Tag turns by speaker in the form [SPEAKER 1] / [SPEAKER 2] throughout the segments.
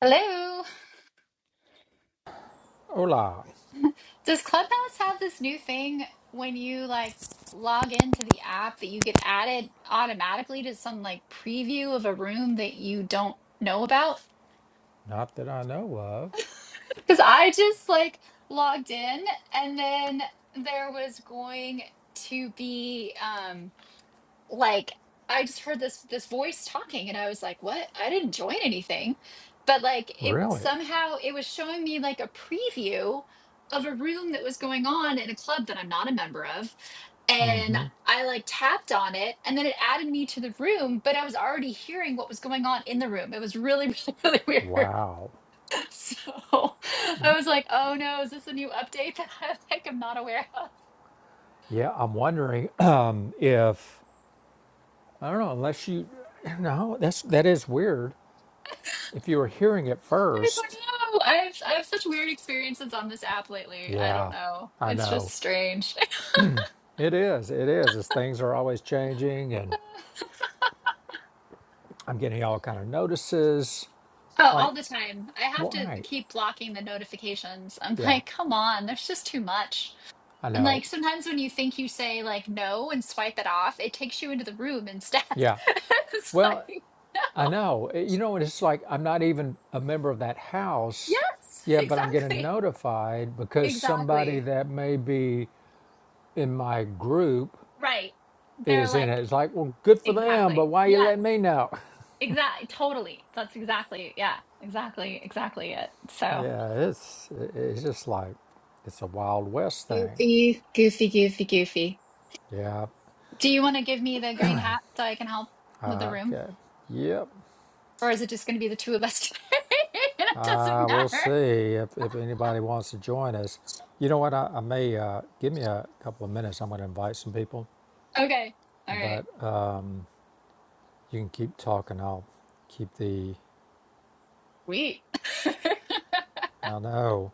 [SPEAKER 1] Hello.
[SPEAKER 2] Hola.
[SPEAKER 1] Does Clubhouse have this new thing when you like log into the app that you get added automatically to some like preview of a room that you don't know about?
[SPEAKER 2] Not that I know of.
[SPEAKER 1] Because I just like logged in and then there was going to be um. like I just heard this this voice talking and I was like, "What? I didn't join anything." But like it
[SPEAKER 2] Really?
[SPEAKER 1] somehow it was showing me like a preview of a room that was going on in a club that I'm not a member of. And I like tapped on it and then it added me to the room, but I was already hearing what was going on in the room. It was really, really, really weird.
[SPEAKER 2] Wow.
[SPEAKER 1] So I was like, oh no, is this a new update that I like am not aware of?
[SPEAKER 2] Yeah, I'm wondering um, if I don't know. Unless you, no, that's that is weird. If you were hearing it
[SPEAKER 1] I don't
[SPEAKER 2] first,
[SPEAKER 1] know. I've I have such weird experiences on this app lately. I don't
[SPEAKER 2] yeah,
[SPEAKER 1] know.
[SPEAKER 2] I
[SPEAKER 1] It's just
[SPEAKER 2] know.
[SPEAKER 1] strange.
[SPEAKER 2] It is. It is. As things are always changing, and I'm getting all kind of notices.
[SPEAKER 1] Oh,
[SPEAKER 2] It's like,
[SPEAKER 1] all the time. I have to
[SPEAKER 2] why?
[SPEAKER 1] keep blocking the notifications. I'm
[SPEAKER 2] Yeah,
[SPEAKER 1] like, come on, there's just too much.
[SPEAKER 2] I
[SPEAKER 1] And
[SPEAKER 2] know.
[SPEAKER 1] like sometimes when you think you say like no and swipe it off, it takes you into the room instead.
[SPEAKER 2] Yeah.
[SPEAKER 1] It's
[SPEAKER 2] Well,
[SPEAKER 1] like,
[SPEAKER 2] I
[SPEAKER 1] no.
[SPEAKER 2] know. Uh, You know, and it's like I'm not even a member of that house
[SPEAKER 1] Yes,
[SPEAKER 2] yet, but I'm getting
[SPEAKER 1] exactly.
[SPEAKER 2] notified because somebody
[SPEAKER 1] Exactly.
[SPEAKER 2] that may be in my group
[SPEAKER 1] Right. They're
[SPEAKER 2] is in it.
[SPEAKER 1] like,
[SPEAKER 2] It's like, well, good for them,
[SPEAKER 1] exactly.
[SPEAKER 2] but why you
[SPEAKER 1] Yes.
[SPEAKER 2] letting me know?
[SPEAKER 1] Exactly. Totally. That's exactly. Yeah. Exactly. Exactly it. So.
[SPEAKER 2] Yeah, it's it's just like it's a Wild West thing.
[SPEAKER 1] Goofy, goofy, goofy, goofy.
[SPEAKER 2] Yeah.
[SPEAKER 1] Do you want to give me the green hat so I can help with the
[SPEAKER 2] Uh,
[SPEAKER 1] room?
[SPEAKER 2] okay. Yep.
[SPEAKER 1] Or is it just going to be the two of us today? it doesn't
[SPEAKER 2] Uh, we'll
[SPEAKER 1] matter.
[SPEAKER 2] see if, if anybody wants to join us. You know what? I, I may uh, give me a couple of minutes. I'm going to invite some people,
[SPEAKER 1] Okay. All right.
[SPEAKER 2] but You can keep talking. I'll keep the.
[SPEAKER 1] Sweet.
[SPEAKER 2] I know.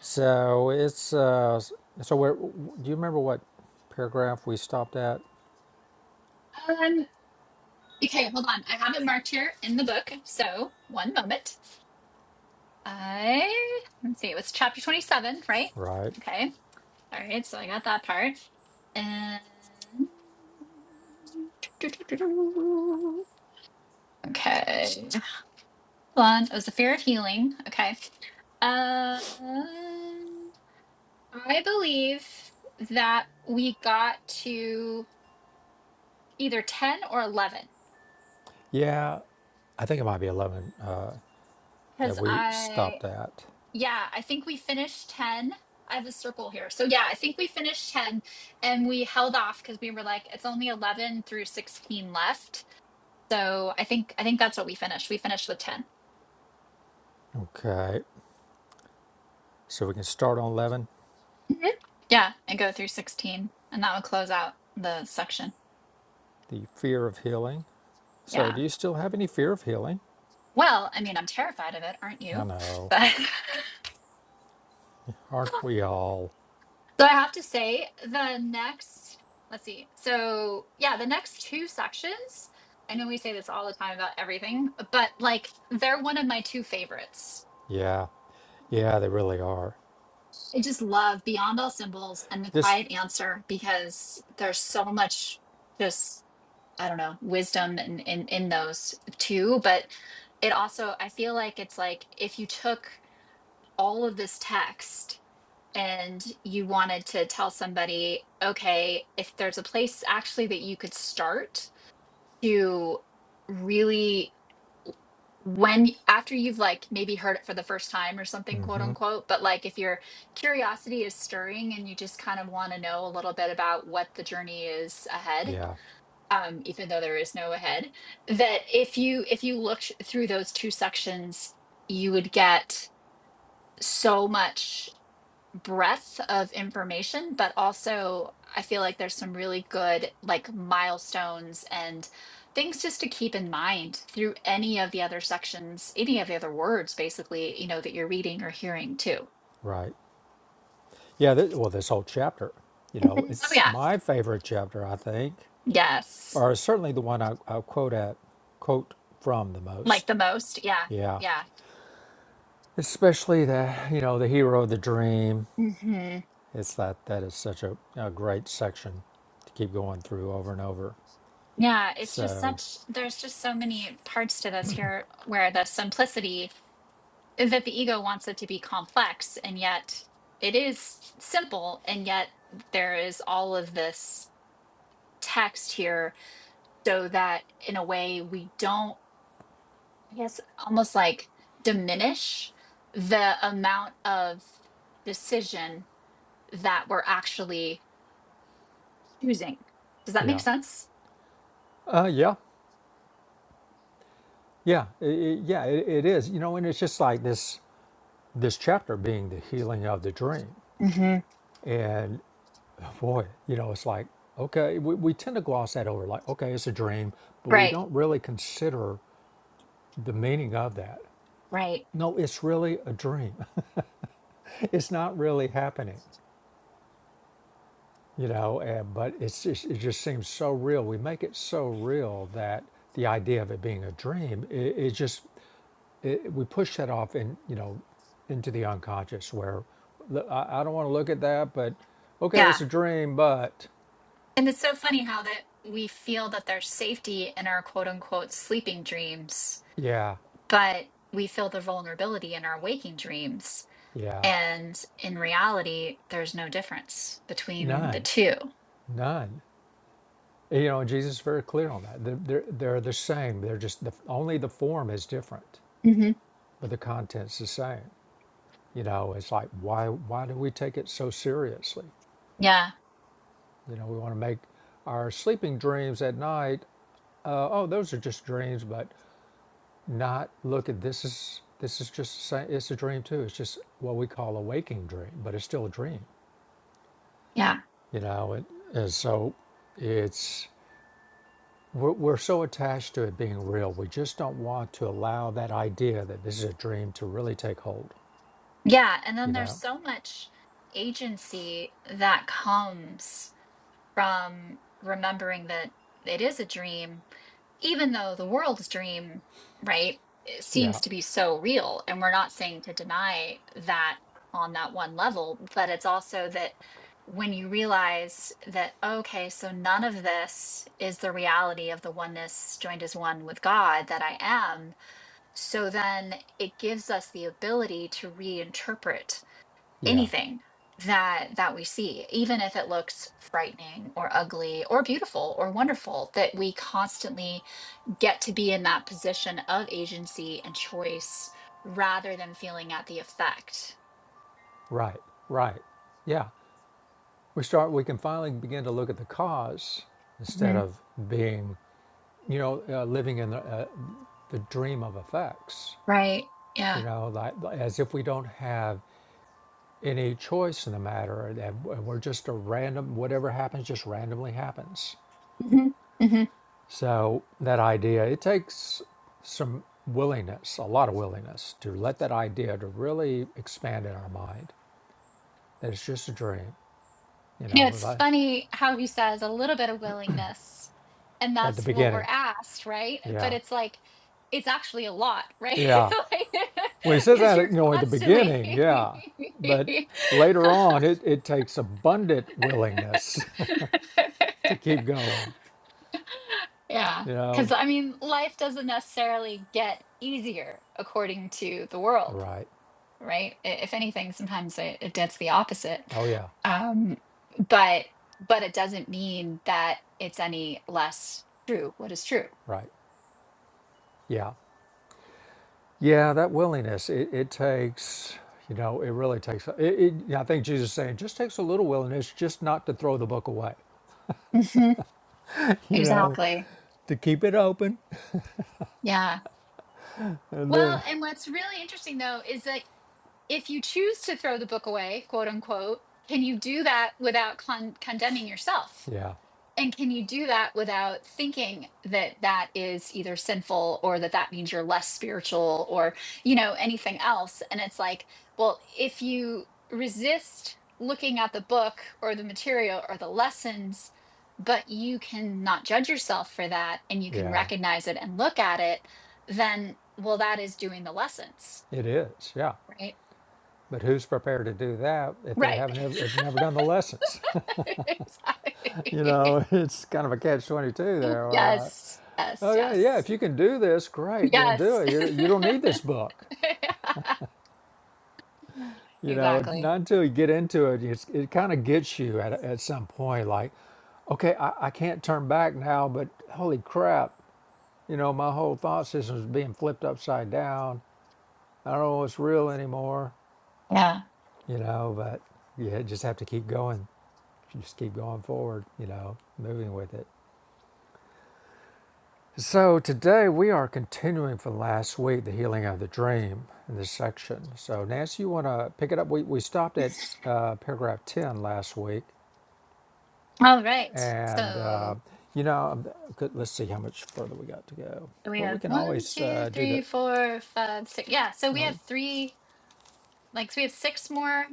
[SPEAKER 2] So it's. Uh, so where? Do you remember what paragraph we stopped at?
[SPEAKER 1] um, okay, hold on. I have it marked here in the book. So one moment. I, let's see, it was chapter 27, right?
[SPEAKER 2] Right.
[SPEAKER 1] Okay. All right. So I got that part. And. Okay. one was the fear of healing. Okay. Um, I believe that we got to either 10 or 11
[SPEAKER 2] Yeah. I think it might be eleven uh, that
[SPEAKER 1] because
[SPEAKER 2] we
[SPEAKER 1] I,
[SPEAKER 2] stopped at.
[SPEAKER 1] yeah, I think we finished 10. I have a circle here. So, yeah, I think we finished 10 and we held off because we were like, it's only 11 through 16 left. So, I think, I think that's what we finished. We finished with 10.
[SPEAKER 2] Okay. So we can start on eleven.
[SPEAKER 1] Mhm. Yeah. And go through 16. And that would close out the section.
[SPEAKER 2] The fear of healing. So
[SPEAKER 1] Yeah.
[SPEAKER 2] do you still have any fear of healing?
[SPEAKER 1] Well, I mean, I'm terrified of it, aren't
[SPEAKER 2] I
[SPEAKER 1] you?
[SPEAKER 2] know.
[SPEAKER 1] But
[SPEAKER 2] Aren't we all?
[SPEAKER 1] so I have to say, the next, let's see. So, yeah, the next two sections, I know we say this all the time about everything, but like they're one of my two favorites.
[SPEAKER 2] Yeah. Yeah, they really are.
[SPEAKER 1] I just love Beyond All Symbols and The
[SPEAKER 2] This.
[SPEAKER 1] Quiet Answer because there's so much just, I don't know, wisdom in, in, in those two. But it also, I feel like it's like if you took all of this text and you wanted to tell somebody, okay, if there's a place actually that you could start to really when after you've like maybe heard it for the first time or something quote
[SPEAKER 2] Mm-hmm.
[SPEAKER 1] unquote but like if your curiosity is stirring and you just kind of want to know a little bit about what the journey is ahead
[SPEAKER 2] Yeah.
[SPEAKER 1] um even though there is no ahead that if you if you looked through those two sections you would get so much breadth of information, but also I feel like there's some really good like milestones and things just to keep in mind through any of the other sections, any of the other words basically, you know, that you're reading or hearing too.
[SPEAKER 2] Right. Yeah, th- well, this whole chapter, you know,
[SPEAKER 1] Mhm. Oh
[SPEAKER 2] it's
[SPEAKER 1] yeah.
[SPEAKER 2] my favorite chapter, I think,
[SPEAKER 1] Yes.
[SPEAKER 2] or certainly the one I, I quote at, quote from the
[SPEAKER 1] Like
[SPEAKER 2] most.
[SPEAKER 1] the most. Yeah.
[SPEAKER 2] Yeah,
[SPEAKER 1] Yeah.
[SPEAKER 2] especially the, you know, the hero of the dream.
[SPEAKER 1] Mhm.
[SPEAKER 2] It's that that is such a, a great section to keep going through over and over.
[SPEAKER 1] Yeah, it's just
[SPEAKER 2] So,
[SPEAKER 1] such, there's just so many parts to this here where the simplicity that the ego wants it to be complex and yet it is simple and yet there is all of this text here so that in a way we don't i guess almost like diminish the amount of decision that we're actually choosing does that make
[SPEAKER 2] yeah,
[SPEAKER 1] sense
[SPEAKER 2] uh, yeah, yeah, i i yeah, it, it is. You know, and it's just like this this chapter being the healing of the dream,
[SPEAKER 1] hmm
[SPEAKER 2] and boy, you know, it's like, okay, we, we tend to gloss that over, like, okay, it's a dream, but we
[SPEAKER 1] Right,
[SPEAKER 2] don't really consider the meaning of that.
[SPEAKER 1] right.
[SPEAKER 2] No, it's really a dream. it's not really happening, you know, and, but it's just, it just seems so real. We make it so real that the idea of it being a dream, it, it just, it, we push that off in you know, into the unconscious where "Look, I, I don't want to look at that, but okay,
[SPEAKER 1] Yeah.
[SPEAKER 2] it's a dream, but
[SPEAKER 1] And it's so funny how that we feel that there's safety in our quote unquote sleeping dreams
[SPEAKER 2] yeah,
[SPEAKER 1] but we feel the vulnerability in our waking dreams.
[SPEAKER 2] yeah,
[SPEAKER 1] And in reality, there's no difference between the
[SPEAKER 2] none,
[SPEAKER 1] two.
[SPEAKER 2] none. You know, Jesus is very clear on that. They're, they're, they're the same. They're just the, only the form is different,
[SPEAKER 1] hmm
[SPEAKER 2] but the content's the same. You know, it's like why why do we take it so seriously?
[SPEAKER 1] Yeah,
[SPEAKER 2] You know, we want to make our sleeping dreams at night. Uh, oh, those are just dreams, but not look at this is this is just the It's a dream too. It's just what we call a waking dream, but it's still a dream.
[SPEAKER 1] yeah,
[SPEAKER 2] You know, it, and so it's We're, we're so attached to it being real, we just don't want to allow that idea that this is a dream to really take hold.
[SPEAKER 1] yeah. And then
[SPEAKER 2] You
[SPEAKER 1] there's
[SPEAKER 2] know?
[SPEAKER 1] so much agency that comes from remembering that it is a dream even though the world's dream, right, it
[SPEAKER 2] Yeah,
[SPEAKER 1] seems to be so real, and we're not saying to deny that on that one level, but it's also that when you realize that, okay, so none of this is the reality of the oneness joined as one with God that I am, so then it gives us the ability to reinterpret
[SPEAKER 2] yeah,
[SPEAKER 1] anything that that we see even if it looks frightening or ugly or beautiful or wonderful that we constantly get to be in that position of agency and choice rather than feeling at the effect.
[SPEAKER 2] right, right. Yeah. We start, we can finally begin to look at the cause instead
[SPEAKER 1] hmm
[SPEAKER 2] of being, you know, uh, living in the, uh, the dream of effects,
[SPEAKER 1] Right.
[SPEAKER 2] you
[SPEAKER 1] Yeah.
[SPEAKER 2] know, like as if we don't have any choice in the matter and we're just a random, whatever happens just randomly happens.
[SPEAKER 1] hmm hmm
[SPEAKER 2] So that idea, it takes some willingness, a lot of willingness to let that idea to really expand in our mind that it's just a dream, you
[SPEAKER 1] You
[SPEAKER 2] know,
[SPEAKER 1] know,
[SPEAKER 2] Was
[SPEAKER 1] it's
[SPEAKER 2] I-
[SPEAKER 1] funny how he says a little bit of willingness, and
[SPEAKER 2] at the
[SPEAKER 1] that's what we're
[SPEAKER 2] beginning.
[SPEAKER 1] asked, right? But
[SPEAKER 2] Yeah.
[SPEAKER 1] it's like, it's actually a lot, right?
[SPEAKER 2] Yeah.
[SPEAKER 1] like,
[SPEAKER 2] Well, he says
[SPEAKER 1] because
[SPEAKER 2] that,
[SPEAKER 1] you're
[SPEAKER 2] you know, at the
[SPEAKER 1] constantly.
[SPEAKER 2] beginning. Yeah. But later on, it, it takes abundant willingness to keep going,
[SPEAKER 1] yeah.
[SPEAKER 2] you
[SPEAKER 1] Because
[SPEAKER 2] know.
[SPEAKER 1] I mean, life doesn't necessarily get easier according to the world.
[SPEAKER 2] Right.
[SPEAKER 1] right? I- If anything, sometimes it, it does the opposite.
[SPEAKER 2] Oh, yeah.
[SPEAKER 1] Um, but but it doesn't mean that it's any less true. What is true?
[SPEAKER 2] Right. Yeah. Yeah, that willingness, it, it takes, you know, it really takes, it, it, yeah, I think Jesus is saying, just takes a little willingness just not to throw the book away,
[SPEAKER 1] hmm
[SPEAKER 2] you know,
[SPEAKER 1] Exactly.
[SPEAKER 2] to keep it open.
[SPEAKER 1] Yeah.
[SPEAKER 2] And
[SPEAKER 1] Well,
[SPEAKER 2] then.
[SPEAKER 1] and what's really interesting though is that if you choose to throw the book away, quote unquote, can you do that without con- condemning yourself?
[SPEAKER 2] Yeah,
[SPEAKER 1] And can you do that without thinking that that is either sinful or that that means you're less spiritual or, you know, anything else? And it's like, well, if you resist looking at the book or the material or the lessons, but you can not judge yourself for that and you can
[SPEAKER 2] yeah,
[SPEAKER 1] recognize it and look at it, then, well, that is doing the lessons,
[SPEAKER 2] it is. Yeah.
[SPEAKER 1] right?
[SPEAKER 2] But who's prepared to do that if they
[SPEAKER 1] Right.
[SPEAKER 2] haven't ever, have never done the lessons? you
[SPEAKER 1] exactly.
[SPEAKER 2] know, it's kind of a catch 22 there. Or,
[SPEAKER 1] Yes.
[SPEAKER 2] uh,
[SPEAKER 1] Yes.
[SPEAKER 2] okay, yeah,
[SPEAKER 1] Yes.
[SPEAKER 2] if you can do this, great, gonna do
[SPEAKER 1] Yes.
[SPEAKER 2] it. You, you don't need this book. You know,
[SPEAKER 1] Exactly.
[SPEAKER 2] not until you get into it, it's, it kind of gets you at, at some point, like, okay, I, I can't turn back now, but holy crap, you know, my whole thought system is being flipped upside down. I don't know what's real anymore,
[SPEAKER 1] Yeah.
[SPEAKER 2] you know, but you just have to keep going. You Just keep going forward, you know, moving with it. So today we are continuing from last week, the healing of the dream in this section. So Nancy, you want to pick it up? We, we stopped at uh, paragraph 10 last week
[SPEAKER 1] All right.
[SPEAKER 2] And,
[SPEAKER 1] So
[SPEAKER 2] uh, you know, let's see how much further we got to go.
[SPEAKER 1] we
[SPEAKER 2] Well, we
[SPEAKER 1] have
[SPEAKER 2] can
[SPEAKER 1] one,
[SPEAKER 2] always
[SPEAKER 1] two,
[SPEAKER 2] uh, do
[SPEAKER 1] three,
[SPEAKER 2] the,
[SPEAKER 1] four, five, six. Yeah. So
[SPEAKER 2] you
[SPEAKER 1] we have
[SPEAKER 2] know,
[SPEAKER 1] three, like, so we have six more,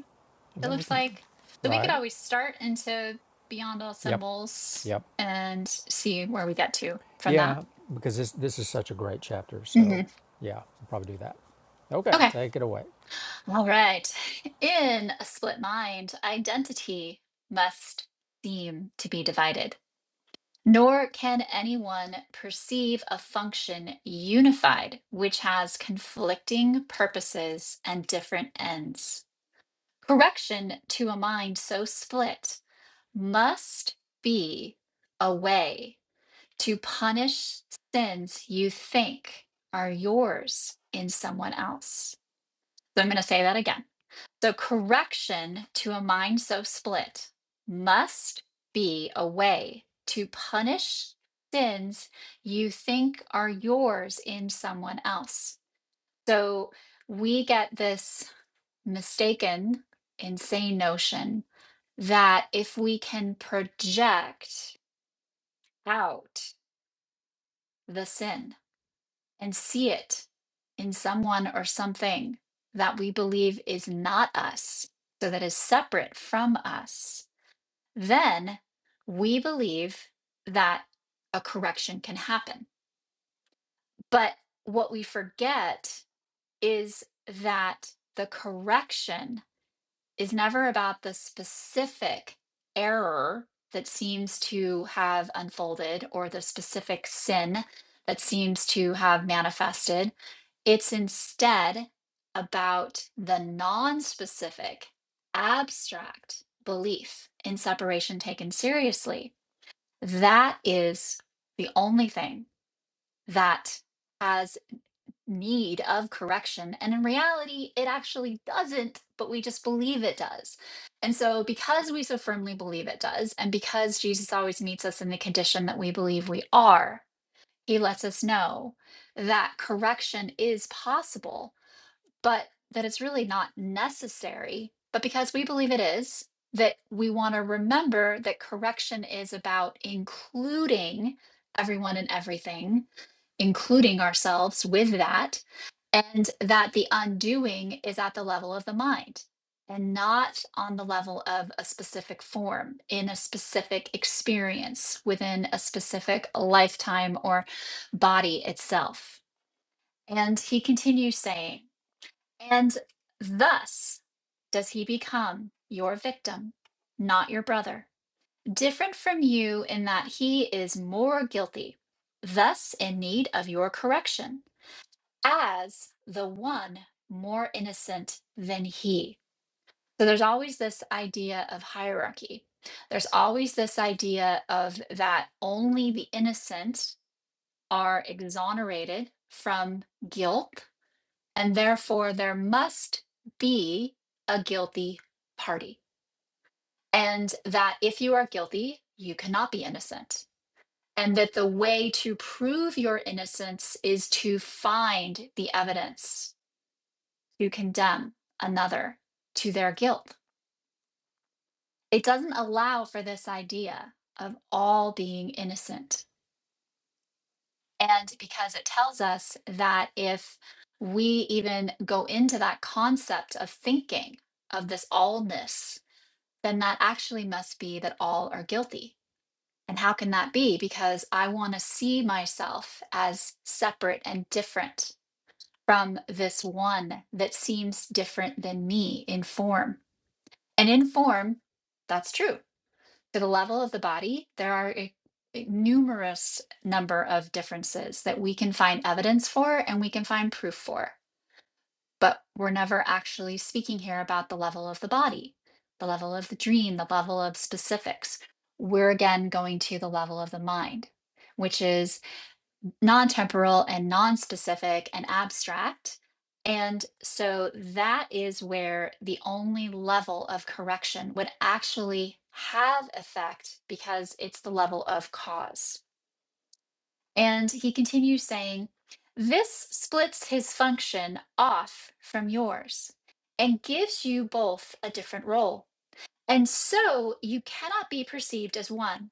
[SPEAKER 2] and
[SPEAKER 1] it
[SPEAKER 2] then we
[SPEAKER 1] looks
[SPEAKER 2] can,
[SPEAKER 1] like. So we could
[SPEAKER 2] right?
[SPEAKER 1] always start into Beyond All
[SPEAKER 2] Yep,
[SPEAKER 1] Symbols
[SPEAKER 2] yep.
[SPEAKER 1] and see where we get to from that.
[SPEAKER 2] Yeah, because this, this is such a great chapter.
[SPEAKER 1] hmm
[SPEAKER 2] So, yeah, we'll probably do that. Okay,
[SPEAKER 1] Okay.
[SPEAKER 2] take it away.
[SPEAKER 1] All right. In a split mind, identity must seem to be divided. Nor can anyone perceive a function unified, which has conflicting purposes and different ends. Correction to a mind so split must be a way to punish sins you think are yours in someone else. So I'm going to say that again. So, correction to a mind so split must be a way to punish sins you think are yours in someone else. So, we get this mistaken, insane notion that if we can project out the sin and see it in someone or something that we believe is not us, so that is separate from us, then we believe that a correction can happen. But what we forget is that the correction is never about the specific error that seems to have unfolded or the specific sin that seems to have manifested. It's instead about the non specific, abstract belief in separation taken seriously that is the only thing that has need of correction. And in reality, it actually doesn't, but we just believe it does. And so, because we so firmly believe it does, and because Jesus always meets us in the condition that we believe we are, he lets us know that correction is possible but that it's really not necessary. But because we believe it is, that we want to remember that correction is about including everyone and everything, including ourselves with that, and that the undoing is at the level of the mind and not on the level of a specific form in a specific experience within a specific lifetime or body itself. And he continues saying, and thus does he become your victim, not your brother. Different from you in that he is more guilty, thus in need of your correction, as the one more innocent than he. So there's always this idea of hierarchy. There's always this idea of that only the innocent are exonerated from guilt and therefore there must be a guilty party. And that if you are guilty, you cannot be innocent. And that the way to prove your innocence is to find the evidence to condemn another to their guilt. It doesn't allow for this idea of all being innocent. And because it tells us that if we even go into that concept of thinking of this allness then that actually must be that all are guilty. And how can that be? Because I want to see myself as separate and different from this one that seems different than me in form. And in form, that's true. To the level of the body, there are a, a numerous number of differences that we can find evidence for and we can find proof for but we're never actually speaking here about the level of the body, the level of the dream, the level of specifics. We're again going to the level of the mind, which is non temporal and non specific and abstract. And so that is where the only level of correction would actually have effect because it's the level of cause. And he continues saying, This splits his function off from yours and gives you both a different role. And so you cannot be perceived as one.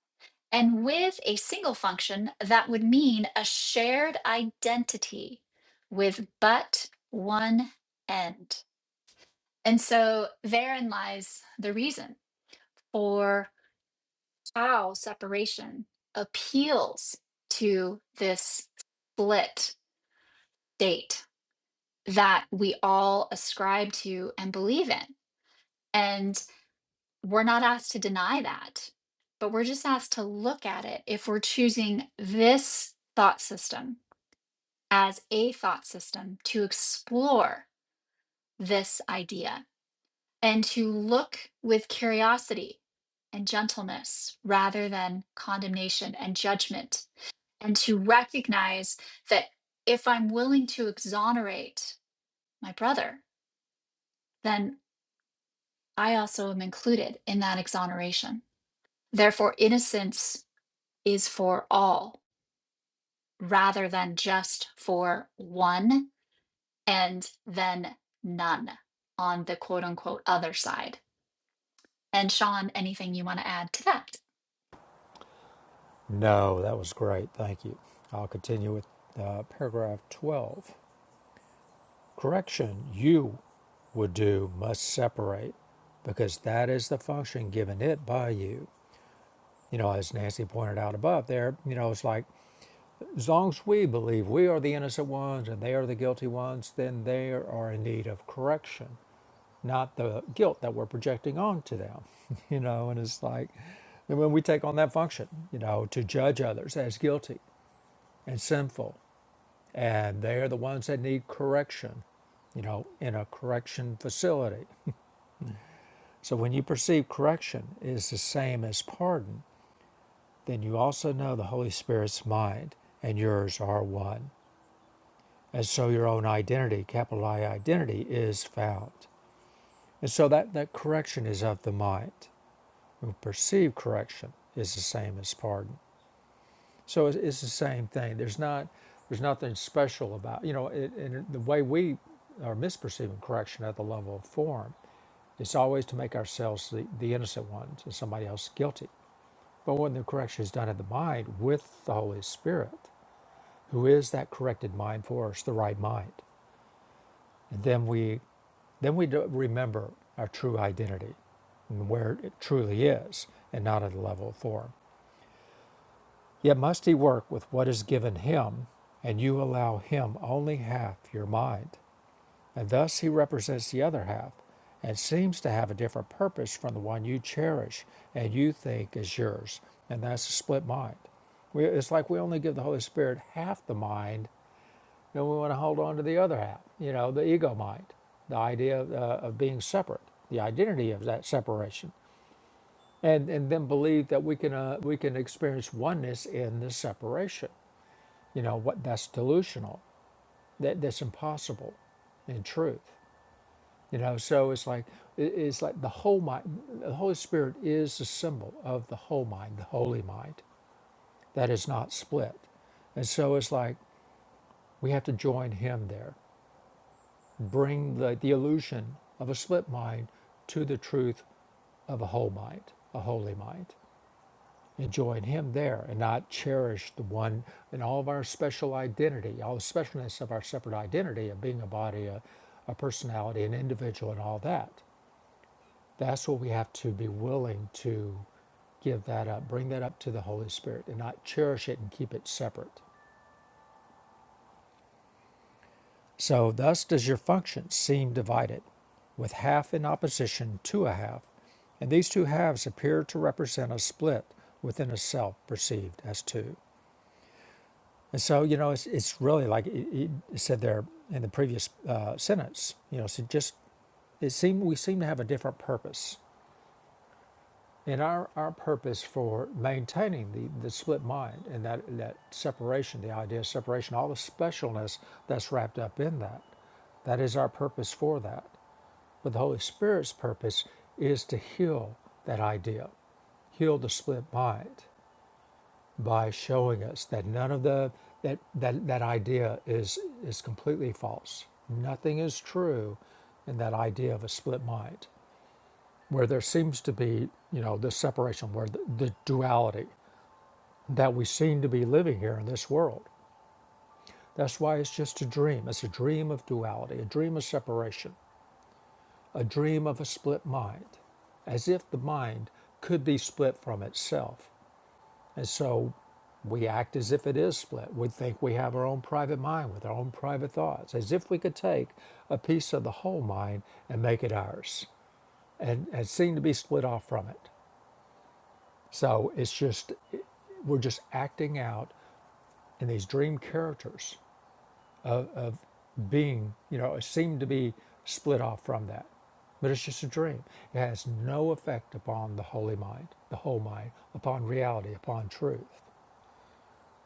[SPEAKER 1] And with a single function, that would mean a shared identity with but one end. And so therein lies the reason for how separation appeals to this split date that we all ascribe to and believe in. And we're not asked to deny that, but we're just asked to look at it if we're choosing this thought system as a thought system to explore this idea and to look with curiosity and gentleness rather than condemnation and judgment, and to recognize that if I'm willing to exonerate my brother, then I also am included in that exoneration. Therefore, innocence is for all rather than just for one and then none on the quote unquote other side. And Sean, anything you want to add to that?
[SPEAKER 2] No, that was great. Thank you. I'll continue with uh, paragraph 12. Correction you would do must separate because that is the function given it by you. You know, as Nancy pointed out above there, you know, it's like as long as we believe we are the innocent ones and they are the guilty ones, then they are in need of correction, not the guilt that we're projecting onto them. You know, and it's like, and when we take on that function, you know, to judge others as guilty and sinful, and they are the ones that need correction, you know, in a correction facility. So when you perceive correction is the same as pardon, then you also know the Holy Spirit's mind and yours are one. And so your own identity, capital I identity, is found. And so that, that correction is of the mind. We perceive correction is the same as pardon. So it's, it's the same thing. There's not there's nothing special about you know it, and the way we are misperceiving correction at the level of form. It's always to make ourselves the, the innocent ones and somebody else guilty. But when the correction is done in the mind with the Holy Spirit, who is that corrected mind for us, the right mind. And then we, then we remember our true identity and where it truly is and not at a level of form. Yet must he work with what is given him, and you allow him only half your mind. And thus he represents the other half and seems to have a different purpose from the one you cherish and you think is yours. And that's a split mind. We, it's like we only give the Holy Spirit half the mind then we want to hold on to the other half, you know, the ego mind, the idea of, uh, of being separate, the identity of that separation, and, and then believe that we can, uh, we can experience oneness in the separation. You know, what that's delusional, that, that's impossible in truth. You know, so it's like it's like the whole mind. The Holy Spirit is the symbol of the whole mind, the holy mind that is not split, and so it's like we have to join Him there. bring the, the illusion of a split mind to the truth of a whole mind, a holy mind. Enjoying Him there and not cherish the one in all of our special identity, all the specialness of our separate identity of being a body, a, a personality, an individual, and all that. That's what we have to be willing to give that up, bring that up to the Holy Spirit and not cherish it and keep it separate. So thus does your function seem divided, with half in opposition to a half, and these two halves appear to represent a split within a self perceived as two. And so, you know, it's, it's really like it, it said there in the previous uh, sentence, you know, so just it seemed we seem to have a different purpose. And our, our purpose for maintaining the, the split mind and that, that separation, the idea of separation, all the specialness that's wrapped up in that, that is our purpose for that. But the Holy Spirit's purpose is to heal that idea, heal the split mind by showing us that none of the that that, that idea is is completely false. Nothing is true in that idea of a split mind, where there seems to be, you know, this separation, where the, the duality that we seem to be living here in this world. That's why it's just a dream. It's a dream of duality, a dream of separation. a dream of a split mind, as if the mind could be split from itself. And so we act as if it is split. We think we have our own private mind with our own private thoughts, as if we could take a piece of the whole mind and make it ours and, and seem to be split off from it. So it's just, we're just acting out in these dream characters of being, you know, seem to be split off from that. But it's just a dream. It has no effect upon the holy mind, the whole mind, upon reality, upon truth.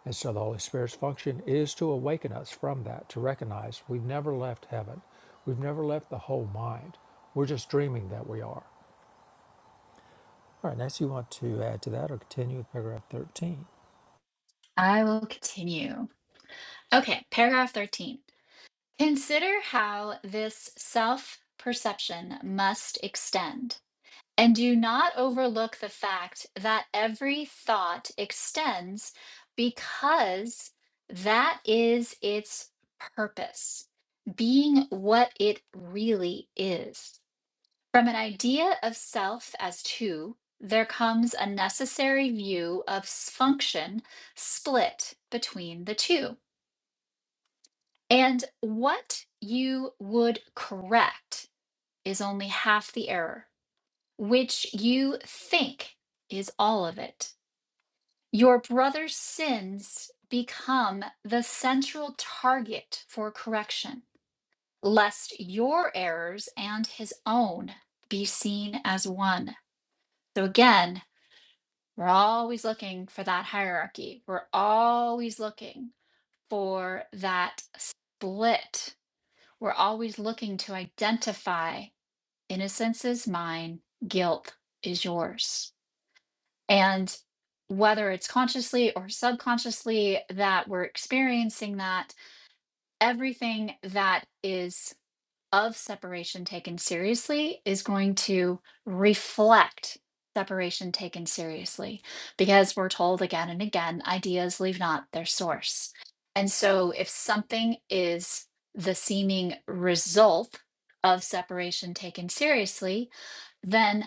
[SPEAKER 2] And so the Holy Spirit's function is to awaken us from that, to recognize we've never left heaven. We've never left the whole mind. We're just dreaming that we are. All right, next you want to add to that or continue with paragraph 13.
[SPEAKER 1] I will continue. Okay, paragraph 13. Consider how this self perception must extend And do not overlook the fact that every thought extends because that is its purpose, being what it really is. From an idea of self as two, there comes a necessary view of s- function split between the two. And what you would correct is only half the error which you think is all of it. Your brother's sins become the central target for correction, lest your errors and his own be seen as one. So again, we're always looking for that hierarchy. We're always looking for that split. We're always looking to identify innocence is mine, guilt is yours. And whether it's consciously or subconsciously that we're experiencing that, everything that is of separation taken seriously is going to reflect separation taken seriously because we're told again and again ideas leave not their source. And so if something is the seeming result of separation taken seriously, then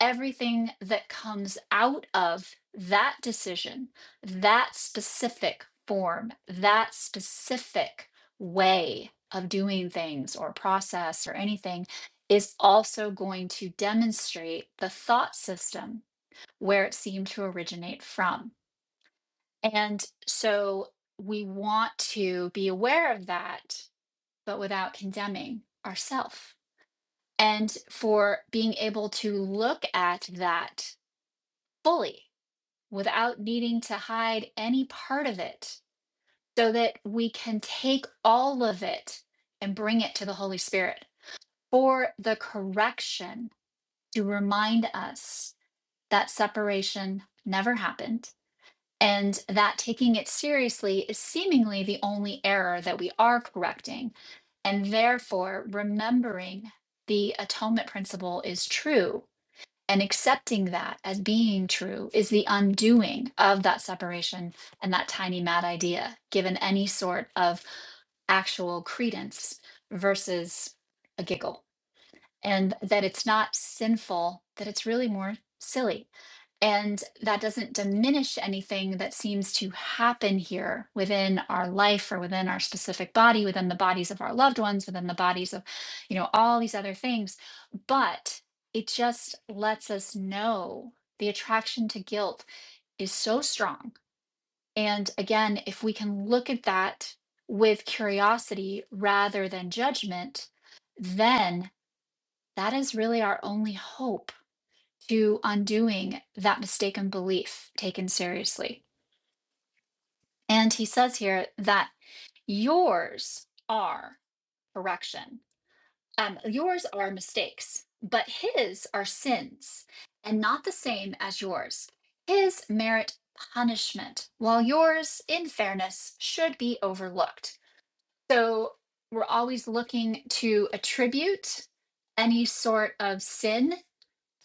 [SPEAKER 1] everything that comes out of that decision, that specific form, that specific way of doing things or process or anything is also going to demonstrate the thought system where it seemed to originate from. And so we want to be aware of that, but without condemning ourselves, And for being able to look at that fully without needing to hide any part of it so that we can take all of it and bring it to the Holy Spirit for the correction to remind us that separation never happened and that taking it seriously is seemingly the only error that we are correcting. And therefore, remembering the atonement principle is true and accepting that as being true is the undoing of that separation and that tiny mad idea, given any sort of actual credence versus a giggle. And that it's not sinful, that it's really more silly and that doesn't diminish anything that seems to happen here within our life or within our specific body, within the bodies of our loved ones, within the bodies of, you know, all these other things. But it just lets us know the attraction to guilt is so strong. And again, if we can look at that with curiosity rather than judgment, then that is really our only hope to undoing that mistaken belief taken seriously. And he says here that yours are correction, um, yours are mistakes, but his are sins and not the same as yours. His merit punishment, while yours, in fairness, should be overlooked. So we're always looking to attribute any sort of sin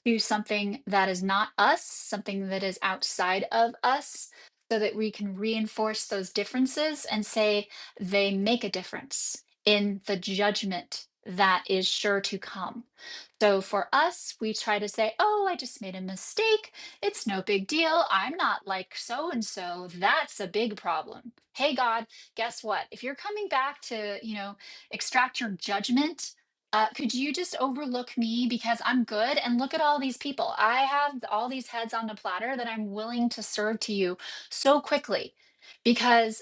[SPEAKER 1] to something that is not us, something that is outside of us, so that we can reinforce those differences and say they make a difference in the judgment that is sure to come. So for us, we try to say, oh, I just made a mistake. It's no big deal. I'm not like so and so. That's a big problem. Hey, God, guess what? If you're coming back to, you know, extract your judgment, uh, could you just overlook me because I'm good? And look at all these people. I have all these heads on the platter that I'm willing to serve to you so quickly because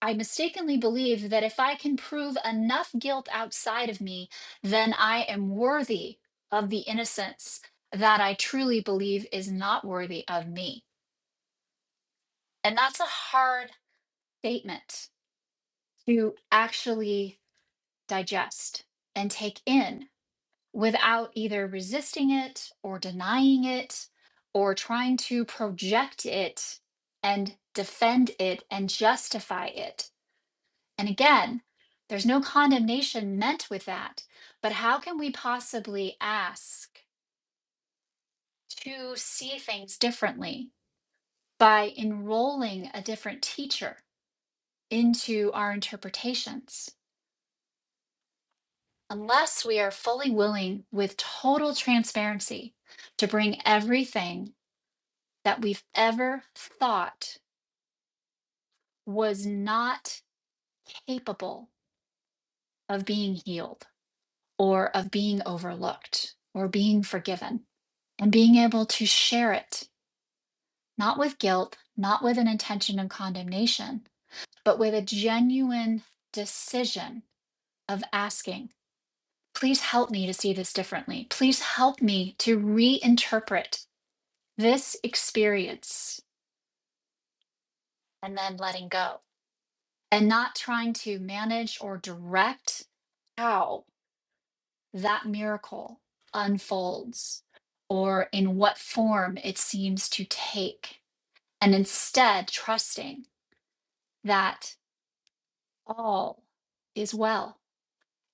[SPEAKER 1] I mistakenly believe that if I can prove enough guilt outside of me, then I am worthy of the innocence that I truly believe is not worthy of me. And that's a hard statement to actually digest and take in without either resisting it or denying it or trying to project it and defend it and justify it And again, there's no condemnation meant with that. But how can we possibly ask to see things differently by enrolling a different teacher into our interpretations? Unless we are fully willing with total transparency to bring everything that we've ever thought was not capable of being healed or of being overlooked or being forgiven. and being able to share it, not with guilt, not with an intention of condemnation, but with a genuine decision of asking, please help me to see this differently. Please help me to reinterpret this experience and then letting go and not trying to manage or direct how that miracle unfolds or in what form it seems to take. And instead, trusting that all is well,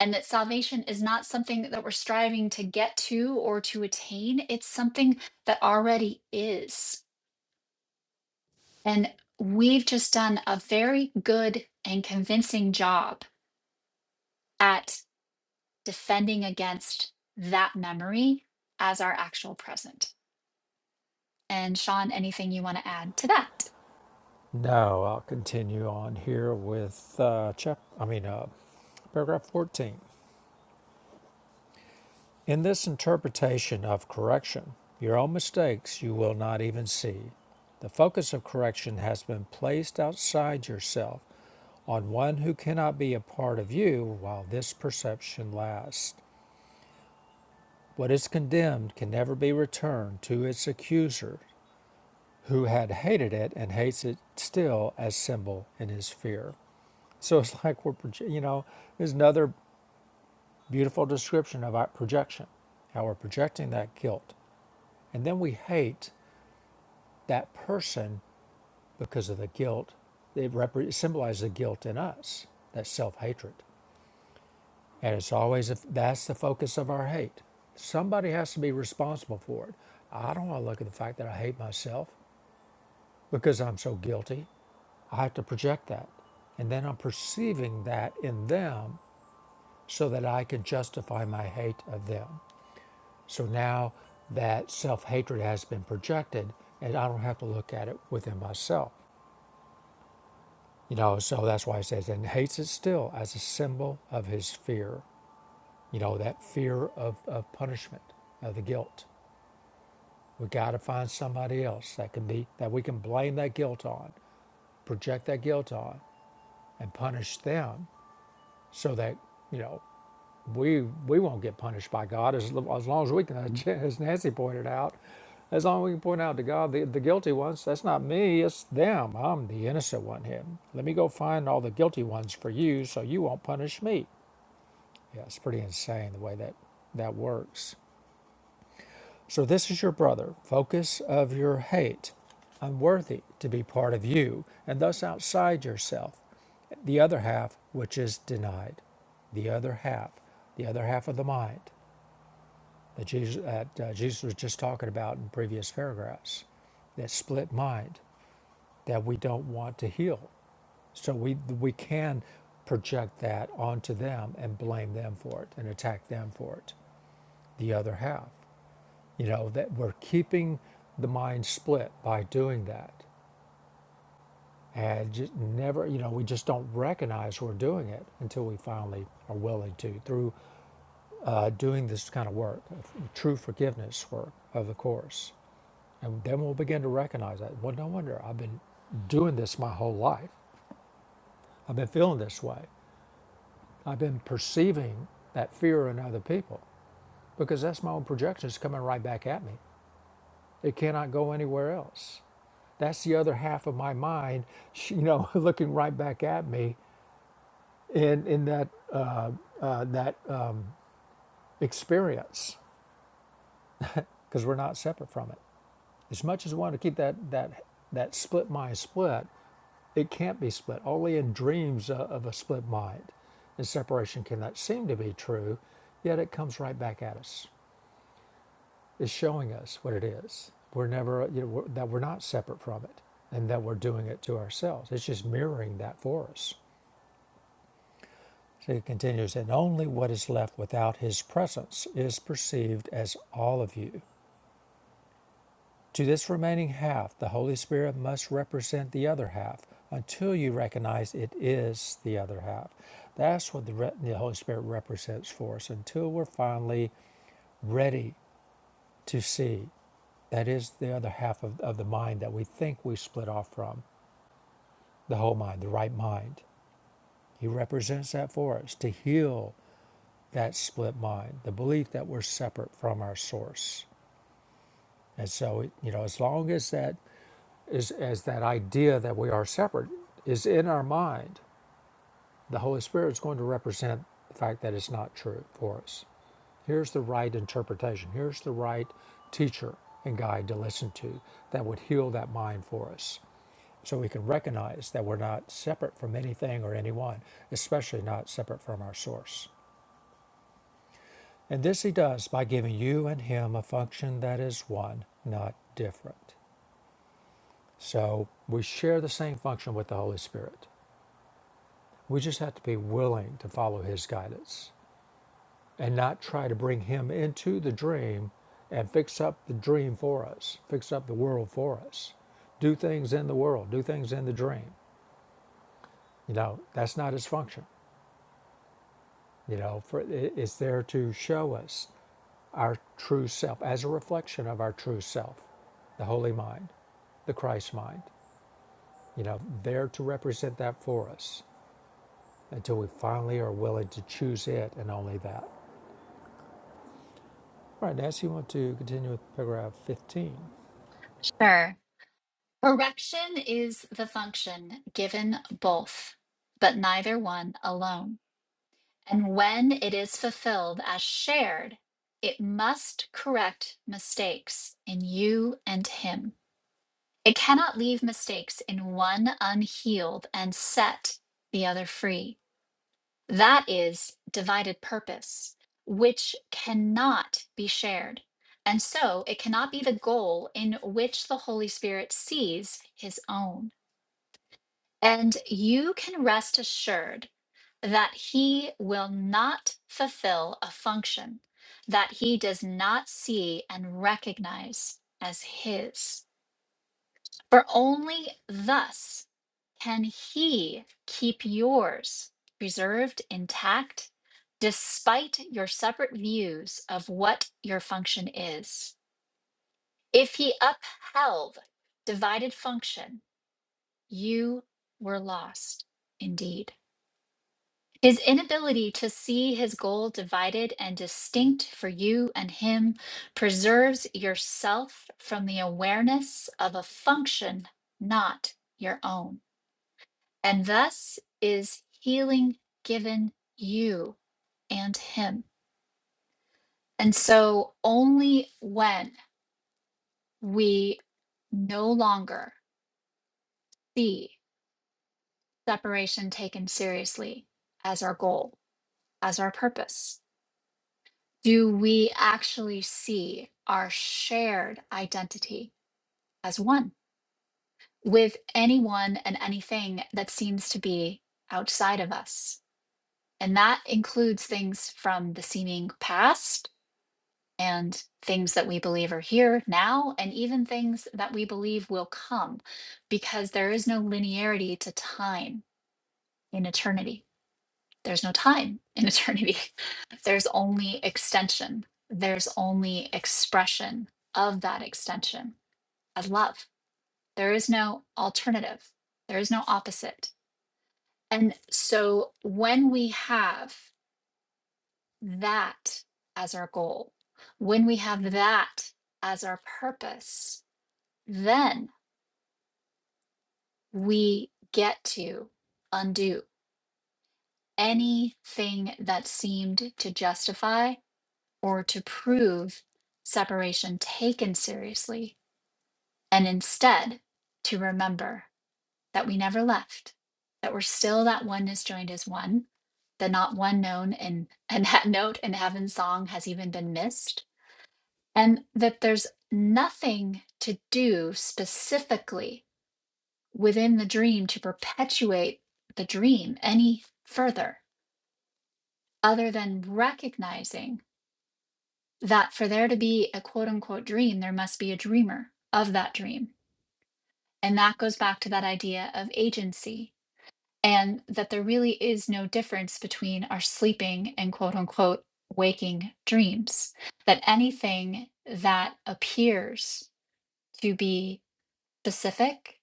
[SPEAKER 1] and that salvation is not something that we're striving to get to or to attain. It's something that already is. And we've just done a very good and convincing job at defending against that memory as our actual present. And Sean, anything you want to add to that?
[SPEAKER 2] No, I'll continue on here with uh, chap. I mean, uh, paragraph 14. In this interpretation of correction, your own mistakes you will not even see. The focus of correction has been placed outside yourself on one who cannot be a part of you while this perception lasts. What is condemned can never be returned to its accuser, who had hated it and hates it still as symbol in his fear. So it's like we're, you know, there's another beautiful description of our projection, how we're projecting that guilt. And then we hate that person because of the guilt. It, repre- it symbolizes the guilt in us, that self hatred. And it's always, if that's the focus of our hate. Somebody has to be responsible for it. I don't want to look at the fact that I hate myself because I'm so guilty. I have to project that. And then I'm perceiving that in them so that I can justify my hate of them. So now that self hatred has been projected, and I don't have to look at it within myself. You know, so that's why it says, and hates it still as a symbol of his fear. You know, that fear of, of punishment, of the guilt. We got to find somebody else that can be, that we can blame that guilt on, project that guilt on, and punish them so that, you know, we we won't get punished by God as, as long as we can, as Nancy pointed out, as long as we can point out to God the, the guilty ones. That's not me, it's them. I'm the innocent one here. Let me go find all the guilty ones for you so you won't punish me. Yeah, it's pretty insane the way that that works. So this is your brother, focus of your hate, unworthy to be part of you and thus outside yourself. The other half, which is denied. The other half, the other half of the mind that Jesus, that, uh, Jesus was just talking about in previous paragraphs, that split mind that we don't want to heal. So we we can project that onto them and blame them for it and attack them for it. The other half, you know, that we're keeping the mind split by doing that, and just never, you know, we just don't recognize we're doing it until we finally are willing to through uh, doing this kind of work, true forgiveness work of the course. And then we'll begin to recognize that. Well, no wonder I've been doing this my whole life. I've been feeling this way. I've been perceiving that fear in other people because that's my own projections coming right back at me. It cannot go anywhere else. That's the other half of my mind, sh- you know, looking right back at me in, in that, uh, that uh, experience because we're not separate from it. As much as we want to keep that, that, that split mind split, It can't be split. Only in dreams uh, of a split mind and separation can that seem to be true, yet it comes right back at us. It's showing us what it is. We're never, uh, you know, we're, that we're not separate from it and that we're doing it to ourselves. It's just mirroring that for us. So it continues, and only what is left without his presence is perceived as all of you. To this remaining half the Holy Spirit must represent the other half until you recognize it is the other half. That's what the, re- the Holy Spirit represents for us until we're finally ready to see. That is the other half of, of the mind that we think we split off from, the whole mind, the right mind. He represents that for us to heal that split mind, the belief that we're separate from our source. And so, you know, as long as that is as that idea that we are separate is in our mind, the Holy Spirit is going to represent the fact that it's not true for us. Here's the right interpretation. Here's the right teacher and guide to listen to that would heal that mind for us. So we can recognize that we're not separate from anything or anyone, especially not separate from our source. And this he does by giving you and him a function that is one, not different. So we share the same function with the Holy Spirit. We just have to be willing to follow his guidance and not try to bring him into the dream and fix up the dream for us, fix up the world for us, do things in the world, do things in the dream. You know, that's not his function. You know, for, it's there to show us our true self as a reflection of our true self, the holy mind, the Christ mind, you know, there to represent that for us until we finally are willing to choose it and only that. All right, Nancy, you want to continue with paragraph 15?
[SPEAKER 1] Sure. Correction is the function given both, but neither one alone. And when it is fulfilled as shared, it must correct mistakes in you and him. It cannot leave mistakes in one unhealed and set the other free. That is divided purpose, which cannot be shared. And so it cannot be the goal in which the Holy Spirit sees his own. And you can rest assured that he will not fulfill a function that he does not see and recognize as his. For only thus can he keep yours preserved intact despite your separate views of what your function is. If he upheld divided function, you were lost indeed. His inability to see his goal divided and distinct for you and him preserves yourself from the awareness of a function not your own, and thus is healing given you and him. And so, only when we no longer see separation taken seriously as our goal, as our purpose, do we actually see our shared identity as one with anyone and anything that seems to be outside of us? And that includes things from the seeming past and things that we believe are here now, and even things that we believe will come, because there is no linearity to time in eternity. There's no time in eternity. There's only extension. There's only expression of that extension of love. There is no alternative. There is no opposite. And so when we have that as our goal, when we have that as our purpose, then we get to undo anything that seemed to justify or to prove separation taken seriously, and instead to remember that we never left, that we're still that oneness joined as one, that not one known in and that note in heaven's song has even been missed, and that there's nothing to do specifically within the dream to perpetuate the dream any further other than recognizing that for there to be a quote unquote dream, there must be a dreamer of that dream. And that goes back to that idea of agency and that there really is no difference between our sleeping and quote unquote waking dreams. That anything that appears to be specific,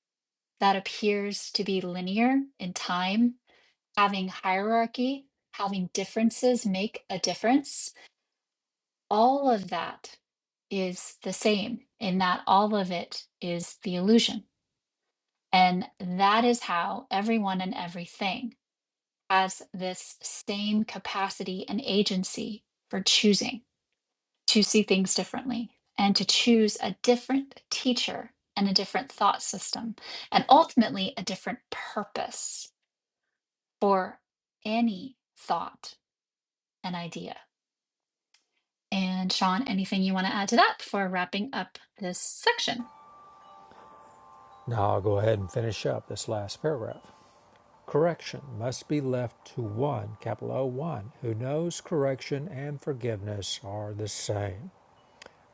[SPEAKER 1] that appears to be linear in time, having hierarchy, having differences make a difference all of that is the same in that all of it is the illusion. And that is how everyone and everything has this same capacity and agency for choosing to see things differently and to choose a different teacher and a different thought system and ultimately a different purpose for any thought and idea. And Sean, anything you want to add to that before wrapping up this section?
[SPEAKER 2] Now I'll go ahead and finish up this last paragraph. Correction must be left to one, capital O, one, who knows correction and forgiveness are the same.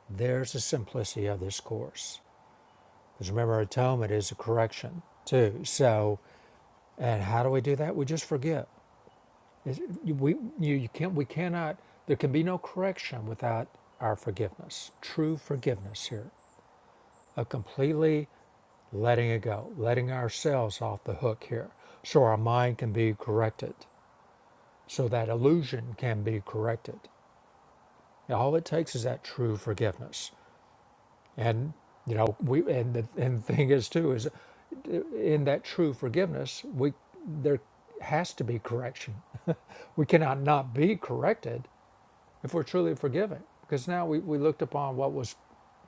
[SPEAKER 2] There's the simplicity of this course. Because remember, atonement is a correction too. So, and how do we do that? We just forgive. We, you, you can't, we cannot, there can be no correction without our forgiveness, true forgiveness here, a completely letting it go, letting ourselves off the hook here so our mind can be corrected, so that illusion can be corrected. And all it takes is that true forgiveness. And you know, we and the and the thing is too is in that true forgiveness, we there has to be correction. we cannot not be corrected if we're truly forgiven. Because now we, we looked upon what was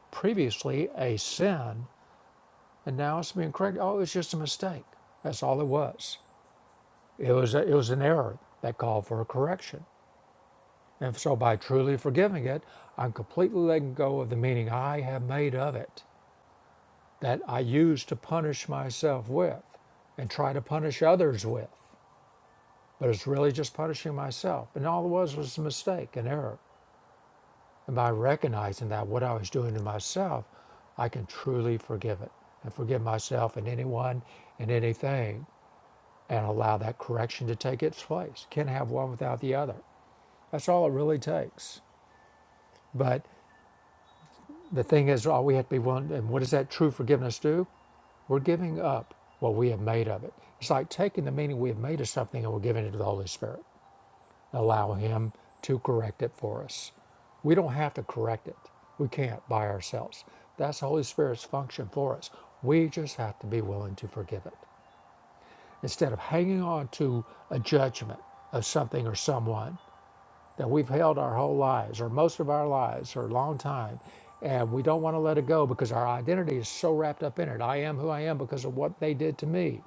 [SPEAKER 2] previously a sin, and now it's being corrected. Oh, it's just a mistake. That's all it was. It was, a, it was an error that called for a correction. And so by truly forgiving it, I'm completely letting go of the meaning I have made of it that I use to punish myself with and try to punish others with. But it's really just punishing myself. And all it was was a mistake, an error. And by recognizing that what I was doing to myself, I can truly forgive it and forgive myself and anyone and anything and allow that correction to take its place. Can't have one without the other. That's all it really takes. But the thing is, all we have to be willing, and what does that true forgiveness do? We're giving up what we have made of it. It's like taking the meaning we have made of something and we're giving it to the Holy Spirit, allow Him to correct it for us. We don't have to correct it. We can't by ourselves. That's the Holy Spirit's function for us. We just have to be willing to forgive it. Instead of hanging on to a judgment of something or someone that we've held our whole lives, or most of our lives, or a long time, and we don't want to let it go because our identity is so wrapped up in it. I am who I am because of what they did to me,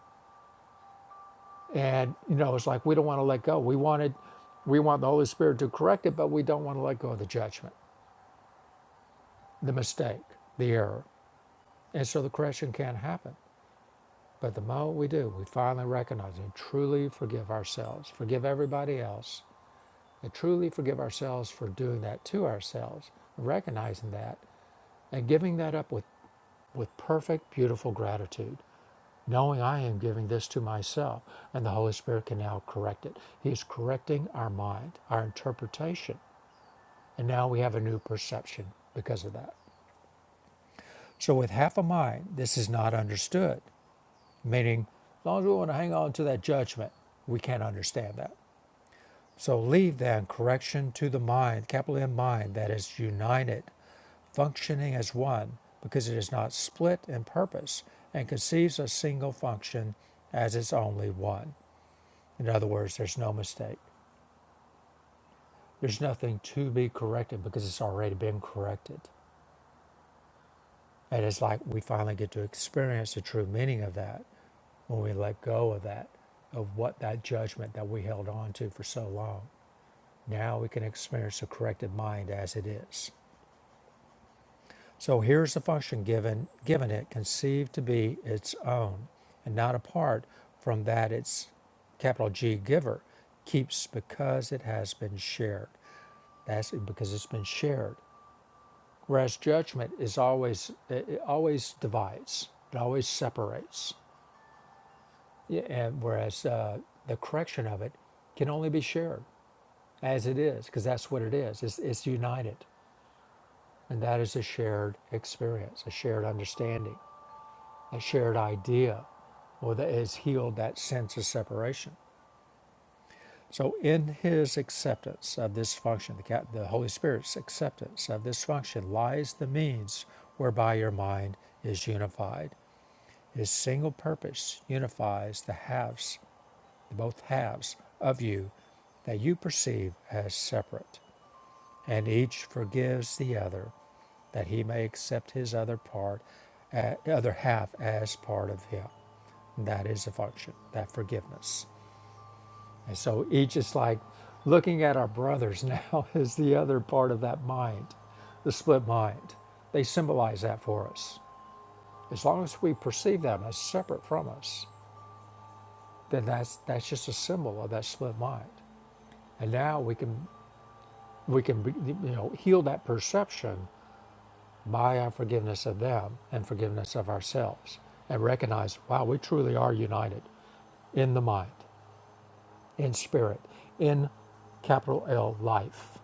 [SPEAKER 2] and you know, it's like we don't want to let go. We wanted, we want the Holy Spirit to correct it, but we don't want to let go of the judgment, the mistake, the error, and so the correction can't happen. But the moment we do, we finally recognize and truly forgive ourselves, forgive everybody else, and truly forgive ourselves for doing that to ourselves, recognizing that and giving that up with, with perfect, beautiful gratitude, knowing I am giving this to myself, and the Holy Spirit can now correct it. He's correcting our mind, our interpretation, and now we have a new perception because of that. So, with half a mind, this is not understood, meaning, as long as we want to hang on to that judgment, we can't understand that. So leave then correction to the mind, capital M mind, that is united, functioning as one, because it is not split in purpose and conceives a single function as its only one. In other words, there's no mistake. There's nothing to be corrected because it's already been corrected. And it's like we finally get to experience the true meaning of that when we let go of that, of what that judgment that we held on to for so long. Now we can experience the corrected mind as it is. So here's the function given, given it, conceived to be its own, and not apart from that its capital G giver keeps because it has been shared. That's because it's been shared. Whereas judgment is always it it always divides, it always separates. Yeah, and whereas uh, the correction of it can only be shared as it is, because that's what it is. It's, it's united, and that is a shared experience, a shared understanding. a shared idea or that has healed that sense of separation. So, in his acceptance of this function, the, the Holy Spirit's acceptance of this function lies the means whereby your mind is unified. His single purpose unifies the halves, both halves of you that you perceive as separate, and each forgives the other that he may accept his other part, uh, other half as part of him. That is a function, that forgiveness. And so each is like looking at our brothers now is the other part of that mind, the split mind. They symbolize that for us. As long as we perceive them as separate from us, then that's that's just a symbol of that split mind. And now we can we can you know heal that perception by our forgiveness of them and forgiveness of ourselves and recognize wow we truly are united in the mind in spirit, in capital L life,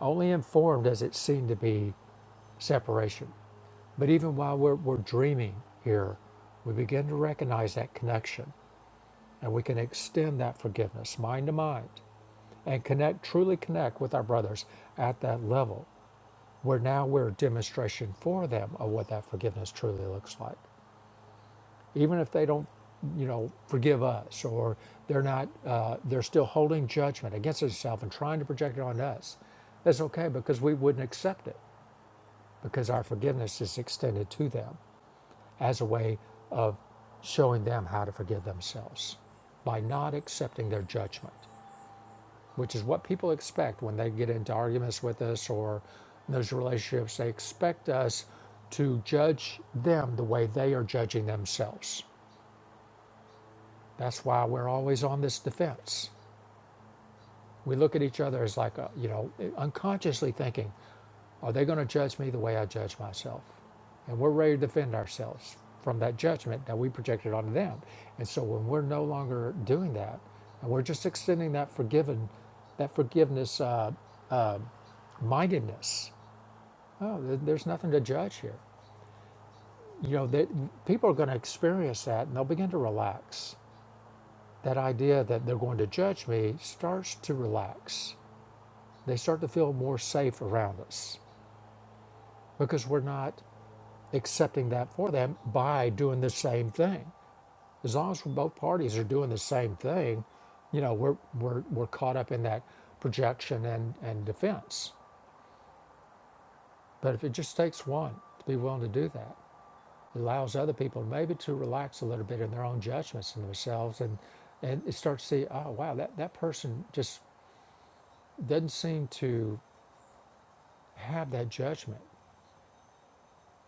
[SPEAKER 2] only informed as it seemed to be separation. But even while we're, we're dreaming here, we begin to recognize that connection and we can extend that forgiveness mind to mind and connect, truly connect with our brothers at that level where now we're a demonstration for them of what that forgiveness truly looks like. even if they don't, you know, forgive us or they're not, uh, they're still holding judgment against themselves and trying to project it on us. That's okay because we wouldn't accept it because our forgiveness is extended to them as a way of showing them how to forgive themselves by not accepting their judgment, which is what people expect when they get into arguments with us or in those relationships. They expect us to judge them the way they are judging themselves. That's why we're always on this defense. We look at each other as like, a, you know, unconsciously thinking, are they going to judge me the way I judge myself? And we're ready to defend ourselves from that judgment that we projected onto them. And so when we're no longer doing that, and we're just extending that forgiven, that forgiveness uh, mindedness, oh, there- there's nothing to judge here. You know, that people are going to experience that and they'll begin to relax. That idea that they're going to judge me starts to relax They start to feel more safe around us because we're not accepting that for them by doing the same thing. As long as both parties are doing the same thing, you know, we're, we're, we're caught up in that projection and, and defense. But if it just takes one to be willing to do that, it allows other people maybe to relax a little bit in their own judgments and themselves and, and it starts to see, oh, wow, that, that person just doesn't seem to have that judgment.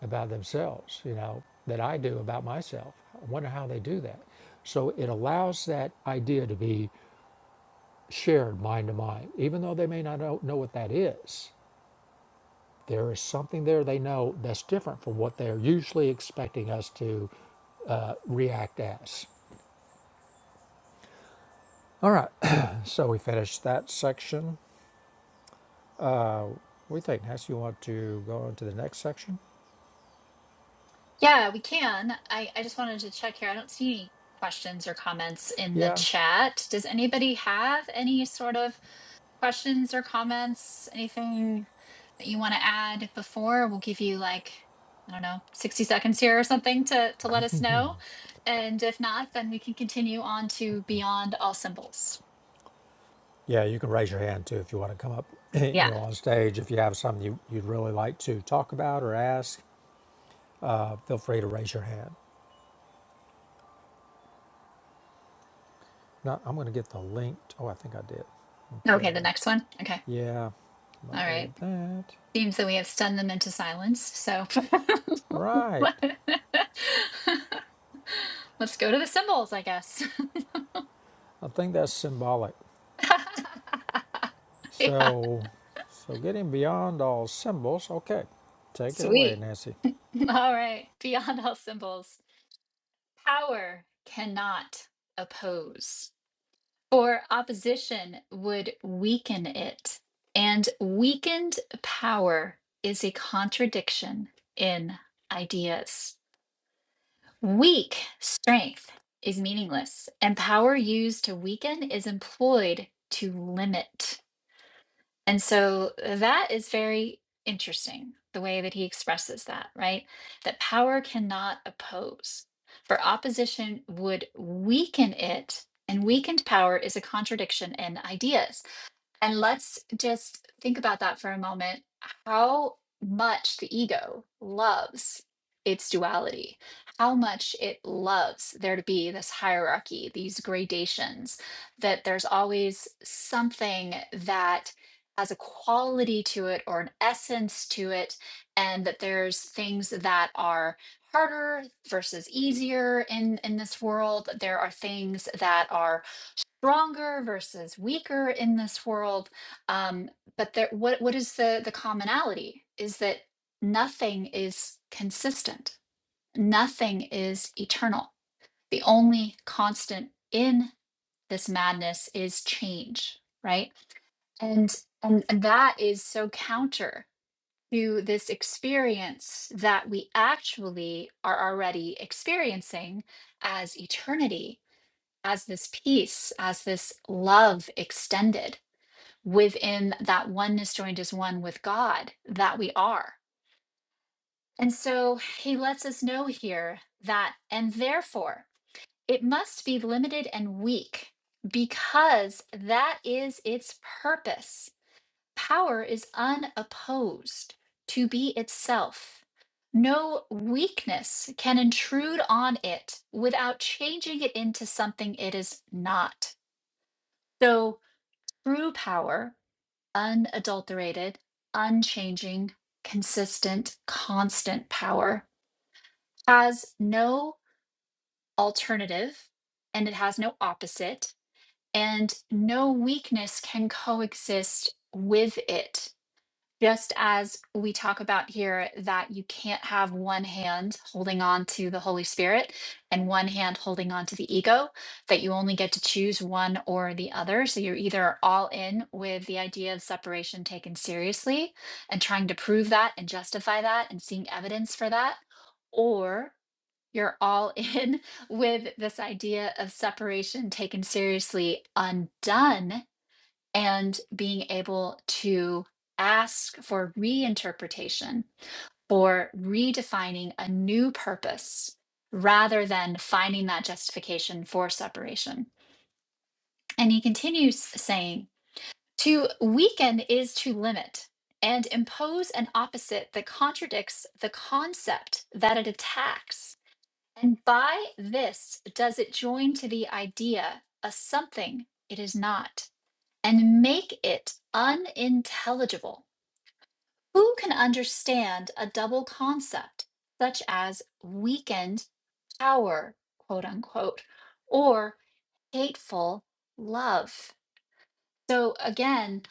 [SPEAKER 2] about themselves, you know, that I do about myself. I wonder how they do that. So it allows that idea to be shared mind to mind, even though they may not know, know what that is. There is something there they know that's different from what they're usually expecting us to uh, react as. All right, so we finished that section. What do you think, Nancy? You want to go on to the next section?
[SPEAKER 1] Yeah, we can. I, I just wanted to check here. I don't see any questions or comments in the
[SPEAKER 2] Yeah.
[SPEAKER 1] chat. Does anybody have any sort of questions or comments? Anything that you want to add before? We'll give you like, I don't know, 60 seconds here or something to, to let us know. And if not, then we can continue on to Beyond All Symbols.
[SPEAKER 2] Yeah, you can raise your hand too if you want to come up, you
[SPEAKER 1] Yeah.
[SPEAKER 2] know, on stage if you have something you, you'd really like to talk about or ask. uh, feel free to raise your hand. Now, I'm going to get the link. to- oh, I think I did. Okay.
[SPEAKER 1] Okay, the next one. Okay.
[SPEAKER 2] Yeah. I'm going
[SPEAKER 1] All
[SPEAKER 2] to
[SPEAKER 1] right.
[SPEAKER 2] edit that.
[SPEAKER 1] Seems that we have stunned them into silence. So
[SPEAKER 2] Right.
[SPEAKER 1] let's go to the symbols, I guess.
[SPEAKER 2] I think that's symbolic.
[SPEAKER 1] yeah,
[SPEAKER 2] So, so getting beyond all symbols. Okay. Take it away,
[SPEAKER 1] sweet.
[SPEAKER 2] Nancy.
[SPEAKER 1] All right, beyond all symbols. Power cannot oppose, for opposition would weaken it. And weakened power is a contradiction in ideas. Weak strength is meaningless, and power used to weaken is employed to limit. And so uh, that is very interesting, the way that he expresses that, right? That power cannot oppose, for opposition would weaken it, and weakened power is a contradiction in ideas. And let's just think about that for a moment how much the ego loves its duality, how much it loves there to be this hierarchy, these gradations, that there's always something that has a quality to it or an essence to it, and that there's things that are harder versus easier in in this world there are things that are stronger versus weaker in this world. Um, but there, what what is the the commonality? Is that nothing is consistent. Nothing is eternal. The only constant in this madness is change, right? And and and that is so counter to this experience that we actually are already experiencing as eternity as this peace, as this love extended within that oneness joined as one with God that we are. And so he lets us know here that, and therefore, it must be limited and weak because that is its purpose. Power is unopposed to be itself. No weakness can intrude on it without changing it into something it is not. So true power, unadulterated, unchanging, consistent, constant power, has no alternative and it has no opposite, and no weakness can coexist with it just as we talk about here that you can't have one hand holding on to the Holy Spirit and one hand holding on to the ego, that you only get to choose one or the other. So you're either all in with the idea of separation taken seriously and trying to prove that and justify that and seeing evidence for that, or you're all in with this idea of separation taken seriously undone and being able to ask for reinterpretation for redefining a new purpose rather than finding that justification for separation. And he continues saying, to weaken is to limit and impose an opposite that contradicts the concept that it attacks. And by this does it join to the idea a something it is not and make it unintelligible. Who can understand a double concept such as weakened power, quote unquote, or hateful love? So, again,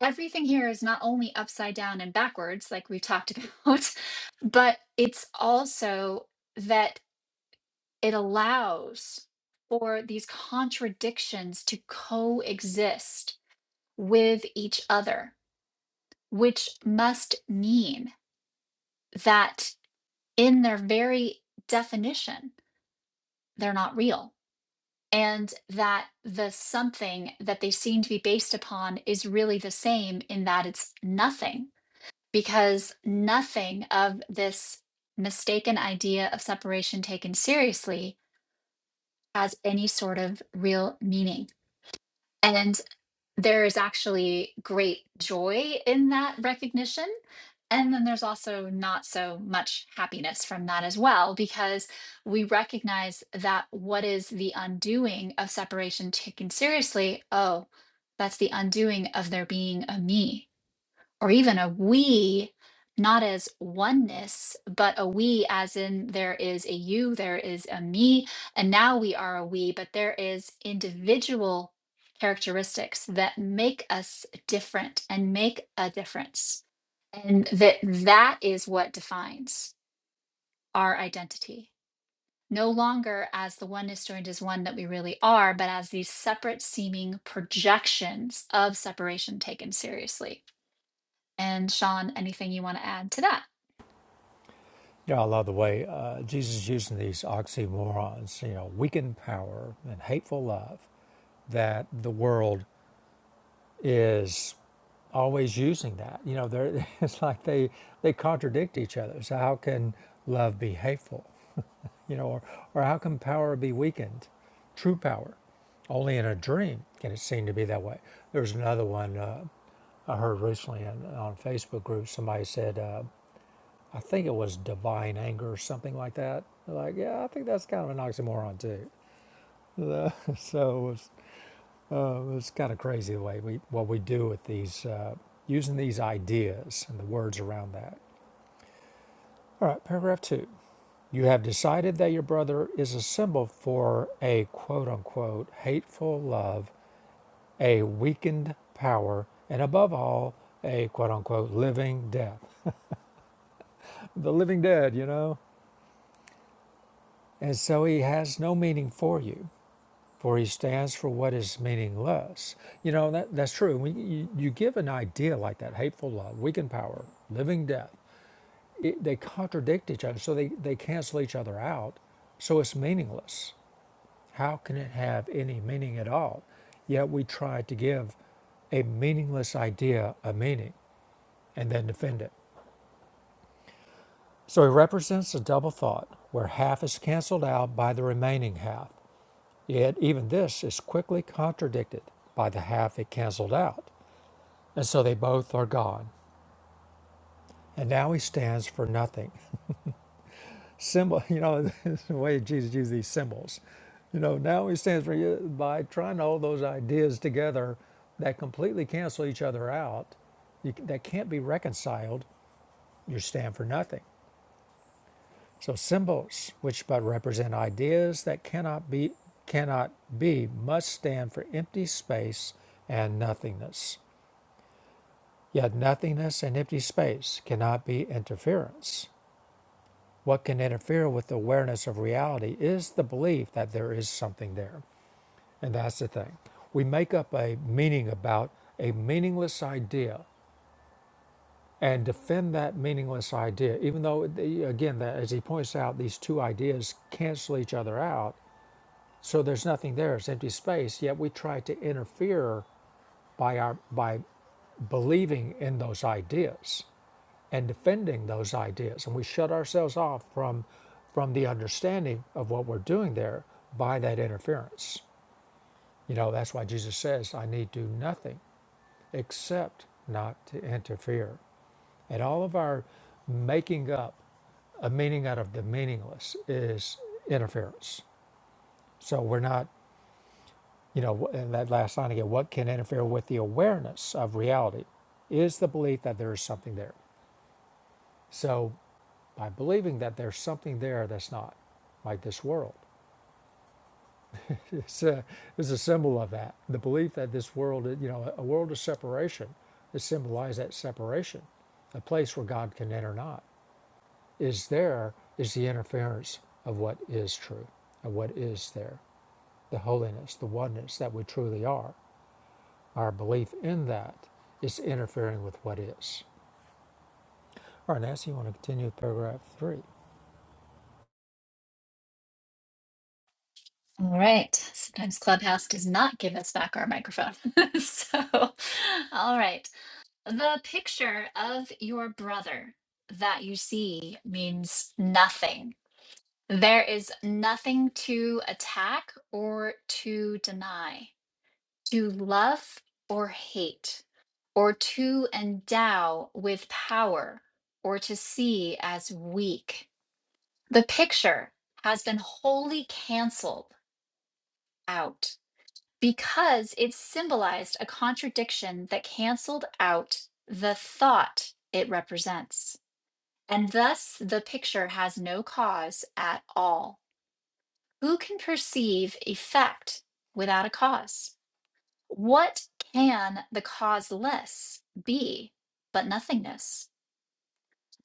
[SPEAKER 1] everything here is not only upside down and backwards, like we've talked about, but it's also that it allows for these contradictions to coexist with each other which must mean that in their very definition, they're not real. And that the something that they seem to be based upon is really the same in that it's nothing, because nothing of this mistaken idea of separation taken seriously has any sort of real meaning. And there is actually great joy in that recognition. And then there's also not so much happiness from that as well, because we recognize that what is the undoing of separation taken seriously? Oh, that's the undoing of there being a me or even a we, not as oneness, but a we as in there is a you, there is a me, and now we are a we, but there is individual characteristics that make us different and make a difference. And that that is what defines our identity. No longer as the oneness joined as one that we really are, but as these separate seeming projections of separation taken seriously. And Sean, anything you want to add to that?
[SPEAKER 2] Yeah, I love the way uh, Jesus is using these oxymorons, you know, weakened power and hateful love that the world is always using that. You know, they're, it's like they they contradict each other. So how can love be hateful? You know, or, or how can power be weakened? True power, only in a dream can it seem to be that way. There's another one uh, I heard recently in, on Facebook group. Somebody said, uh, I think it was divine anger or something like that. Like, yeah, I think that's kind of an oxymoron too. so uh, it's kind of crazy the way we what we do with these uh, using these ideas and the words around that. All right, paragraph two. You have decided that your brother is a symbol for a quote unquote hateful love, a weakened power, and above all, a quote unquote living death. The living dead, you know? And so he has no meaning for you. for he stands for what is meaningless. You know, that, that's true. When you, you give an idea like that, hateful love, weakened power, living death, it, they contradict each other, so they, they cancel each other out, so it's meaningless. How can it have any meaning at all? Yet we try to give a meaningless idea a meaning and then defend it. So he represents a double thought where half is canceled out by the remaining half. Yet even this is quickly contradicted by the half it cancelled out, and so they both are gone. And now he stands for nothing. Symbol, you know, the way Jesus used these symbols. You know, now he stands for yeah, by trying to hold those ideas together that completely cancel each other out. You, that can't be reconciled. You stand for nothing. So symbols, which but represent ideas that cannot be cannot be, must stand for empty space and nothingness. Yet nothingness and empty space cannot be interference. What can interfere with the awareness of reality is the belief that there is something there. And that's the thing. We make up a meaning about a meaningless idea and defend that meaningless idea, even though, again, that, as he points out, these two ideas cancel each other out. So there's nothing there, it's empty space, yet we try to interfere by, our, by believing in those ideas and defending those ideas. And we shut ourselves off from from the understanding of what we're doing there by that interference. You know, that's why Jesus says, I need do nothing except not to interfere. And all of our making up a meaning out of the meaningless is interference. So we're not, you know, in that last line again, what can interfere with the awareness of reality is the belief that there is something there. So by believing that there's something there that's not like this world. It's a, it's a symbol of that. The belief that this world, you know, a world of separation, it symbolizes that separation, a place where God can enter not, is there is the interference of what is true, of what is there, the holiness, the oneness that we truly are. Our belief in that is interfering with what is. All right, Nancy, you want to continue with paragraph three?
[SPEAKER 1] All right. Sometimes Clubhouse does not give us back our microphone. so, all right. The picture of your brother that you see means nothing. There is nothing to attack or to deny, to love or hate, or to endow with power, or to see as weak. The picture has been wholly canceled out because it symbolized a contradiction that canceled out the thought it represents. And thus, the picture has no cause at all. Who can perceive effect without a cause? What can the causeless be but nothingness?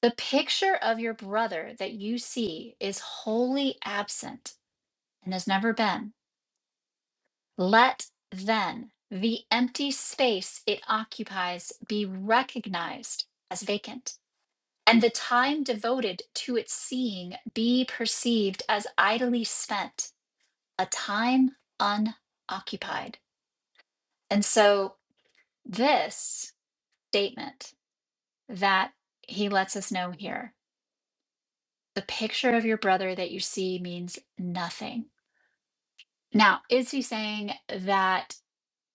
[SPEAKER 1] The picture of your brother that you see is wholly absent and has never been Let then the empty space it occupies be recognized as vacant, and the time devoted to its seeing be perceived as idly spent, a time unoccupied. And so, this statement that he lets us know here the picture of your brother that you see means nothing. Now, is he saying that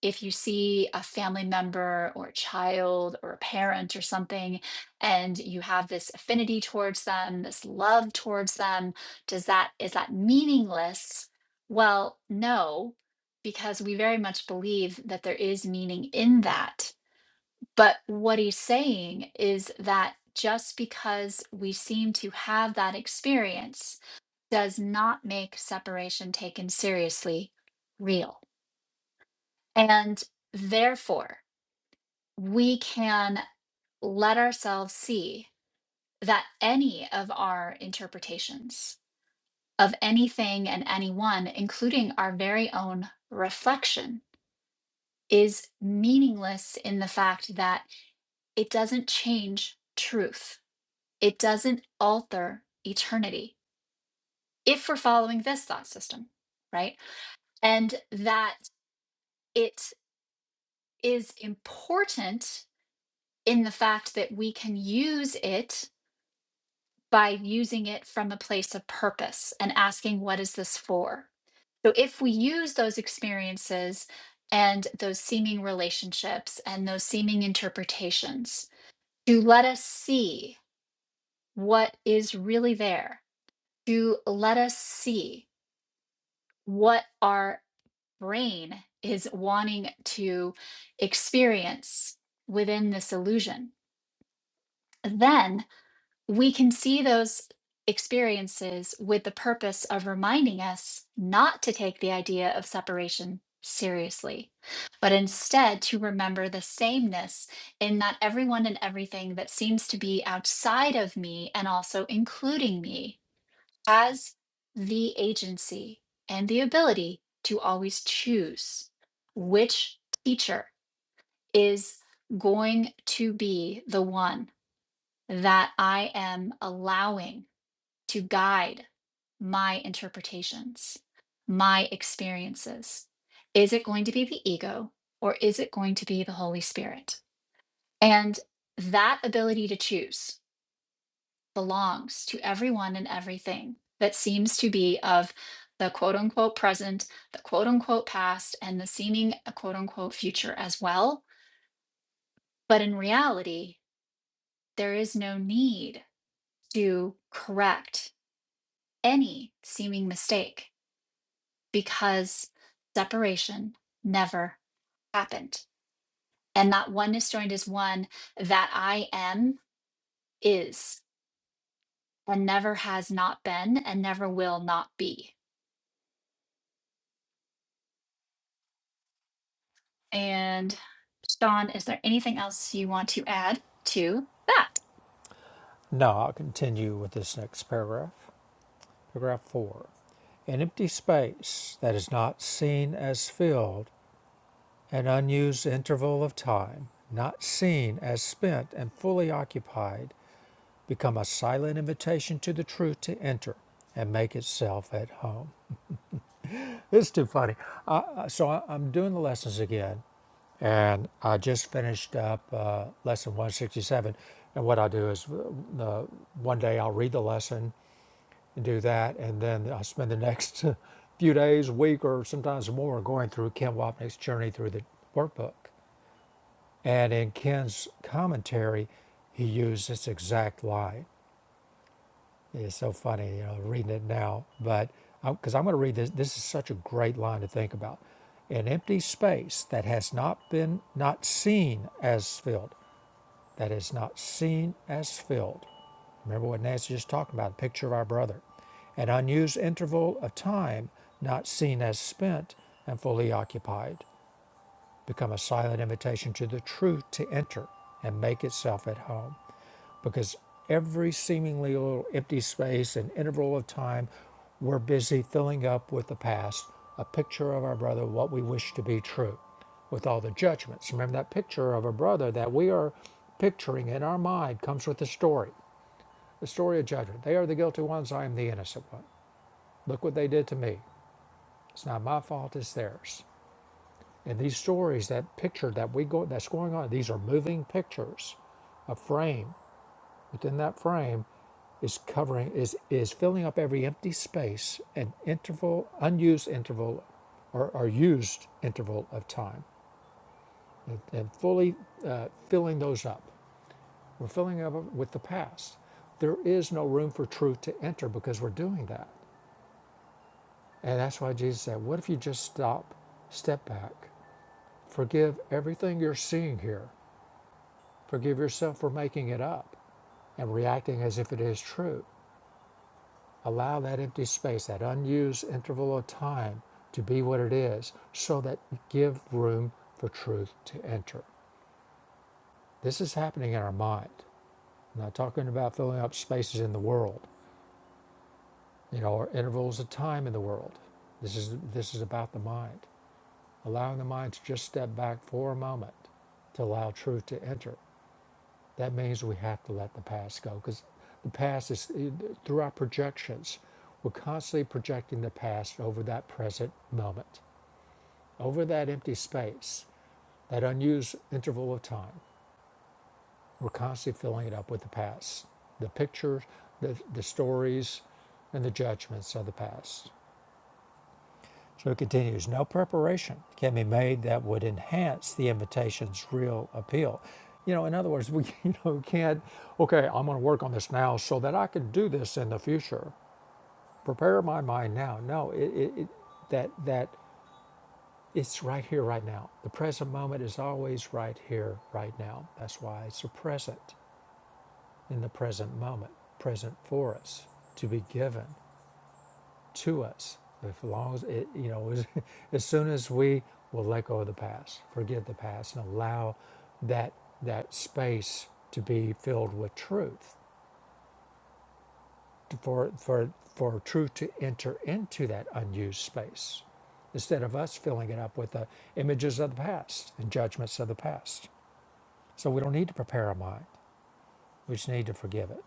[SPEAKER 1] if you see a family member or a child or a parent or something, and you have this affinity towards them, this love towards them, does that is that meaningless? Well, no, because we very much believe that there is meaning in that. But what he's saying is that just because we seem to have that experience does not make separation taken seriously real. And therefore, we can let ourselves see that any of our interpretations of anything and anyone, including our very own reflection, is meaningless in the fact that it doesn't change truth, it doesn't alter eternity if we're following this thought system, right? And that it is important in the fact that we can use it by using it from a place of purpose and asking, what is this for? So if we use those experiences and those seeming relationships and those seeming interpretations to let us see what is really there, to let us see what our brain is wanting to experience within this illusion, then we can see those experiences with the purpose of reminding us not to take the idea of separation seriously, but instead to remember the sameness in that everyone and everything that seems to be outside of me and also including me has the agency and the ability to always choose which teacher is going to be the one that I am allowing to guide my interpretations, my experiences? Is it going to be the ego or is it going to be the Holy Spirit? And that ability to choose belongs to everyone and everything that seems to be of the quote unquote present, the quote unquote past, and the seeming uh, quote unquote future as well. But in reality, there is no need to correct any seeming mistake because separation never happened. And that oneness joined is one that I am, is, and never has not been, and never will not be. And Sean, is there anything else you want to add to that?
[SPEAKER 2] No, I'll continue with this next paragraph. Paragraph 4. An empty space that is not seen as filled, an unused interval of time, not seen as spent and fully occupied, become a silent invitation to the truth to enter and make itself at home. It's too funny. I, so I, I'm doing the lessons again, and I just finished up uh, lesson 167. And what I do is, uh, one day I'll read the lesson and do that, and then I spend the next few days, week, or sometimes more going through Ken Wapnick's journey through the workbook. And in Ken's commentary, he used this exact line. It's so funny, you know, reading it now, but because I'm going to read this, this is such a great line to think about. An empty space that has not been not seen as filled that is not seen as filled. Remember what Nancy just talked about, a picture of our brother. An unused interval of time not seen as spent and fully occupied. Become a silent invitation to the truth to enter and make itself at home because every seemingly little empty space and interval of time we're busy filling up with the past a picture of our brother what we wish to be true with all the judgments remember that picture of a brother that we are picturing in our mind comes with the story the story of judgment they are the guilty ones i am the innocent one look what they did to me it's not my fault it's theirs and these stories that picture that we go that's going on these are moving pictures a frame within that frame is covering is is filling up every empty space and interval unused interval or, or used interval of time and, and fully uh, filling those up we're filling up with the past there is no room for truth to enter because we're doing that and that's why jesus said what if you just stop step back forgive everything you're seeing here forgive yourself for making it up and reacting as if it is true Allow that empty space, that unused interval of time, to be what it is so that you give room for truth to enter. This is happening in our mind. I'm not talking about filling up spaces in the world, you know, or intervals of time in the world. This is this is about the mind. Allowing the mind to just step back for a moment to allow truth to enter. That means we have to let the past go because the past is through our projections. We're constantly projecting the past over that present moment. over that empty space, that unused interval of time. We're constantly filling it up with the past, the pictures, the, the stories, and the judgments of the past. So it continues no preparation can be made that would enhance the invitation's real appeal. You know, in other words, we you know, can't, okay, I'm going to work on this now so that I can do this in the future. Prepare my mind now. No, it, it, that, that It's right here, right now. The present moment is always right here, right now. That's why it's a present in the present moment, present for us, to be given to us. If long as it, you know, as, as soon as we will let go of the past, forgive the past, and allow that that space to be filled with truth, for for for truth to enter into that unused space, instead of us filling it up with the images of the past and judgments of the past. So we don't need to prepare a mind. We just need to forgive it.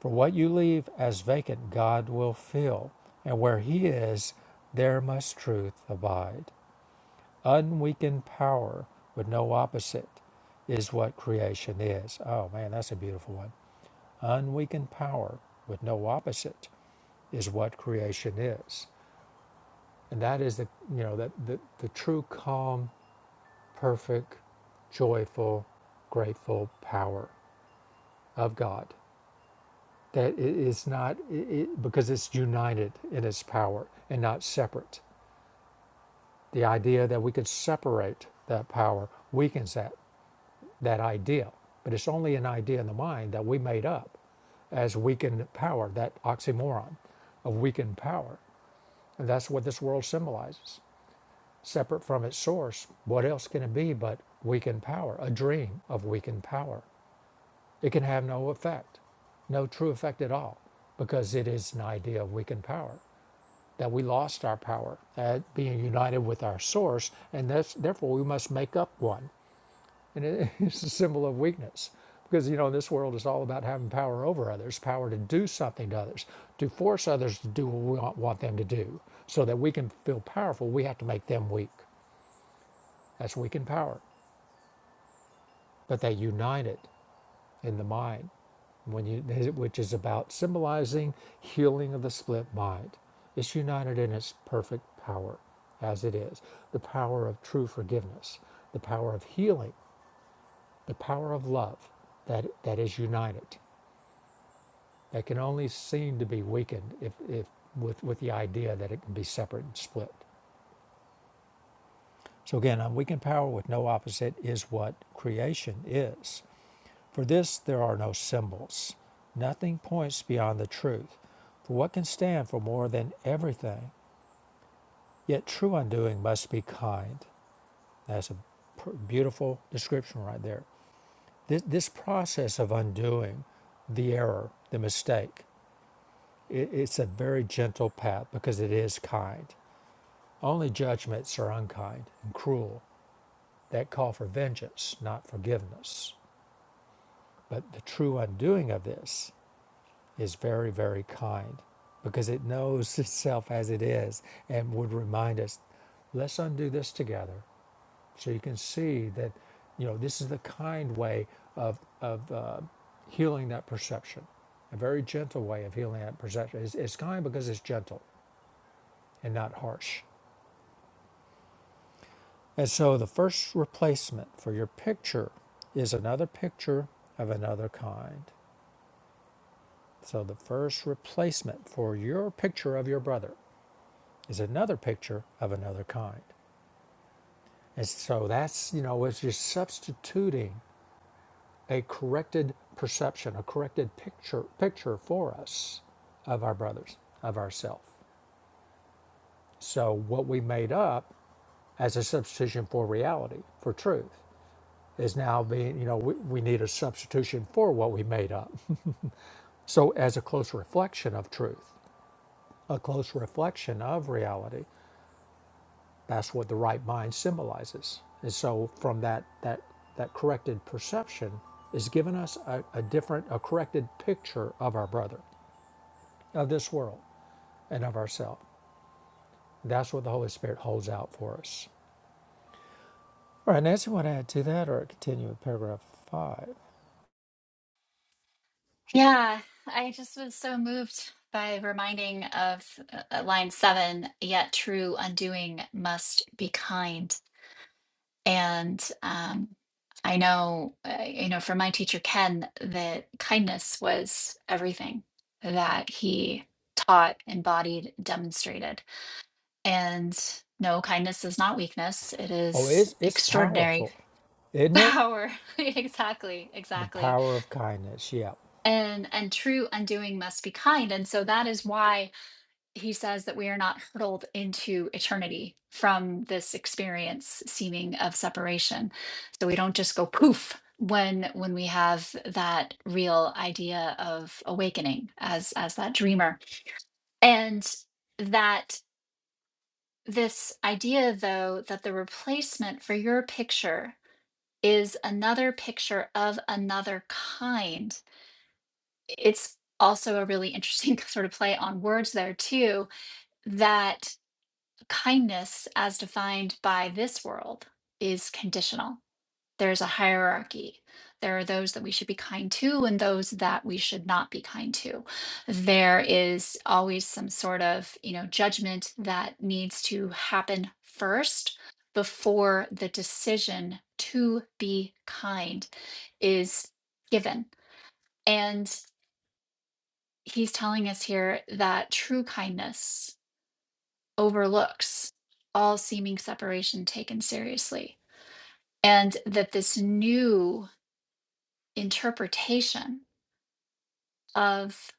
[SPEAKER 2] For what you leave as vacant, God will fill. And where He is, there must truth abide. Unweakened power with no opposite is what creation is. Oh man, that's a beautiful one. Unweakened power with no opposite is what creation is. And that is the you know that the, the true calm, perfect, joyful, grateful power of God that it is not it, because it's united in its power and not separate. The idea that we could separate that power weakens that that idea, but it's only an idea in the mind that we made up as weakened power, that oxymoron of weakened power, and that's what this world symbolizes. Separate from its source, what else can it be but weakened power? A dream of weakened power. It can have no effect, no true effect at all, because it is an idea of weakened power. that we lost our power at being united with our source, and that's, therefore we must make up one. And it, it's a symbol of weakness because you know this world is all about having power over others, power to do something to others, to force others to do what we want, want them to do, so that we can feel powerful. We have to make them weak. That's weak in power, but they united. in the mind, when you, which is about symbolizing healing of the split mind. It's united in its perfect power, as it is the power of true forgiveness, the power of healing, the power of love that, that is united, that can only seem to be weakened if, if with, with the idea that it can be separate and split. So again, unweakened power with no opposite is what creation is. For this there are no symbols. Nothing points beyond the truth. For what can stand for more than everything? Yet true undoing must be kind. That's a beautiful description right there. This, this process of undoing the error, the mistake, it, it's a very gentle path because it is kind. Only judgments are unkind and cruel that call for vengeance, not forgiveness. But the true undoing of this is very, very kind because it knows itself as it is and would remind us, let's undo this together so you can see that, you know, this is the kind way of, of uh, healing that perception. A very gentle way of healing that perception. It's, it's kind because it's gentle and not harsh. And so the first replacement for your picture is another picture of another kind. So the first replacement for your picture of your brother is another picture of another kind. And so that's, you know, it's just substituting a corrected perception, a corrected picture picture for us of our brothers, of ourself. So what we made up as a substitution for reality, for truth, is now being, you know, we, we need a substitution for what we made up. So as a close reflection of truth, a close reflection of reality, That's what the right mind symbolizes. And so from that that that corrected perception is given us a, a different, a corrected picture of our brother, of this world, and of ourselves. That's what the Holy Spirit holds out for us. All right, Nancy, want to add to that or continue with paragraph five?
[SPEAKER 1] Yeah, I just was so moved by reminding of uh, uh, line seven, yet true undoing must be kind. And um, I know, uh, you know, for my teacher Ken, that kindness was everything that he taught, embodied, demonstrated. And no, kindness is not weakness. It
[SPEAKER 2] Oh,
[SPEAKER 1] is
[SPEAKER 2] it's it's
[SPEAKER 1] extraordinary
[SPEAKER 2] powerful, isn't it?
[SPEAKER 1] power. exactly,
[SPEAKER 2] The
[SPEAKER 1] exactly.
[SPEAKER 2] power of kindness. Yeah.
[SPEAKER 1] And and true undoing must be kind. And so that is why he says that we are not hurtled into eternity from this experience seeming of separation so we don't just go poof when when we have that real idea of awakening as as that dreamer and that this idea though that the replacement for your picture is another picture of another kind it's also a really interesting sort of play on words there too that Kindness, as defined by this world, is conditional. There's a hierarchy. There are those that we should be kind to and those that we should not be kind to. There is always some sort of, you know, judgment that needs to happen first before the decision to be kind is given. And he's telling us here that true kindness overlooks all seeming separation taken seriously, and that this new interpretation of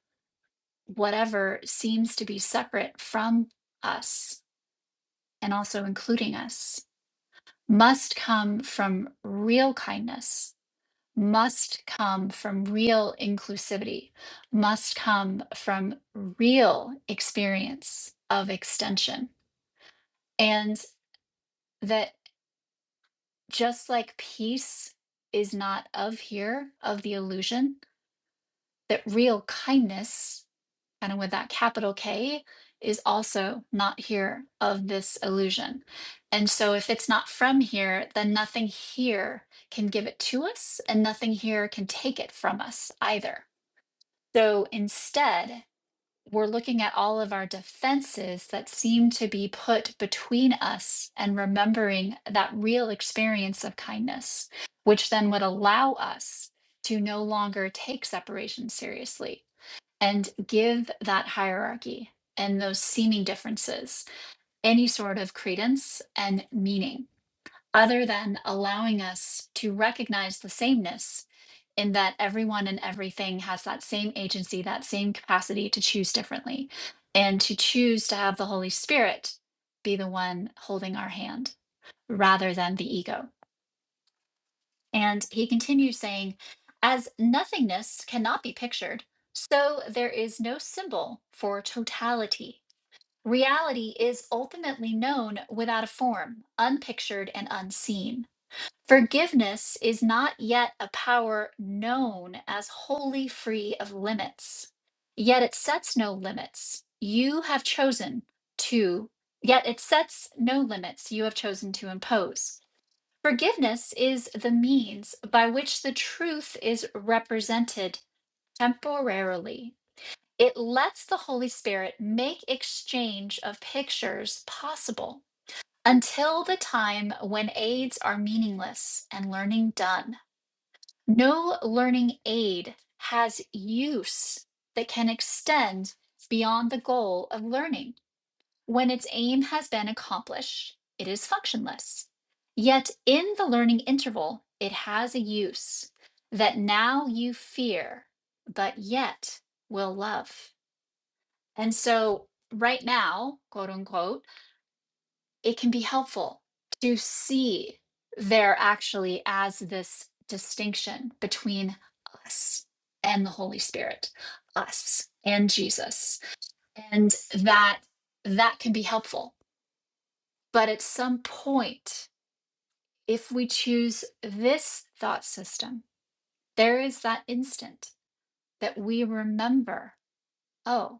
[SPEAKER 1] whatever seems to be separate from us and also including us must come from real kindness, must come from real inclusivity, must come from real experience of extension. And that just like peace is not of here, of the illusion, that real kindness, kind of with that capital K, is also not here of this illusion. And so, if it's not from here, then nothing here can give it to us, and nothing here can take it from us either. So, instead, we're looking at all of our defenses that seem to be put between us and remembering that real experience of kindness, which then would allow us to no longer take separation seriously and give that hierarchy and those seeming differences any sort of credence and meaning, other than allowing us to recognize the sameness in that everyone and everything has that same agency, that same capacity to choose differently, and to choose to have the Holy Spirit be the one holding our hand rather than the ego. And he continues saying, as nothingness cannot be pictured, so there is no symbol for totality. Reality is ultimately known without a form, unpictured and unseen. Forgiveness is not yet a power known as wholly free of limits, yet it sets no limits. You have chosen to, yet it sets no limits you have chosen to impose. Forgiveness is the means by which the truth is represented temporarily. It lets the Holy Spirit make exchange of pictures possible until the time when aids are meaningless and learning done, no learning aid has use that can extend beyond the goal of learning. When its aim has been accomplished, it is functionless. Yet in the learning interval, it has a use that now you fear, but yet will love. And so, right now, quote unquote, it can be helpful to see there actually as this distinction between us and the holy spirit us and jesus and that that can be helpful but at some point if we choose this thought system there is that instant that we remember oh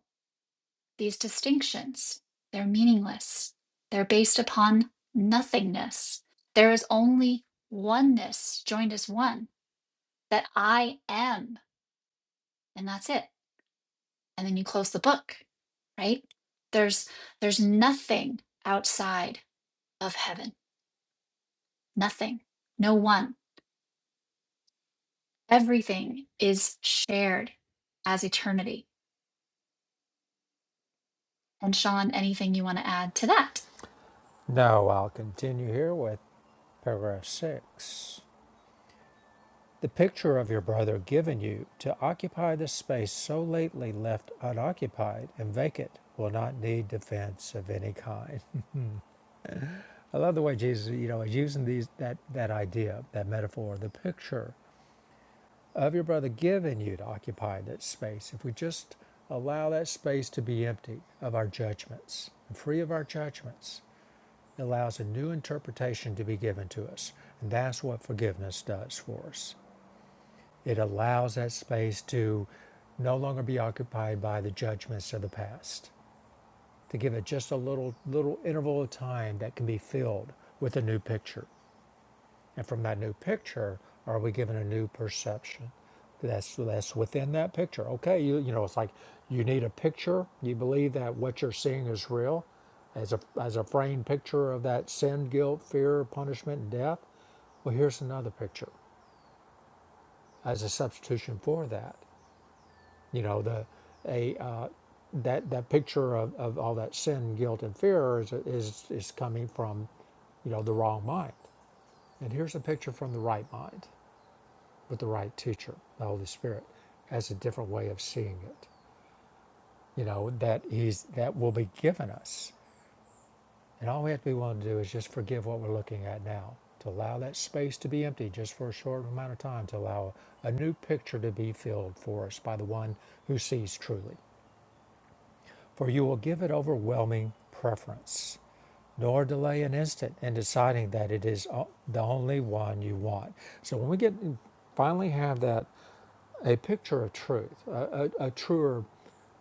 [SPEAKER 1] These distinctions, they're meaningless. They're based upon nothingness. There is only oneness joined as one that I am, and that's it. And then you close the book, right? There's there's nothing outside of heaven. Nothing. No one. Everything is shared as eternity. And Sean, anything you want to add to that?
[SPEAKER 2] No, I'll continue here with paragraph six. The picture of your brother given you to occupy the space so lately left unoccupied and vacant will not need defense of any kind. I love the way Jesus, you know, is using these that that idea, that metaphor, the picture of your brother given you to occupy that space. If we just allow that space to be empty of our judgments, and free of our judgments, it allows a new interpretation to be given to us. And that's what forgiveness does for us. It allows that space to no longer be occupied by the judgments of the past, to give it just a little little interval of time that can be filled with a new picture. And from that new picture, are we given a new perception? That's that's within that picture. Okay, you you know, it's like you need a picture. You believe that what you're seeing is real, as a as a framed picture of that sin, guilt, fear, punishment, and death. Well, here's another picture as a substitution for that. you know the a uh, that that picture of, of all that sin guilt and fear is, is is coming from you know the wrong mind and here's a picture from the right mind with the right teacher the holy spirit has a different way of seeing it you know that he's that will be given us and all we have to be willing to do is just forgive what we're looking at now to allow that space to be empty just for a short amount of time to allow a new picture to be filled for us by the one who sees truly for you will give it overwhelming preference, nor delay an instant in deciding that it is the only one you want. So when we get finally have that a picture of truth, a, a, a truer,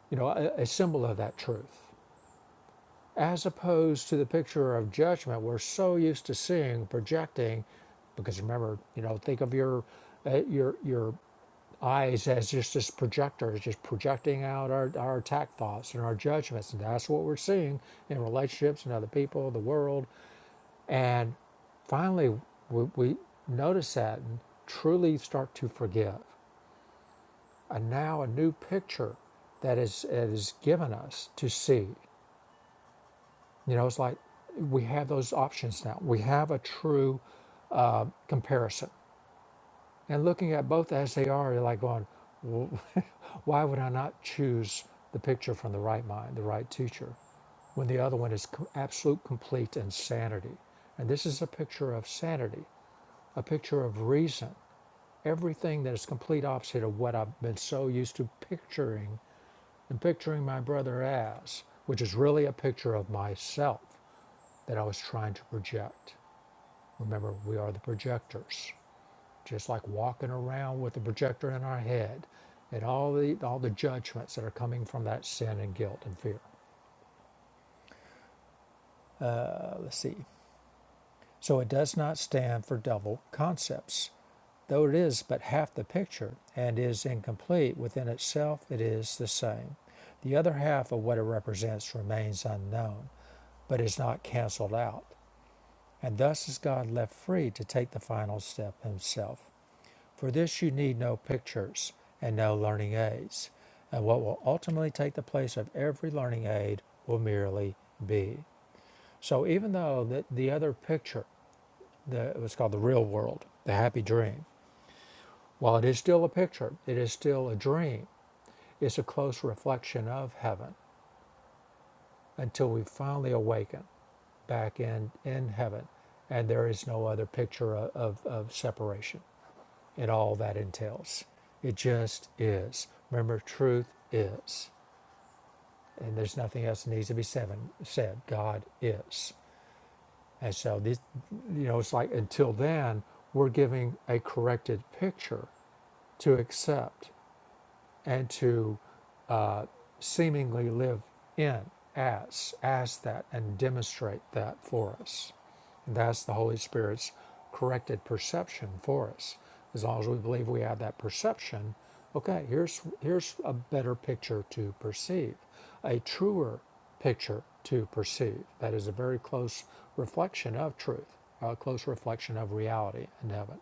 [SPEAKER 2] you know, a, a symbol of that truth, as opposed to the picture of judgment we're so used to seeing, projecting, because remember, you know, think of your uh, your your eyes as just this projector, just projecting out our, our attack thoughts and our judgments. And that's what we're seeing in relationships and other people, the world. And finally, we, we notice that and truly start to forgive. And now a new picture that is, is given us to see. You know, it's like we have those options now. We have a true comparison And looking at both as they are, you're like going, "Wh- why would I not choose the picture from the right mind, the right teacher, when the other one is co- absolute complete insanity? And this is a picture of sanity, a picture of reason, everything that is complete opposite of what I've been so used to picturing and picturing my brother as, which is really a picture of myself that I was trying to project. Remember, we are the projectors just like walking around with the projector in our head and all the all the judgments that are coming from that sin and guilt and fear. Let's see. So it does not stand for double concepts. Though it is but half the picture and is incomplete within itself, it is the same. The other half of what it represents remains unknown, but is not cancelled out, and thus is God left free to take the final step himself. For this you need no pictures and no learning aids, and what will ultimately take the place of every learning aid will merely be. So even though the, the other picture, the, what's called the real world, the happy dream, while it is still a picture, it is still a dream. It's a close reflection of heaven until we finally awaken back in, in heaven, and there is no other picture of, of, of separation. and all that entails. It just is. Remember, truth is. And there's nothing else that needs to be said. said. God is. And so, this, you know, it's like until then, we're giving a corrected picture to accept and to uh, seemingly live in as as that and demonstrate that for us. And that's the Holy Spirit's corrected perception for us. As long as we believe we have that perception, okay, here's here's a better picture to perceive, a truer picture to perceive. That is a very close reflection of truth, a close reflection of reality in heaven.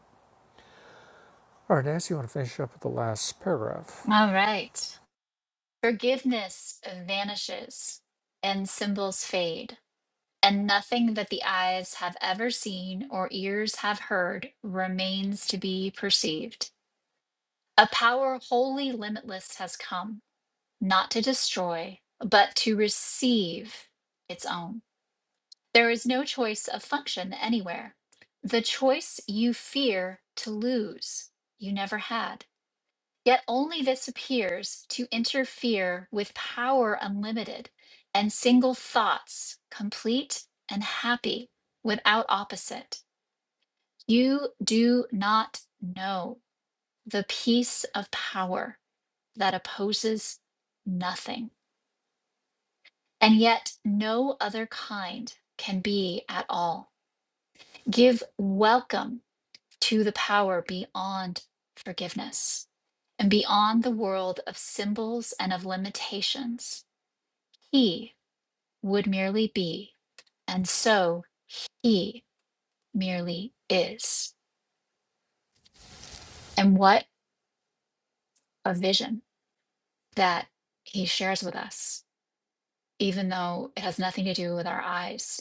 [SPEAKER 2] All right, Nancy, you want to finish up with the last paragraph?
[SPEAKER 1] All right. Forgiveness vanishes and symbols fade, and nothing that the eyes have ever seen or ears have heard remains to be perceived. A power wholly limitless has come, not to destroy, but to receive its own. There is no choice of function anywhere. The choice you fear to lose, you never had. Yet only this appears to interfere with power unlimited and single thoughts, complete and happy, without opposite. You do not know the peace of power that opposes nothing, and yet no other kind can be at all. Give welcome to the power beyond forgiveness and beyond the world of symbols and of limitations He would merely be, and so he merely is. And what a vision that he shares with us, even though it has nothing to do with our eyes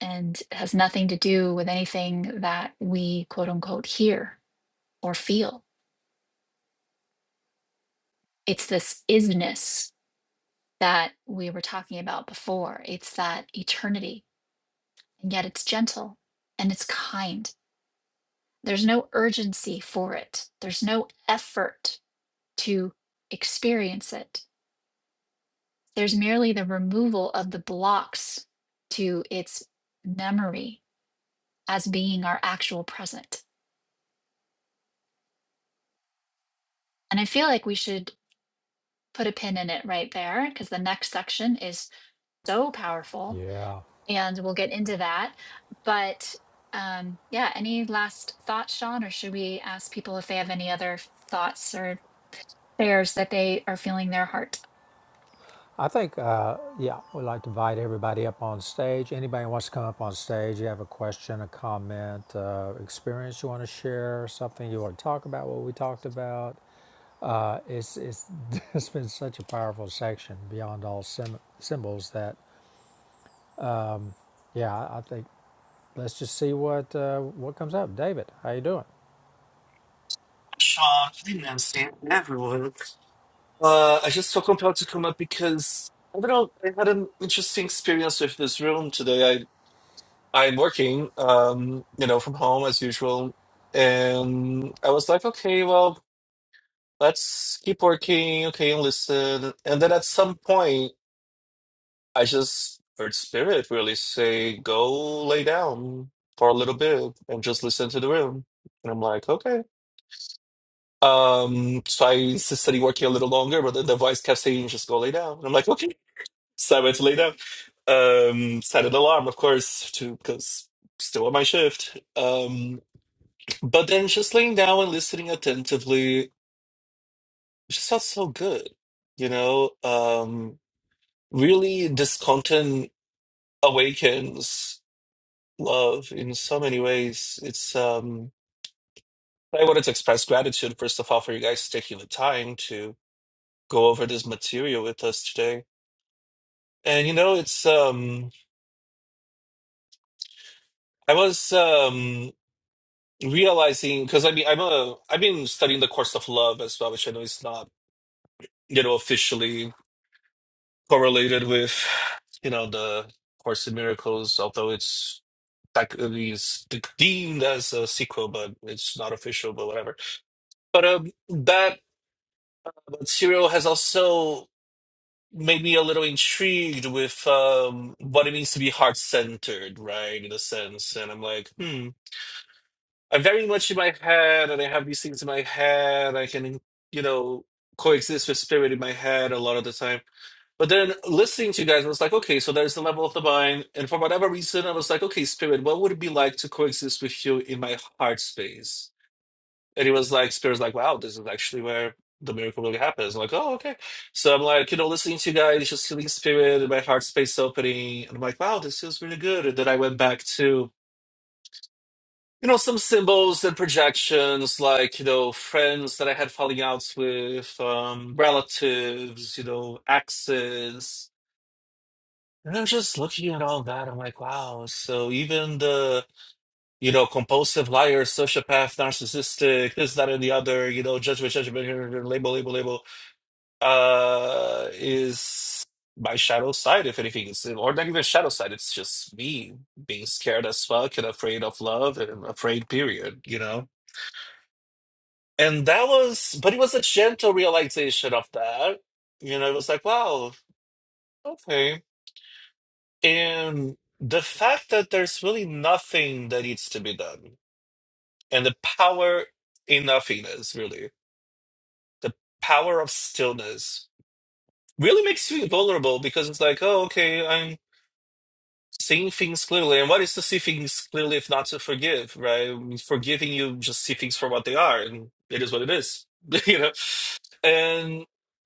[SPEAKER 1] and has nothing to do with anything that we quote unquote hear or feel. It's this isness that we were talking about before. It's that eternity, and yet it's gentle and it's kind. There's no urgency for it, there's no effort to experience it. There's merely the removal of the blocks to its memory as being our actual present. And I feel like we should put a pin in it right there because the next section is so powerful
[SPEAKER 2] Yeah.
[SPEAKER 1] and we'll get into that. But um, yeah, any last thoughts, Sean, or should we ask people if they have any other thoughts or shares that they are feeling their heart?
[SPEAKER 2] I think, uh, yeah, we'd like to invite everybody up on stage. Anybody who wants to come up on stage, you have a question, a comment, uh, experience you want to share, something you want to talk about, what we talked about. Uh, it's, it's, it's been such a powerful section beyond all sym symbols that, yeah, I I think let's just see what uh, what comes up. David, how you doing?
[SPEAKER 3] Sean, hey Nancy, everyone. Uh, I just felt compelled to come up because I don't know. I had an interesting experience with this room today. I I'm working, um, you know, from home as usual, and I was like, okay, well, let's keep working, okay, and listen. And then at some point, I just heard spirit really say, "Go lay down for a little bit and just listen to the room." And I'm like, okay. Um, so I insisted on working a little longer, but then the voice kept saying, just go lay down. And I'm like, okay. So I went to lay down. Um, set an alarm, of course, to because still on my shift. Um, but then just laying down and listening attentively just felt so good, you know? Um, really, this content awakens love in so many ways. It's, um, I wanted to express gratitude, first of all, for you guys taking the time to go over this material with us today And you know, it's um I was um realizing because I mean I'm a I've been studying the course of love as well, which I know is not, you know, officially correlated with, you know, the Course in Miracles, although it's technically is deemed as a sequel, but it's not official, but whatever. But um that serial has also made me a little intrigued with um what it means to be heart centered, right? In a sense. And I'm like, hmm I'm very much in my head, and I have these things in my head. I can, you know, coexist with spirit in my head a lot of the time. But then listening to you guys, I was like, okay, so there's the level of the mind. And for whatever reason, I was like, okay, spirit, what would it be like to coexist with you in my heart space? And it was like, spirit's like, wow, this is actually where the miracle really happens. I'm like, oh, okay. So I'm like, you know, listening to you guys, just feeling spirit and my heart space opening. And I'm like, wow, this feels really good. And then I went back to you know, some symbols and projections, like, you know, friends that I had falling outs with, um, relatives, you know, exes. And I'm just looking at all that. I'm like, wow. So even the, you know, compulsive liar, sociopath, narcissistic, this, that, and the other, you know, judgment, judgment, label, label, label, uh, is my shadow side, if anything. It's, or not even shadow side. It's just me being scared as fuck and afraid of love and afraid, period, you know? And that was, but it was a gentle realization of that. You know, it was like, wow, okay. And the fact that there's really nothing that needs to be done, and the power in nothingness, really, the power of stillness really makes you vulnerable because it's like, oh, okay, I'm. seeing things clearly. And what is to see things clearly if not to forgive, right? I mean, Forgiving you just see things for what they are, and it is what it is, you know. And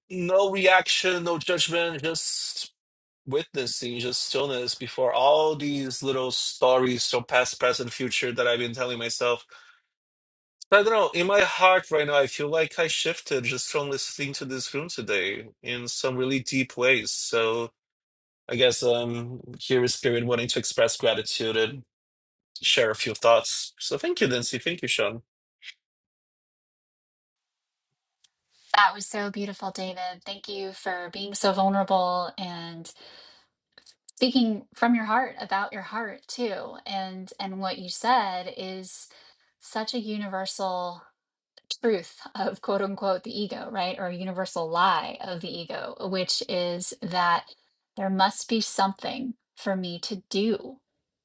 [SPEAKER 3] no reaction, no judgment, just witnessing, just stillness before all these little stories from past, present, future that I've been telling myself. I don't know. In my heart right now, I feel like I shifted just from listening to this room today in some really deep ways. So. I guess um here is Spirit wanting to express gratitude and share a few thoughts. So thank you, Nancy. Thank you, Sean.
[SPEAKER 1] That was so beautiful, David. Thank you for being so vulnerable and speaking from your heart about your heart too and and what you said is such a universal truth of quote unquote the ego, right? Or a universal lie of the ego, which is that there must be something for me to do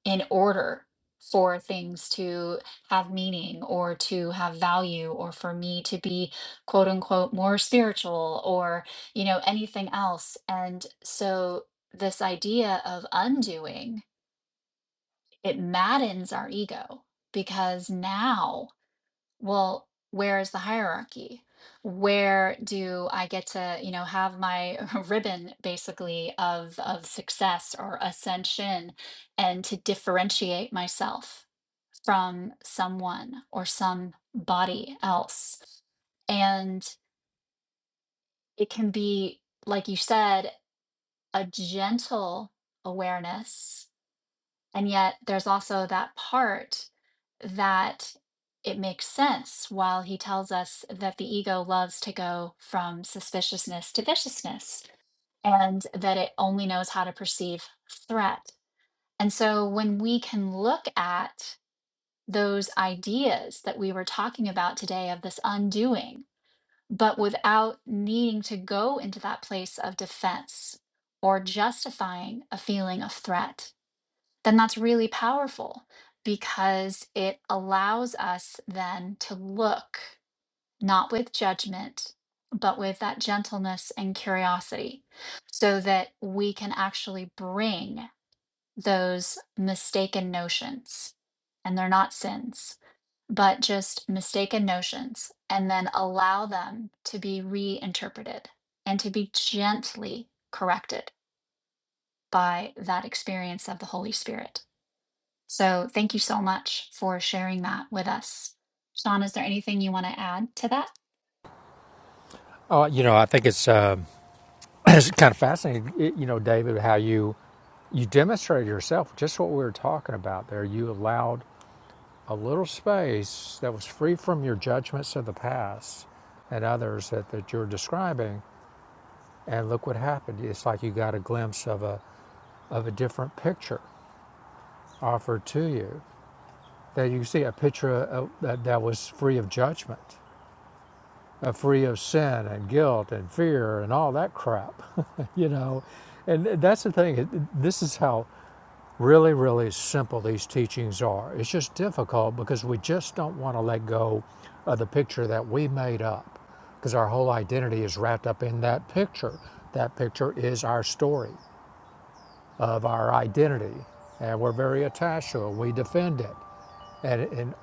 [SPEAKER 1] in order for things to have meaning or to have value or for me to be quote unquote more spiritual or, you know, anything else. And so this idea of undoing, it maddens our ego because now well, where is the hierarchy? Where do I get to, you know, have my ribbon basically of of success or ascension and to differentiate myself from someone or somebody else? And it can be, like you said, a gentle awareness and yet there's also that part that it makes sense while he tells us that the ego loves to go from suspiciousness to viciousness and that it only knows how to perceive threat. And so when we can look at those ideas that we were talking about today of this undoing, but without needing to go into that place of defense or justifying a feeling of threat, then that's really powerful because it allows us then to look not with judgment, but with that gentleness and curiosity so that we can actually bring those mistaken notions. And they're not sins, but just mistaken notions, and then allow them to be reinterpreted and to be gently corrected by that experience of the Holy Spirit. So thank you so much for sharing that with us. Sean, is there anything you want to add to that?
[SPEAKER 2] Oh, you know, I think it's um it's kind of fascinating, y- you know, David, how you you demonstrated yourself just what we were talking about there. You allowed a little space that was free from your judgments of the past and others that, that you're describing. And look what happened. It's like you got a glimpse of a, of a different picture offered to you. That you see a picture of, that, that was free of judgment, uh, free of sin and guilt and fear and all that crap, you know. And uh, that's the thing. This is how really, really simple these teachings are. It's just difficult because we just don't want to let go of the picture that we made up because our whole identity is wrapped up in that picture. That picture is our story of our identity, and we're very attached to it. We defend it. And, and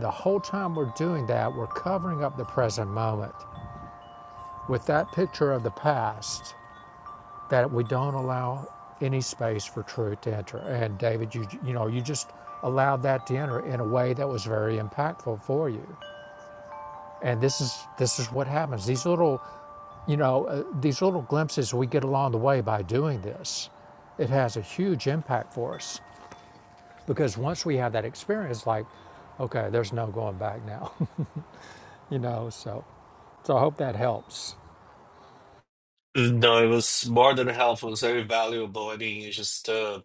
[SPEAKER 2] the whole time we're doing that, we're covering up the present moment with that picture of the past that we don't allow any space for truth to enter. And David, you you know, you just allowed that to enter in a way that was very impactful for you. And this is this is what happens. These little, you know, uh, these little glimpses we get along the way by doing this, it has a huge impact for us because once we have that experience, like, okay, there's no going back now, you know. So, so I hope that helps.
[SPEAKER 3] No, it was more than helpful. It was very valuable. I mean, it's just, uh,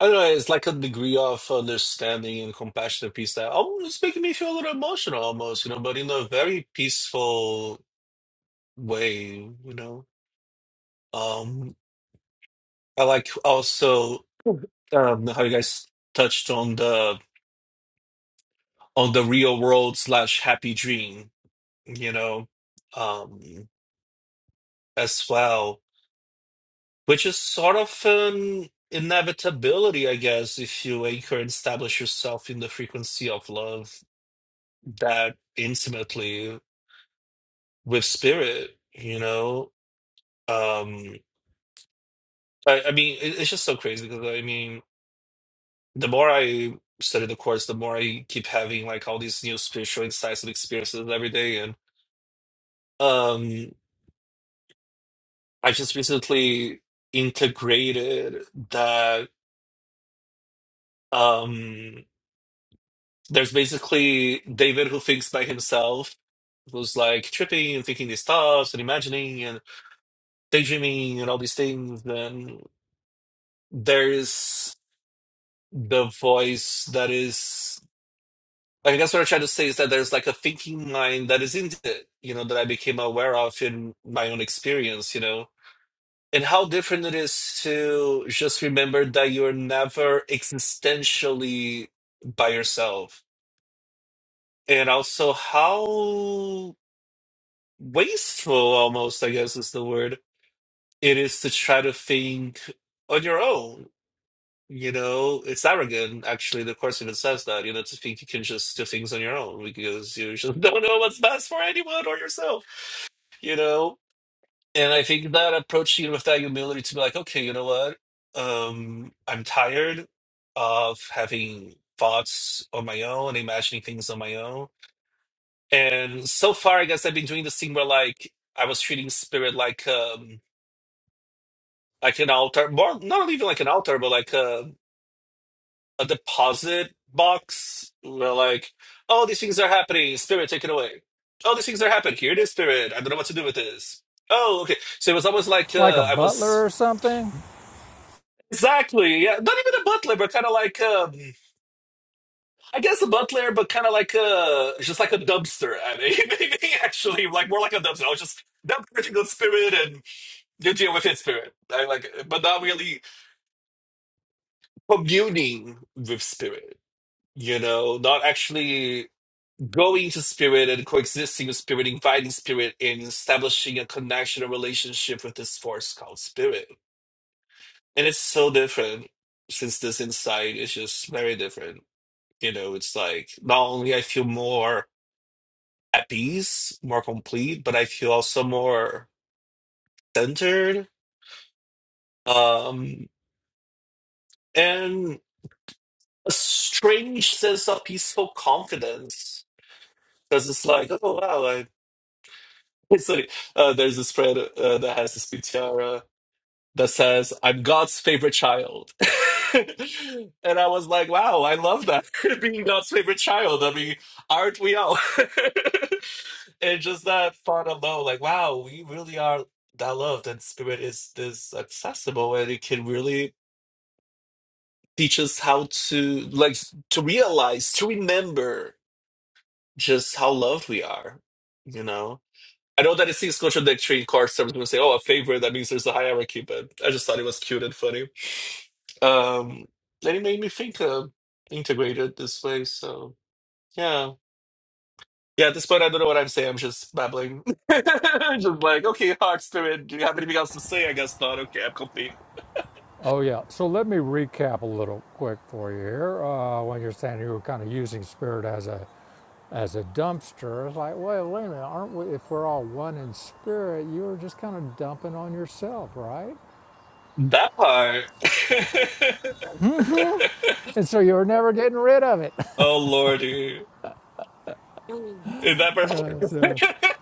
[SPEAKER 3] I don't know, it's like a degree of understanding and compassionate and peace that almost it's making me feel a little emotional almost, you know, but in a very peaceful way, you know. Um, I like also um, how you guys touched on the on the real world slash happy dream, you know, um, as well. which is sort of an inevitability, I guess, if you anchor and establish yourself in the frequency of love that intimately with spirit, you know? Um, I, I mean, it, it's just so crazy because I mean, the more I study the course, the more I keep having like all these new spiritual insights and experiences every day. And um, I just recently integrated that um there's basically David who thinks by himself It was like tripping and thinking these thoughts and imagining and daydreaming and all these things, then there's the voice that is I guess what I'm trying to say is that there's like a thinking mind that is in it, you know, that I became aware of in my own experience, you know. And how different it is to just remember that you're never existentially by yourself. And also how wasteful almost, I guess is the word it is to try to think on your own. You know, it's arrogant. Actually, the course even says that. You know, to think you can just do things on your own because you just don't know what's best for anyone or yourself. You know, and I think that approaching it with that humility to be like, okay, you know what? Um, I'm tired of having thoughts on my own, imagining things on my own. And so far, I guess I've been doing this thing where like I was treating spirit like um like an altar, more not even like an altar, but like a a deposit box where like, oh, these things are happening. Spirit, take it away. Oh, these things are happening. Here it is, Spirit. I don't know what to do with this. Oh, okay. So it was almost like
[SPEAKER 2] Like a
[SPEAKER 3] uh, I
[SPEAKER 2] butler
[SPEAKER 3] was
[SPEAKER 2] or something.
[SPEAKER 3] exactly yeah, not even a butler, but kind of like um, I guess a butler, but kind of like uh, just like a dumpster. I mean, maybe actually like more like a dumpster. I was just dump everything on Spirit and you deal with it, Spirit. I like, but not really communing with Spirit. you know, not actually going to spirit and coexisting with spirit, inviting spirit and establishing a connection, a relationship with this force called spirit. And it's so different since this insight is just very different. You know, it's like not only I feel more at peace, more complete, but I feel also more centered. Um and a strange sense of peaceful confidence. Because it's like, oh wow, Sorry, uh, there's this thread uh, that has this tiara that says, "I'm God's favorite child," and I was like, "Wow, I love that being God's favorite child." I mean, aren't we all? and just that thought alone, like, wow, we really are that loved, and Spirit is this accessible, and it can really teach us how to like to realize, to remember just how loved we are, you know. I know that it seems contradictory card service people say, oh, a favorite, that means there's a hierarchy, but I just thought it was cute and funny. Um, and it made me think uh, integrated this way, so yeah. Yeah, at this point, I don't know what I'm saying. I'm just babbling. just like, okay, heart, spirit, do you have anything else to say? I guess not. Okay, I'm complete.
[SPEAKER 2] Oh, yeah. So let me recap a little quick for you here. Uh, when you're saying you were kind of using spirit as a as a dumpster, it's like, well, wait a minute, aren't we? If we're all one in spirit, you were just kind of dumping on yourself, right?
[SPEAKER 3] That part.
[SPEAKER 2] And so you were never getting rid of it.
[SPEAKER 3] oh, lordy. in that part?
[SPEAKER 2] so,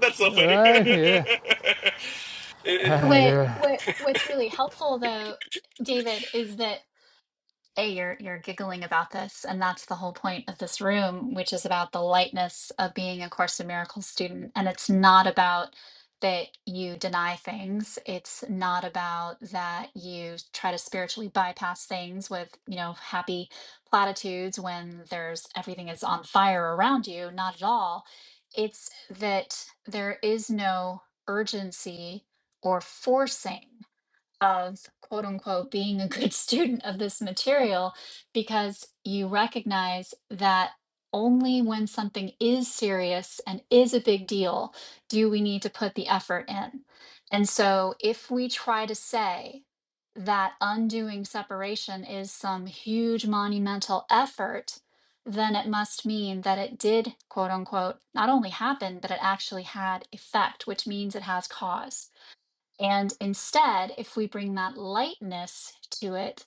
[SPEAKER 3] That's so funny.
[SPEAKER 2] right? Yeah. Ah,
[SPEAKER 3] It-
[SPEAKER 1] What
[SPEAKER 2] yeah.
[SPEAKER 1] what what's really helpful though, David, is that A, you're you're giggling about this, and that's the whole point of this room, which is about the lightness of being a Course in Miracles student. And it's not about that you deny things. It's not about that you try to spiritually bypass things with, you know, happy platitudes when there's everything is on fire around you. Not at all. It's that there is no urgency or forcing of quote unquote being a good student of this material because you recognize that only when something is serious and is a big deal do we need to put the effort in. And so if we try to say that undoing separation is some huge monumental effort, then it must mean that it did, quote unquote, not only happen, but it actually had effect, which means it has cause. And instead, if we bring that lightness to it,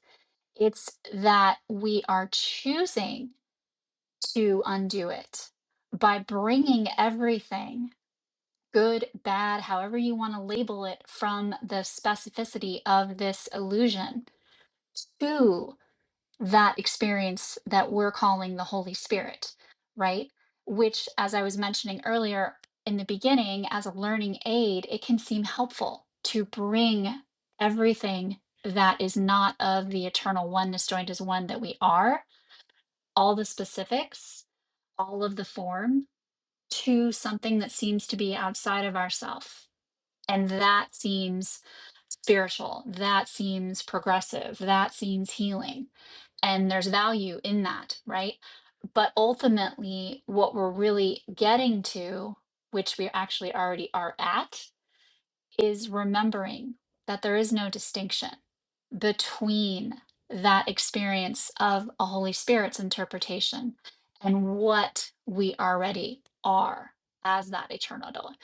[SPEAKER 1] it's that we are choosing to undo it by bringing everything, good, bad, however you want to label it, from the specificity of this illusion to that experience that we're calling the Holy Spirit, right? Which, as I was mentioning earlier in the beginning, as a learning aid, it can seem helpful to bring everything that is not of the eternal oneness joined as one that we are, all the specifics, all of the form, to something that seems to be outside of ourself. And that seems spiritual. That seems progressive. That seems healing and there's value in that, right? But ultimately, what we're really getting to, which we actually already are at, is remembering that there is no distinction between that experience of a Holy Spirit's interpretation and what we already are as that eternal adult.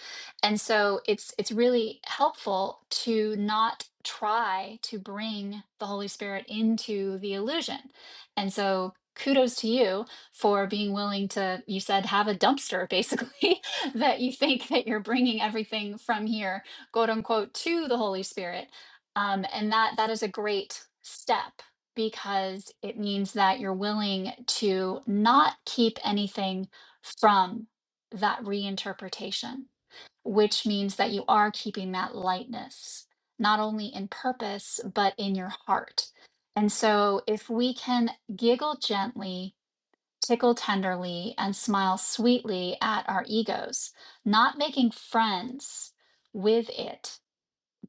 [SPEAKER 1] And so it's it's really helpful to not try to bring the Holy Spirit into the illusion. And so kudos to you for being willing to you said have a dumpster basically that you think that you're bringing everything from here quote unquote to the holy spirit um, and that that is a great step because it means that you're willing to not keep anything from that reinterpretation which means that you are keeping that lightness not only in purpose but in your heart and so if we can giggle gently tickle tenderly and smile sweetly at our egos not making friends with it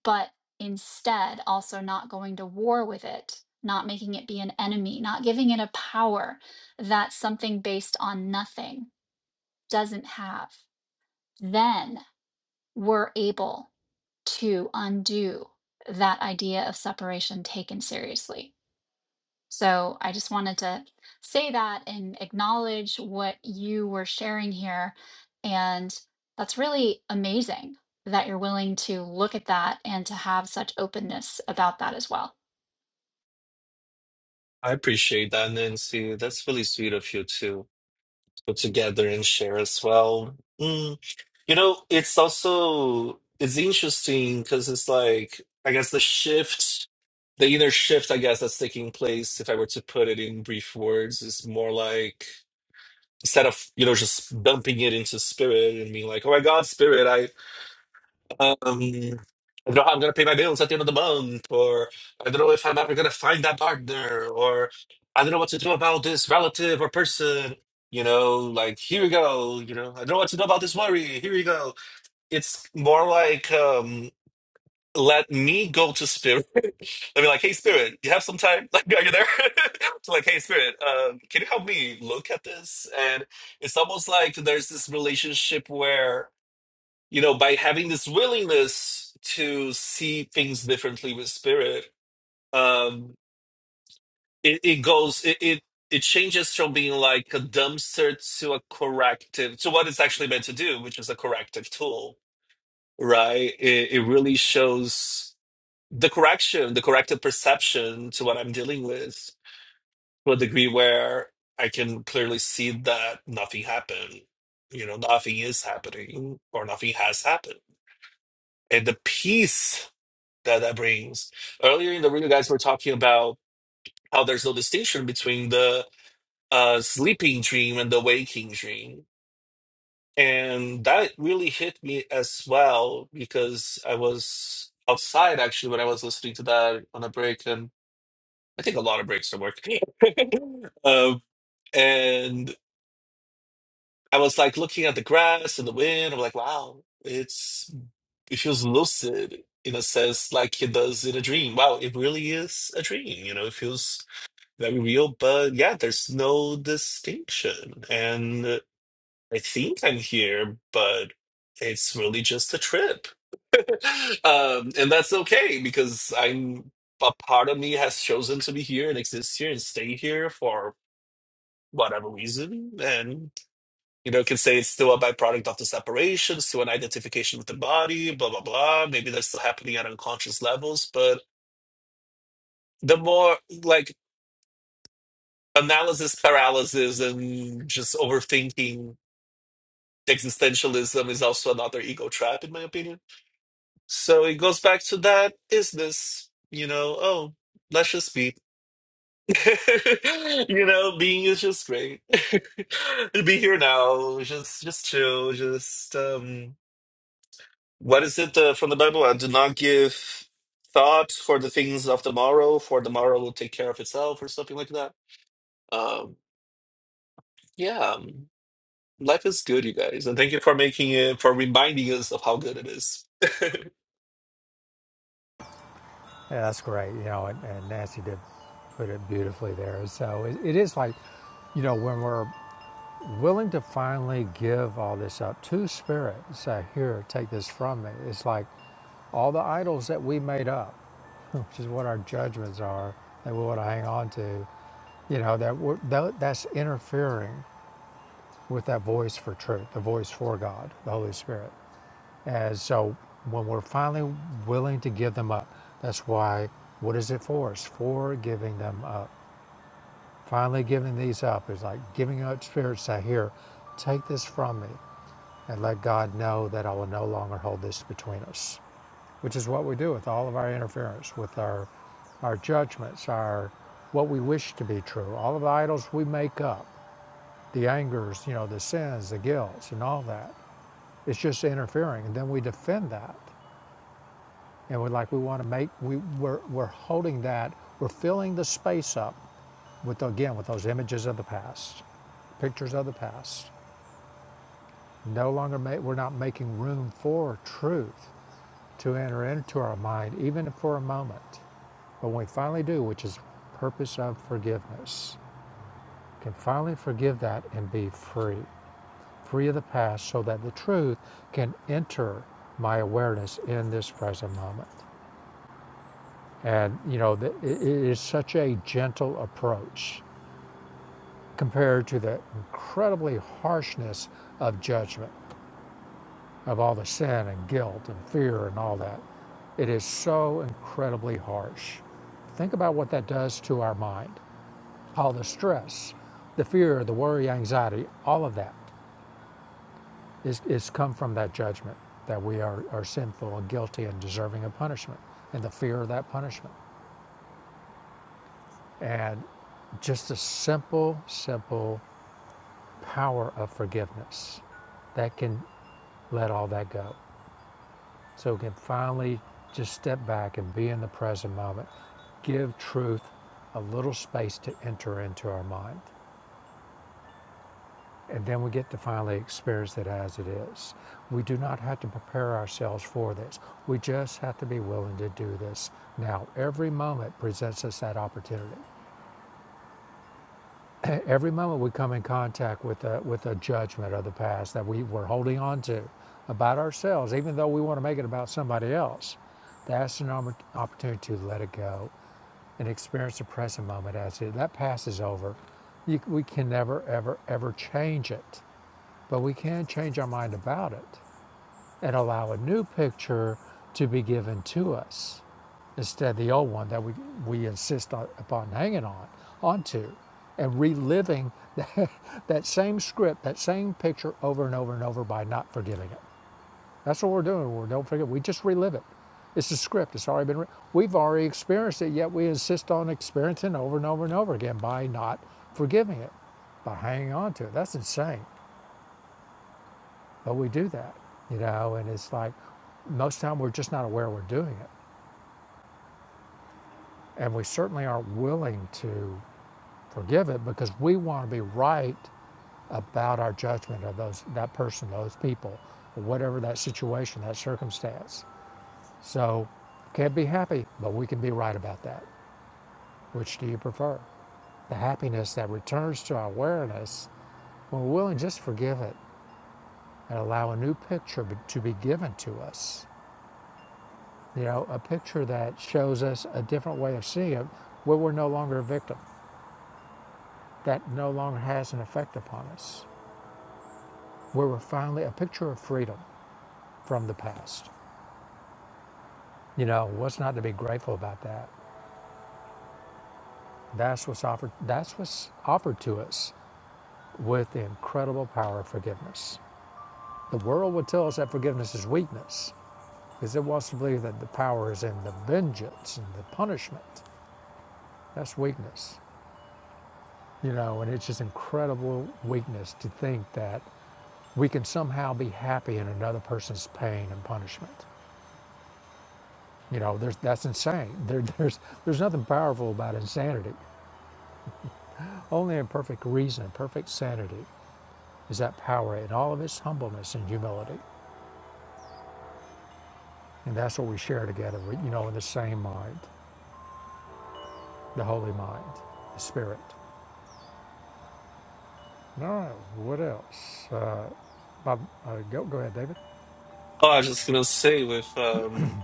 [SPEAKER 1] but instead also not going to war with it, not making it be an enemy, not giving it a power that something based on nothing doesn't have, then we're able to undo that idea of separation taken seriously. So I just wanted to say that and acknowledge what you were sharing here. And that's really amazing that you're willing to look at that and to have such openness about that as well.
[SPEAKER 3] I appreciate that, Nancy. That's really sweet of you to put together and share as well. Mm. You know, it's also it's interesting because it's like I guess the shift, the inner shift, I guess that's taking place. If I were to put it in brief words, is more like instead of you know just dumping it into spirit and being like, "Oh my God, spirit! I. Um, I don't know how I'm going to pay my bills at the end of the month, or I don't know if I'm ever going to find that partner, or I don't know what to do about this relative or person. You know, like, here we go. You know, I don't know what to do about this worry. Here we go. It's more like, um, let me go to spirit. I'd be like, hey, spirit, you have some time? Like, are you there? so like, hey, spirit, um, can you help me look at this? And it's almost like there's this relationship where you know, by having this willingness to see things differently with spirit, um, it, it goes, it, it, it changes from being like a dumpster to a corrective, to what it's actually meant to do, which is a corrective tool, right? It, it really shows the correction, the corrective perception to what I'm dealing with to a degree where I can clearly see that nothing happened, you know, nothing is happening or nothing has happened and the peace that that brings. Earlier in the room, you guys were talking about how there's no distinction between the uh, sleeping dream and the waking dream, and that really hit me as well because I was outside actually when I was listening to that on a break, and I take a lot of breaks from work, um, and I was like looking at the grass and the wind. I'm like, wow, it's it feels lucid in a sense like it does in a dream. Wow, it really is a dream. You know, it feels that real, but yeah, there's no distinction. And I think I'm here, but it's really just a trip. Um, and that's okay because I'm a part of me has chosen to be here and exist here and stay here for whatever reason. And you know, can say it's still a byproduct of the separation, still an identification with the body, blah blah blah. Maybe that's still happening at unconscious levels, but the more like analysis paralysis and just overthinking existentialism is also another ego trap in my opinion so it goes back to that is this you know oh let's just be you know being is just great be here now just just chill just um what is it uh, from the bible i do not give thought for the things of tomorrow for tomorrow will take care of itself or something like that um yeah um, life is good you guys and thank you for making it for reminding us of how good it is
[SPEAKER 2] Yeah, that's great. You know, and, and Nancy did put it beautifully there. So it, it is like, you know, when we're willing to finally give all this up to spirit, say, here, take this from me, it's like, All the idols that we made up, which is what our judgments are, that we want to hang on to, you know, that, we're, tho- that's interfering with that voice for truth, the voice for God, the Holy Spirit. And so when we're finally willing to give them up, that's why, what is it for? us? for giving them up. Finally giving these up is like giving up spirits say, here, take this from me and let God know that I will no longer hold this between us. which is what we do with all of our interference, with our, our judgments, our what we wish to be true, all of the idols we make up, the angers, you know, the sins, the guilts, and all that. It's just interfering, and then we defend that, and we're like we want to make we we're, we're holding that, we're filling the space up with again with those images of the past, pictures of the past. No longer ma- we're not making room for truth to enter into our mind, even for a moment But when we finally do, which is the purpose of forgiveness, we can finally forgive that and be free, free of the past, so that the truth can enter my awareness in this present moment. And you know, it is such a gentle approach compared to the incredibly harshness of judgment, of all the sin and guilt and fear and all that. It is so incredibly harsh. Think about what that does to our mind. All the stress, the fear, the worry, anxiety, all of that is, is come from that judgment that we are, are sinful and guilty and deserving of punishment and the fear of that punishment. And just the simple, simple power of forgiveness that can let all that go. So we can finally just step back and be in the present moment. Give truth a little space to enter into our mind. and then we get to finally experience it as it is. We do not have to prepare ourselves for this. We just have to be willing to do this now. Every moment presents us that opportunity. Every moment we come in contact with a, with a judgment of the past that we were holding on to about ourselves, even though we want to make it about somebody else, that's an opportunity to let it go and experience the present moment as it. That past is over. You, we can never, ever, ever change it but we can change our mind about it and allow a new picture to be given to us instead of the old one that we, we insist on, upon hanging on onto and reliving that, that same script, that same picture over and over and over by not forgiving it. That's what we're doing. We don't forget. We just relive it. It's a script. It's already been. Re- We've already experienced it, yet we insist on experiencing it over and over and over again by not forgiving it, by hanging on to it. That's insane. But we do that, you know, and it's like most of the time we're just not aware we're doing it. And we certainly aren't willing to forgive it because we want to be right about our judgment of those that person, those people, or whatever that situation, that circumstance. So can't be happy, but we can be right about that. Which do you prefer? The happiness that returns to our awareness when we're willing just to forgive it and allow a new picture to be given to us you know, a picture that shows us a different way of seeing it, where we're no longer a victim, that no longer has an effect upon us, where we're finally a picture of freedom from the past. You know, what's not to be grateful about that? That's what's offered. That's what's offered to us with the incredible power of forgiveness. The world would tell us that forgiveness is weakness, because it wants to believe that the power is in the vengeance and the punishment. That's weakness you know and it's just incredible weakness to think that we can somehow be happy in another person's pain and punishment. You know, there's, that's insane. There, there's, there's nothing powerful about insanity. Only in perfect reason, perfect sanity, is that power in all of its humbleness and humility. And that's what we share together, you know, in the same mind, the holy mind, the spirit. All right, what else? Uh, Bob, uh, go, go ahead, David.
[SPEAKER 3] Oh, I was just gonna say with um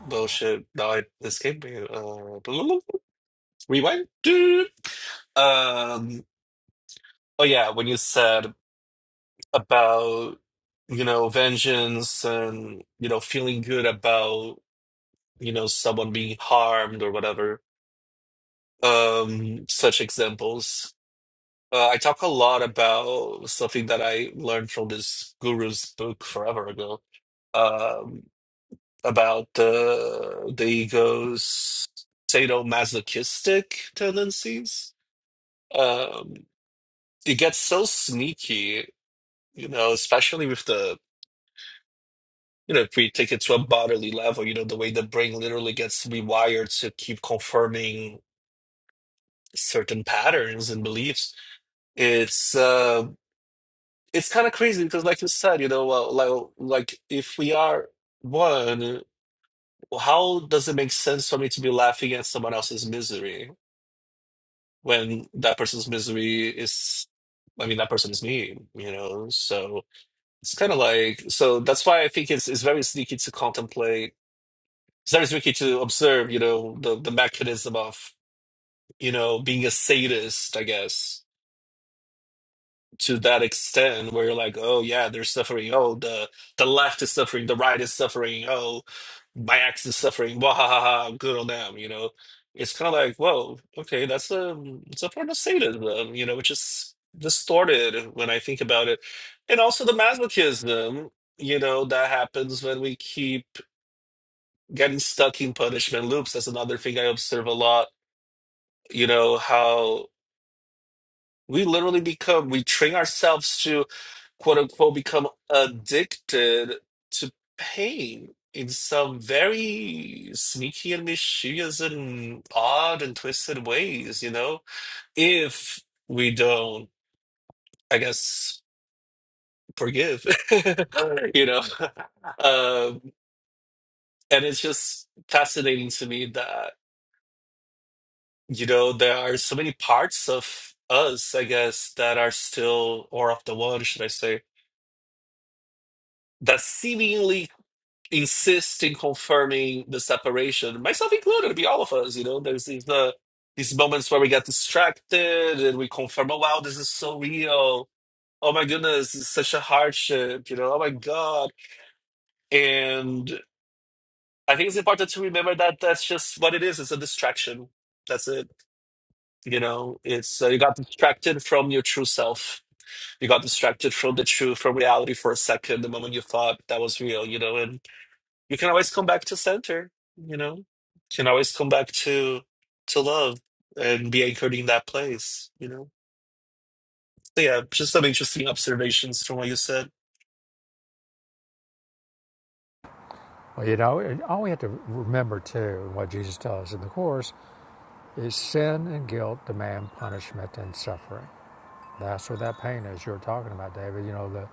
[SPEAKER 3] bullshit that I escaped me. Uh, rewind. Um. Oh yeah, when you said about you know vengeance and you know feeling good about you know someone being harmed or whatever. Um, such examples. Uh, I talk a lot about something that I learned from this guru's book forever ago. Um, about the the ego's sadomasochistic tendencies. Um, it gets so sneaky, you know, especially with the you know, if we take it to a bodily level, you know, the way the brain literally gets rewired to keep confirming certain patterns and beliefs. It's uh, it's kind of crazy because, like you said, you know, uh, like like if we are one, how does it make sense for me to be laughing at someone else's misery? when that person's misery is I mean that person is me, you know. So it's kind of like so that's why I think it's it's very sneaky to contemplate. It's very sneaky to observe, you know, the the mechanism of you know being a sadist, I guess to that extent where you're like, oh yeah, they're suffering. Oh, the the left is suffering, the right is suffering. Oh, my ex is suffering. Wah ha ha ha. Good on them. You know, it's kind of like, whoa, okay, that's a it's a form of sadism. You know, which is distorted when I think about it, and also the masochism. You know, that happens when we keep getting stuck in punishment loops. That's another thing I observe a lot. You know how. We literally become, we train ourselves to quote unquote become addicted to pain in some very sneaky and mischievous and odd and twisted ways, you know? If we don't, I guess, forgive, you know? Um, and it's just fascinating to me that, you know, there are so many parts of us, I guess, that are still, or of the one, should I say, that seemingly insist in confirming the separation, myself included, it'd be all of us, you know, there's these uh, these moments where we get distracted and we confirm, oh wow, this is so real. Oh my goodness, it's such a hardship, you know, oh my God. And I think it's important to remember that that's just what it is. It's a distraction. That's it. You know, it's uh, you got distracted from your true self. You got distracted from the truth, from reality for a second, the moment you thought that was real, you know, and you can always come back to center you know can always come back to to love and be anchored in that place you know so yeah just some interesting observations from what you said
[SPEAKER 2] Well, you know, and all we have to remember too, what Jesus tells us in the Course, is sin and guilt demand punishment and suffering. That's where that pain is you're talking about, David. You know, the,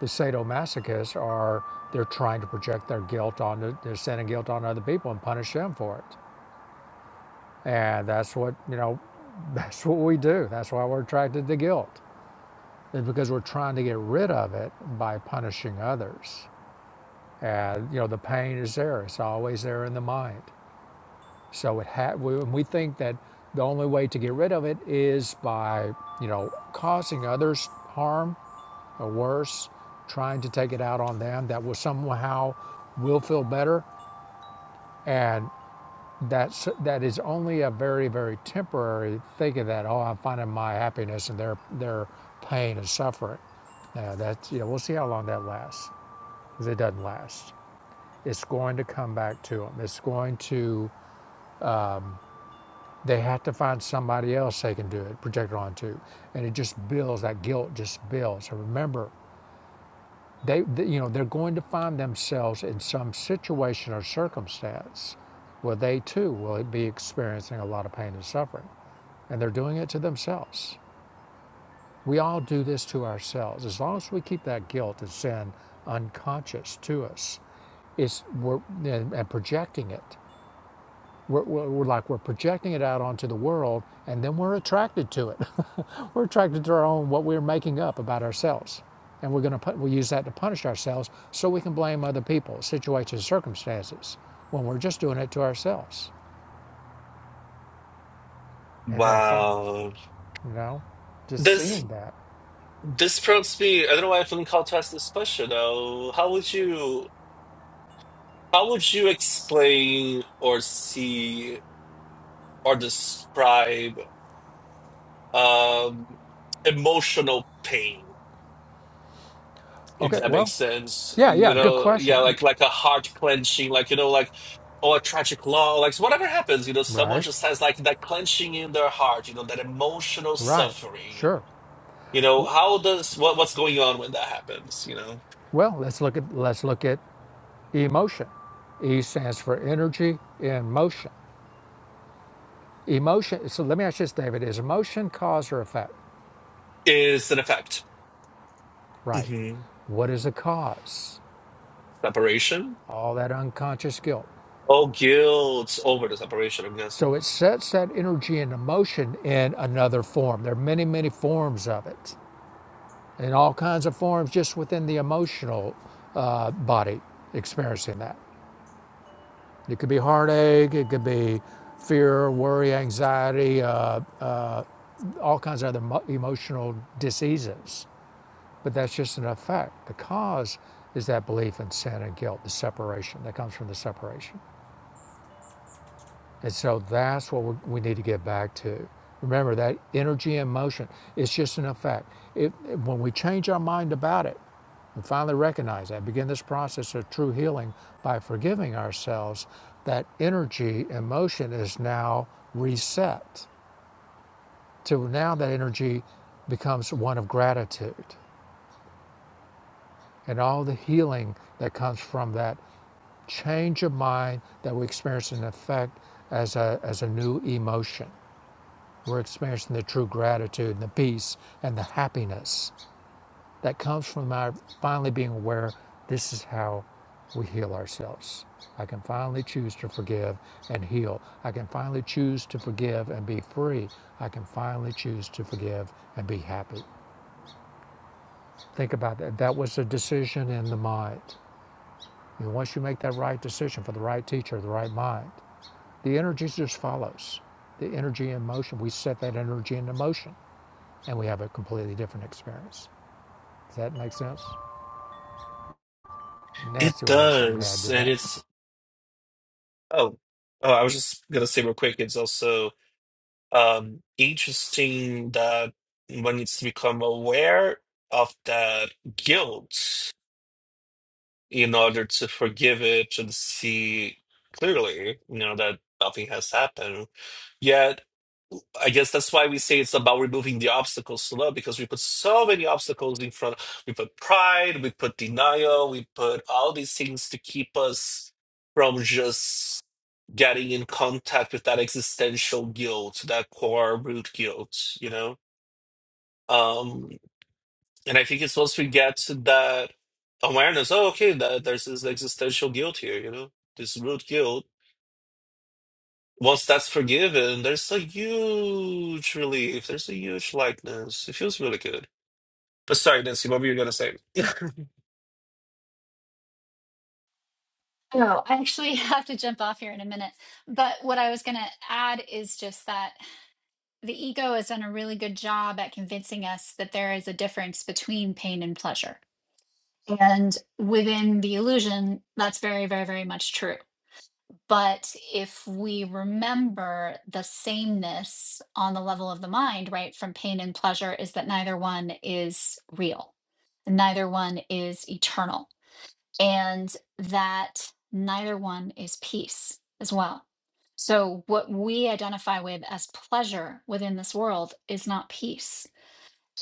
[SPEAKER 2] the sadomasochists are, they're trying to project their guilt on, their sin and guilt on other people and punish them for it. And that's what, you know, that's what we do. That's why we're attracted to guilt, is because we're trying to get rid of it by punishing others. And, you know, the pain is there, it's always there in the mind. So it ha- we, we think that the only way to get rid of it is by, you know, causing others harm or worse, trying to take it out on them that will somehow will feel better. And that's, that is only a very, very temporary thing of that, oh, I'm finding my happiness and their, their pain and suffering. Now that's, you know, we'll see how long that lasts because it doesn't last. It's going to come back to them. It's going to, they have to find somebody else they can do it, project it onto. And it just builds, that guilt just builds. And remember, They, th you know, they're going to find themselves in some situation or circumstance where they too will be experiencing a lot of pain and suffering, and they're doing it to themselves. We all do this to ourselves. As long as we keep that guilt and sin unconscious to us, it's we're, and, and projecting it we're, we're, like we're projecting it out onto the world, and then we're attracted to it. we're attracted to our own what we're making up about ourselves, and we're gonna put, we use that to punish ourselves so we can blame other people, situations, circumstances, when we're just doing it to ourselves. And then
[SPEAKER 3] wow
[SPEAKER 2] you know, just
[SPEAKER 3] this
[SPEAKER 2] seeing that.
[SPEAKER 3] this prompts me i don't know why i'm feeling called to ask this question though how would you how would you explain or see or describe um emotional pain if
[SPEAKER 2] Okay,
[SPEAKER 3] that
[SPEAKER 2] well,
[SPEAKER 3] makes sense
[SPEAKER 2] yeah,
[SPEAKER 3] you
[SPEAKER 2] yeah, good
[SPEAKER 3] know yeah
[SPEAKER 2] question.
[SPEAKER 3] like like a heart clenching like you know like or a tragic law like so whatever happens you know someone
[SPEAKER 2] Right,
[SPEAKER 3] just has like that clenching in their heart you know that emotional
[SPEAKER 2] right,
[SPEAKER 3] suffering
[SPEAKER 2] sure.
[SPEAKER 3] you know how does what what's going on when that happens you know
[SPEAKER 2] Well, let's look at let's look at emotion. E stands for energy in motion. Emotion, so let me ask you this, David. Is emotion cause or effect?
[SPEAKER 3] is an effect
[SPEAKER 2] Right.
[SPEAKER 3] hmm
[SPEAKER 2] What is the cause?
[SPEAKER 3] separation
[SPEAKER 2] All that unconscious guilt.
[SPEAKER 3] oh guilt over the separation i'm guessing
[SPEAKER 2] So it sets that energy and emotion in another form. There are many, many forms of it, and all kinds of forms just within the emotional uh, body experiencing that. It could be heartache, it could be fear, worry, anxiety, uh, uh, all kinds of other mo- emotional diseases But that's just an effect. The cause is that belief in sin and guilt, the separation that comes from the separation. And so that's what we we need to get back to. Remember that energy and motion, it's just an effect. It, when we change our mind about it and finally recognize that, begin this process of true healing by forgiving ourselves, that energy and motion is now reset. To now that energy becomes one of gratitude and all the healing that comes from that change of mind that we experience in effect as a, as a new emotion. We're experiencing the true gratitude and the peace and the happiness that comes from our finally being aware this is how we heal ourselves. I can finally choose to forgive and heal. I can finally choose to forgive and be free. I can finally choose to forgive and be happy. Think about that. That was a decision in the mind. And once you make that right decision for the right teacher, the right mind, The energy just follows. The energy in motion, we set that energy into motion and we have a completely different experience. Does that make sense?
[SPEAKER 3] it
[SPEAKER 2] Nancy will have something to add
[SPEAKER 3] does
[SPEAKER 2] to
[SPEAKER 3] and
[SPEAKER 2] that.
[SPEAKER 3] it's Oh, oh, I was just gonna say real quick, it's also um interesting that one needs to become aware of that guilt in order to forgive it and see clearly, you know, that nothing has happened. Yet I guess that's why we say it's about removing the obstacles to love because we put so many obstacles in front. We put pride, we put denial, we put all these things to keep us from just getting in contact with that existential guilt, that core root guilt, you know? Um, and I think it's once we get to that awareness, oh, okay, that there's this existential guilt here, you know, this root guilt Once that's forgiven, there's a huge relief. There's a huge lightness. It feels really good. But sorry, Nancy, what were you gonna say?
[SPEAKER 1] Oh, I actually have to jump off here in a minute. But what I was going to add is just that the ego has done a really good job at convincing us that there is a difference between pain and pleasure. And within the illusion, that's very, very, very much true But if we remember the sameness on the level of the mind, right, from pain and pleasure, is that neither one is real, neither one is eternal, and that neither one is peace as well. So, what we identify with as pleasure within this world is not peace.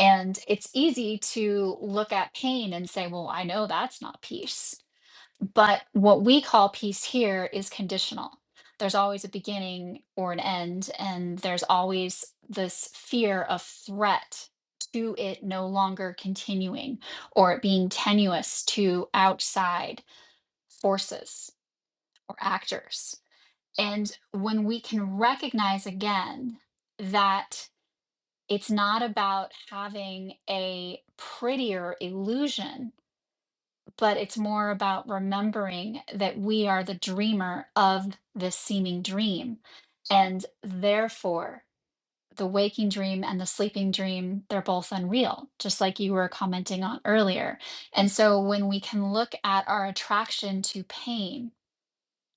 [SPEAKER 1] And it's easy to look at pain and say, well, I know that's not peace but what we call peace here is conditional. There's always a beginning or an end, and there's always this fear of threat to it no longer continuing or it being tenuous to outside forces or actors. And when we can recognize again that it's not about having a prettier illusion but it's more about remembering that we are the dreamer of this seeming dream. And therefore, the waking dream and the sleeping dream, they're both unreal, just like you were commenting on earlier. And so, when we can look at our attraction to pain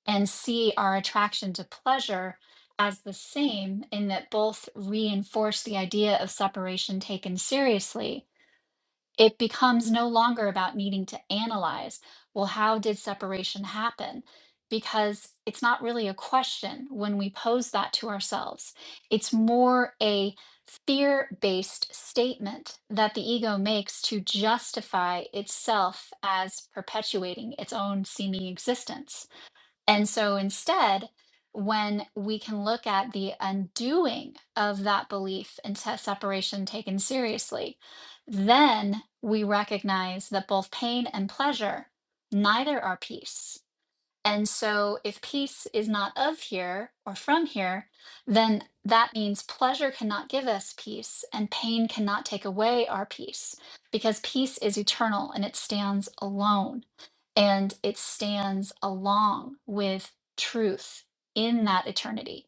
[SPEAKER 1] and see our attraction to pleasure as the same, in that both reinforce the idea of separation taken seriously, it becomes no longer about needing to analyze, well, how did separation happen? Because it's not really a question when we pose that to ourselves. It's more a fear based statement that the ego makes to justify itself as perpetuating its own seeming existence. And so instead, when we can look at the undoing of that belief and se- separation taken seriously, then we recognize that both pain and pleasure, neither are peace and so, if peace is not of here or from here, then that means pleasure cannot give us peace and pain cannot take away our peace because peace is eternal and it stands alone and it stands along with truth in that eternity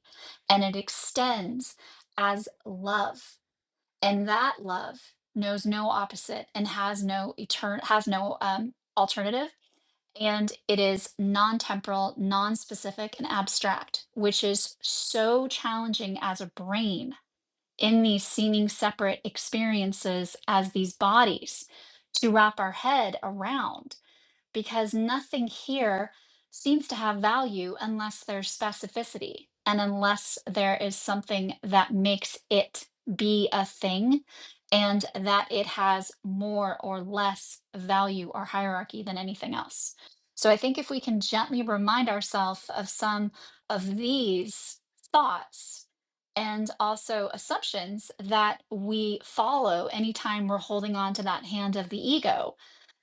[SPEAKER 1] and it extends as love and that love knows no opposite and has no etern has no um, alternative and it is non-temporal, non-specific, and abstract, which is so challenging as a brain in these seeming separate experiences as these bodies to wrap our head around because nothing here seems to have value unless there's specificity and unless there is something that makes it be a thing and that it has more or less value or hierarchy than anything else. So I think if we can gently remind ourselves of some of these thoughts and also assumptions that we follow anytime we're holding on to that hand of the ego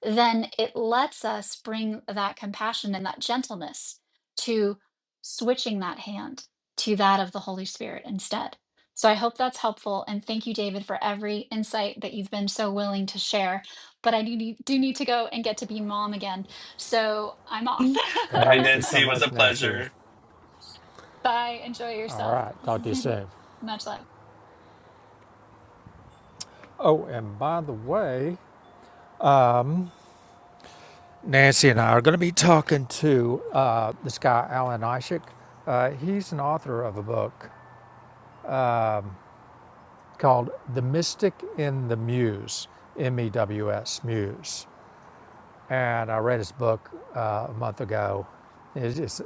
[SPEAKER 1] then it lets us bring that compassion and that gentleness to switching that hand to that of the Holy Spirit instead. So I hope that's helpful. And thank you, David, for every insight that you've been so willing to share. But I do need, do need to go and get to be mom again. So I'm off.
[SPEAKER 3] Bye,
[SPEAKER 2] Thank you so
[SPEAKER 3] Nancy. It was a
[SPEAKER 2] much, Nancy.
[SPEAKER 3] pleasure.
[SPEAKER 1] Bye. Enjoy
[SPEAKER 2] All
[SPEAKER 1] yourself.
[SPEAKER 2] right, talk to you soon.
[SPEAKER 1] Much love.
[SPEAKER 2] Oh, and by the way, Nancy and I are going to be talking to uh, this guy, Alan Ishik. Uh, he's an author of a book called The Mystic in the Muse, M E W S, Muse. and I read his book uh, a month ago. It's just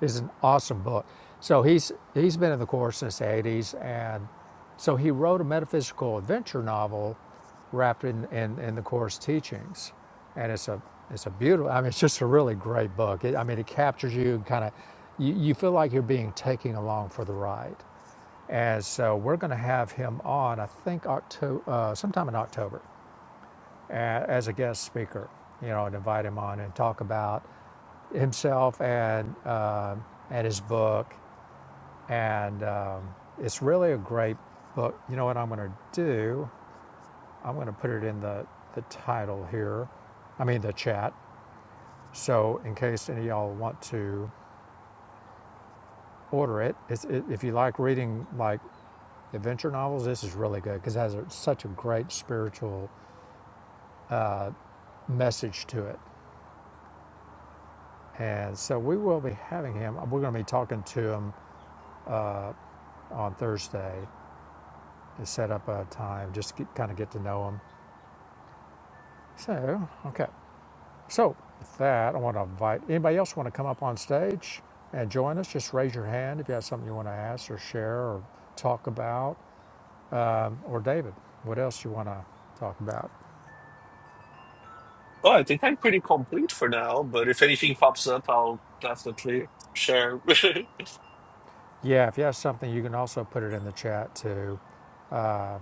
[SPEAKER 2] it's an awesome book. So he's he's been in the Course since the 80s, and so he wrote a metaphysical adventure novel wrapped in, in, in the Course teachings, and it's a it's a beautiful. I mean, it's just a really great book. It, I mean, it captures you and kind of you, you feel like you're being taken along for the ride. And so we're going to have him on, I think, October, uh, sometime in October as a guest speaker, you know, and invite him on and talk about himself and uh, and his book. And um, it's really a great book. You know what I'm going to do? I'm going to put it in the the title here. I mean the chat. So in case any of y'all want to order it, it's, it if you like reading like adventure novels, this is really good because it has a, such a great spiritual uh, message to it. And so we will be having him. We're going to be talking to him uh, on Thursday to set up a time, just to kind of get to know him. So, okay. So, with that, I want to invite anybody else want to come up on stage and join us. Just raise your hand if you have something you want to ask or share or talk about. Um, or David, what else you want to talk about?
[SPEAKER 3] Oh, I think I'm pretty complete for now, but if anything pops up, I'll definitely share.
[SPEAKER 2] Yeah, if you have something, you can also put it in the chat too Uh,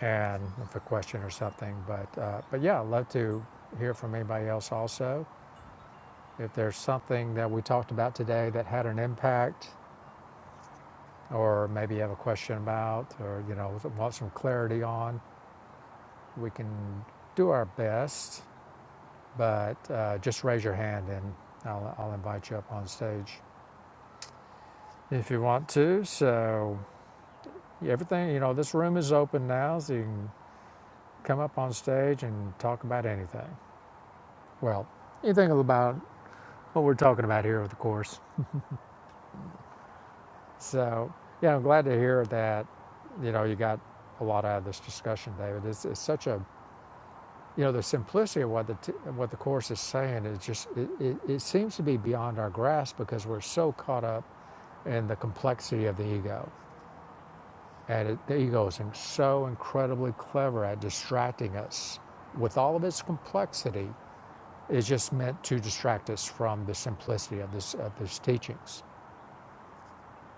[SPEAKER 2] and with a question or something. But, uh, but yeah, I'd love to hear from anybody else also. If there's something that we talked about today that had an impact, or maybe you have a question about, or you know, want some clarity on, we can do our best. But uh, just raise your hand and I'll, I'll invite you up on stage if you want to. So yeah, everything, you know, this room is open now, so you can come up on stage and talk about anything. Well, anything about what we're talking about here with the course. So yeah, I'm glad to hear that. You know, you got a lot out of this discussion, David. It's, it's such a you know the simplicity of what the t- what the course is saying is just it, it, it seems to be beyond our grasp because we're so caught up in the complexity of the ego, and it, the ego is in- so incredibly clever at distracting us with all of its complexity. It's just meant to distract us from the simplicity of this of these teachings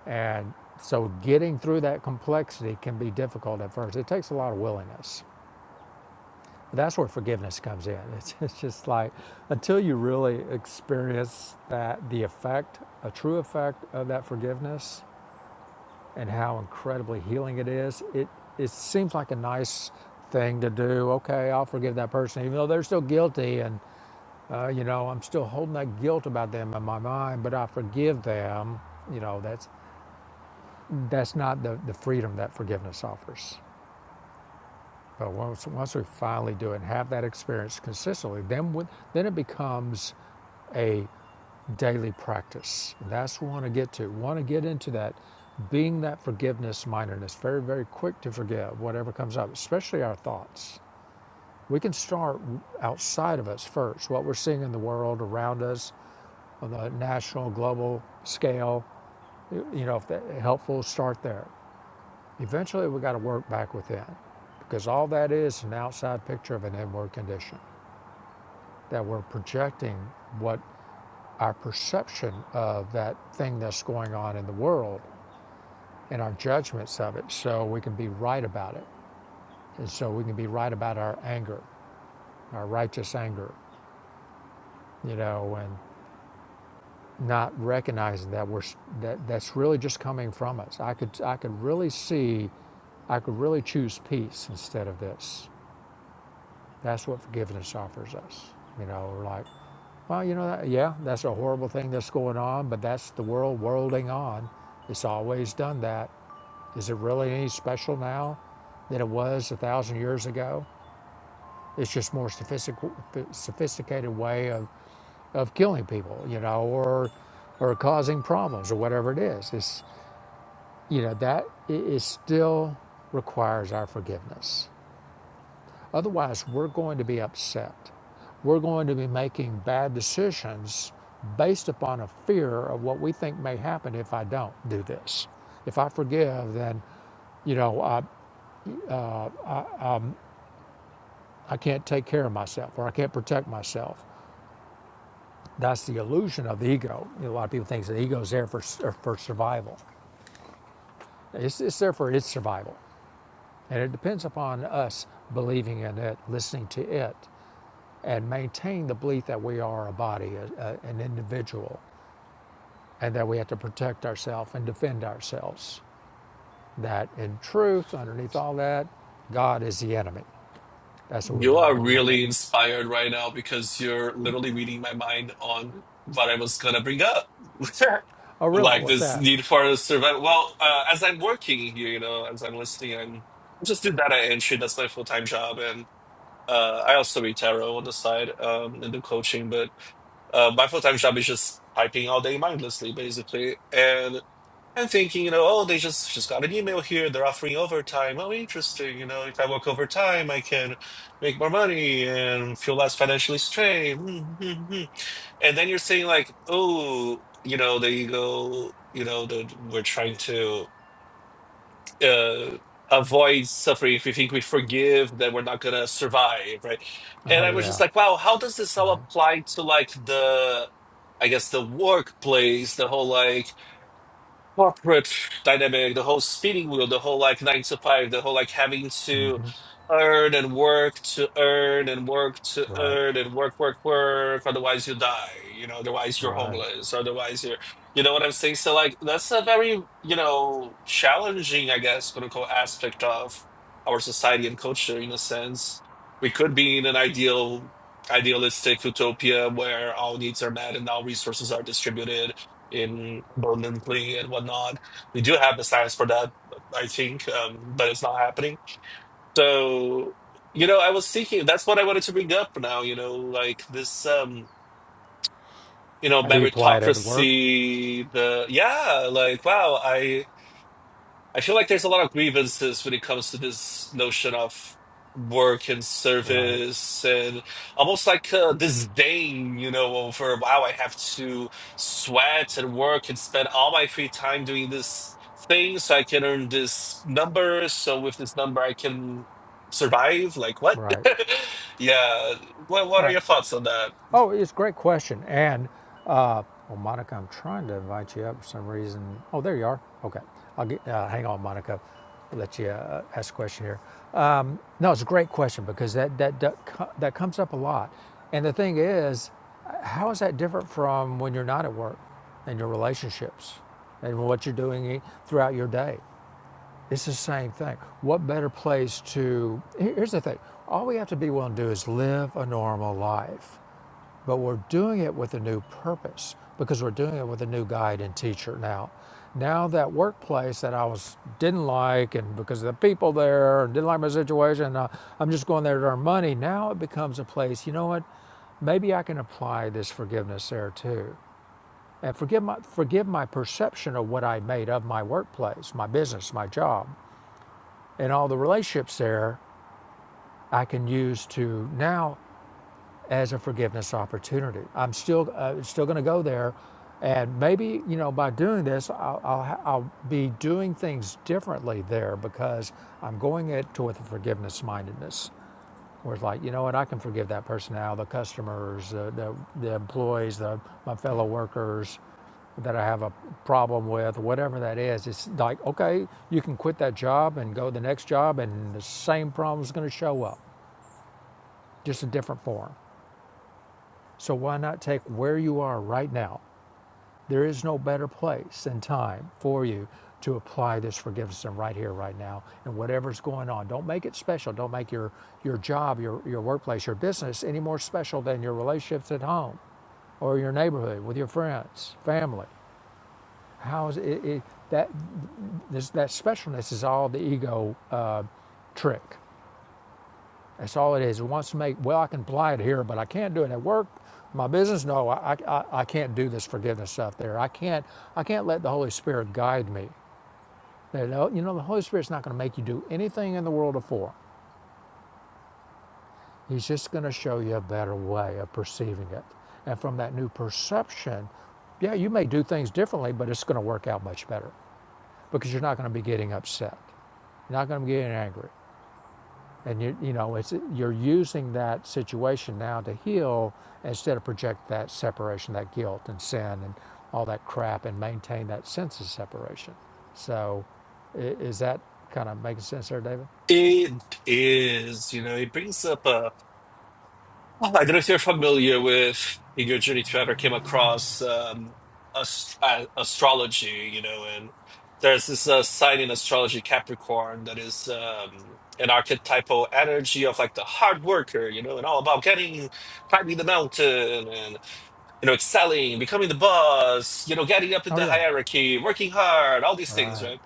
[SPEAKER 2] And so getting through that complexity can be difficult at first. It takes a lot of willingness. That's where forgiveness comes in. It's, it's just like until you really experience that the effect, a true effect of that forgiveness and how incredibly healing it is, it it seems like a nice thing to do. Okay, I'll forgive that person even though they're still guilty and uh, you know, I'm still holding that guilt about them in my mind, but I forgive them. You know, that's. that's not the, the freedom that forgiveness offers. But once, once we finally do it and have that experience consistently, then, we, then it becomes a daily practice. That's what we want to get to. We want to get into that, being that forgiveness mindedness, very, very quick to forgive whatever comes up, especially our thoughts. We can start outside of us first, what we're seeing in the world around us on the national, global scale. You know, if that helpful, start there. Eventually, we got to work back within because all that is an outside picture of an inward condition that we're projecting what our perception of that thing that's going on in the world and our judgments of it so we can be right about it. And so we can be right about our anger, our righteous anger, you know, and not recognizing that we're that that's really just coming from us. I could I could really see I could really choose peace instead of this. That's what forgiveness offers us. You know, like Well, you know, that, yeah, that's a horrible thing that's going on, but that's the world worlding on. It's always done that. Is it really any special now than it was a thousand years ago? It's just more sophistic- sophisticated way of, of killing people, you know, or or causing problems or whatever it is. It's you know that it, it still requires our forgiveness. Otherwise, we're going to be upset. We're going to be making bad decisions based upon a fear of what we think may happen if I don't do this. If I forgive, then, you know, I, I can't take care of myself or I can't protect myself. That's the illusion of the ego. You know, a lot of people think the ego is there for, for survival, it's, it's there for its survival. And it depends upon us believing in it, listening to it, and maintain the belief that we are a body, a, a- an individual and that we have to protect ourselves and defend ourselves. That in truth, underneath all that, God is the enemy. That's what we
[SPEAKER 3] You
[SPEAKER 2] don't
[SPEAKER 3] are
[SPEAKER 2] want to look at.
[SPEAKER 3] really inspired right now because you're literally reading my mind on what I was gonna bring up.
[SPEAKER 2] Oh, really?
[SPEAKER 3] Like
[SPEAKER 2] What's
[SPEAKER 3] this
[SPEAKER 2] that?
[SPEAKER 3] need for survival. Well, uh, as I'm working here, you know, as I'm listening, I'm I just do data entry. That's my full-time job, and uh, I also read tarot on the side um, and do coaching. But uh, my full-time job is just typing all day mindlessly, basically. and and thinking, you know, oh, they just just got an email here. They're offering overtime. Oh, interesting. You know, if I work overtime, I can make more money and feel less financially strained. Mm, mm, mm. And then you're saying like, oh, you know, there you go. You know, the, we're trying to uh, avoid suffering. If we think we forgive, then we're not gonna survive, right? And
[SPEAKER 2] Oh,
[SPEAKER 3] I was just
[SPEAKER 2] yeah.
[SPEAKER 3] like, wow, how does this all
[SPEAKER 2] Right,
[SPEAKER 3] apply to like the I guess the workplace, the whole like corporate dynamic, the whole spinning wheel, the whole like nine to five, the whole like having to earn and work to earn and work to
[SPEAKER 2] right,
[SPEAKER 3] earn and work, work, work. Otherwise, you die. You know, otherwise you're
[SPEAKER 2] right.
[SPEAKER 3] homeless. Otherwise, you're, you know what I'm saying? So, like, that's a very, you know, challenging, I guess, quote unquote, aspect of our society and culture in a sense. We could be in an ideal, idealistic utopia where all needs are met and all resources are distributed in abundantly and whatnot. We do have the science for that, I think, um, but it's not happening. So, you know, I was thinking that's what I wanted to bring up for now, you know, like this um, you know,
[SPEAKER 2] How do you apply it at the work?
[SPEAKER 3] meritocracy, the yeah, like wow, I I feel like there's a lot of grievances when it comes to this notion of work and
[SPEAKER 2] Right,
[SPEAKER 3] service and almost like uh, disdain, you know, over wow, I have to sweat and work and spend all my free time doing this thing so I can earn this number. So with this number, I can survive. Like what?
[SPEAKER 2] right,
[SPEAKER 3] yeah. What What are
[SPEAKER 2] right.
[SPEAKER 3] your thoughts on that?
[SPEAKER 2] Oh, it's a great question. And, uh, well, Monica, I'm trying to invite you up for some reason. Oh, there you are. Okay. I'll get, uh, hang on, Monica. I'll let you uh, ask a question here. Um, no, it's a great question because that, that, that, that comes up a lot. And the thing is, how is that different from when you're not at work and your relationships and what you're doing e- throughout your day? It's the same thing. What better place to, here's the thing all we have to be willing to do is live a normal life but we're doing it with a new purpose because we're doing it with a new guide and teacher now. Now that workplace that I was didn't like and because of the people there and didn't like my situation, uh, I'm just going there to earn money. Now it becomes a place. You know what? Maybe I can apply this forgiveness there too, and forgive my forgive my perception of what I made of my workplace, my business, my job, and all the relationships there. I can use to now as a forgiveness opportunity. I'm still uh, still going to go there, and maybe you know by doing this, I'll, I'll I'll be doing things differently there because I'm going it to with a forgiveness mindedness. Where it's like, you know what, I can forgive that person now, the customers, the the, the employees, the my fellow workers that I have a problem with, whatever that is, it's like, okay, you can quit that job and go to the next job, and the same problem is going to show up, just a different form. So why not take where you are right now? There is no better place and time for you to apply this forgiveness than right here, right now, and whatever's going on. Don't make it special. Don't make your, your job, your, your workplace, your business any more special than your relationships at home or your neighborhood with your friends, family. How is it, it that this, that specialness is all the ego uh, trick. That's all it is. It wants to make, well, I can apply it here, but I can't do it at work, my business. No, I, I, I can't do this forgiveness stuff there. I can't, I can't let the Holy Spirit guide me. You know, the Holy Spirit's not going to make you do anything in the world of four. He's just going to show you a better way of perceiving it. And from that new perception, yeah, you may do things differently, but it's going to work out much better because you're not going to be getting upset. You're not going to be getting angry. and you you know it's you're using that situation now to heal instead of project that separation that guilt and sin and all that crap and maintain that sense of separation so i- is that kind of making sense there david
[SPEAKER 3] It is, you know, it brings up a. Oh, I don't know if you're familiar with in your journey to ever came across um, ast- uh, astrology, you know, and there's this uh, sign in astrology, Capricorn, that is um, an archetypal energy of like the hard worker, you know, and all about getting, climbing the mountain and, you know, excelling, becoming the boss, you know, getting up in
[SPEAKER 2] oh
[SPEAKER 3] the
[SPEAKER 2] yeah
[SPEAKER 3] hierarchy, working hard, all these things,
[SPEAKER 2] right
[SPEAKER 3] right?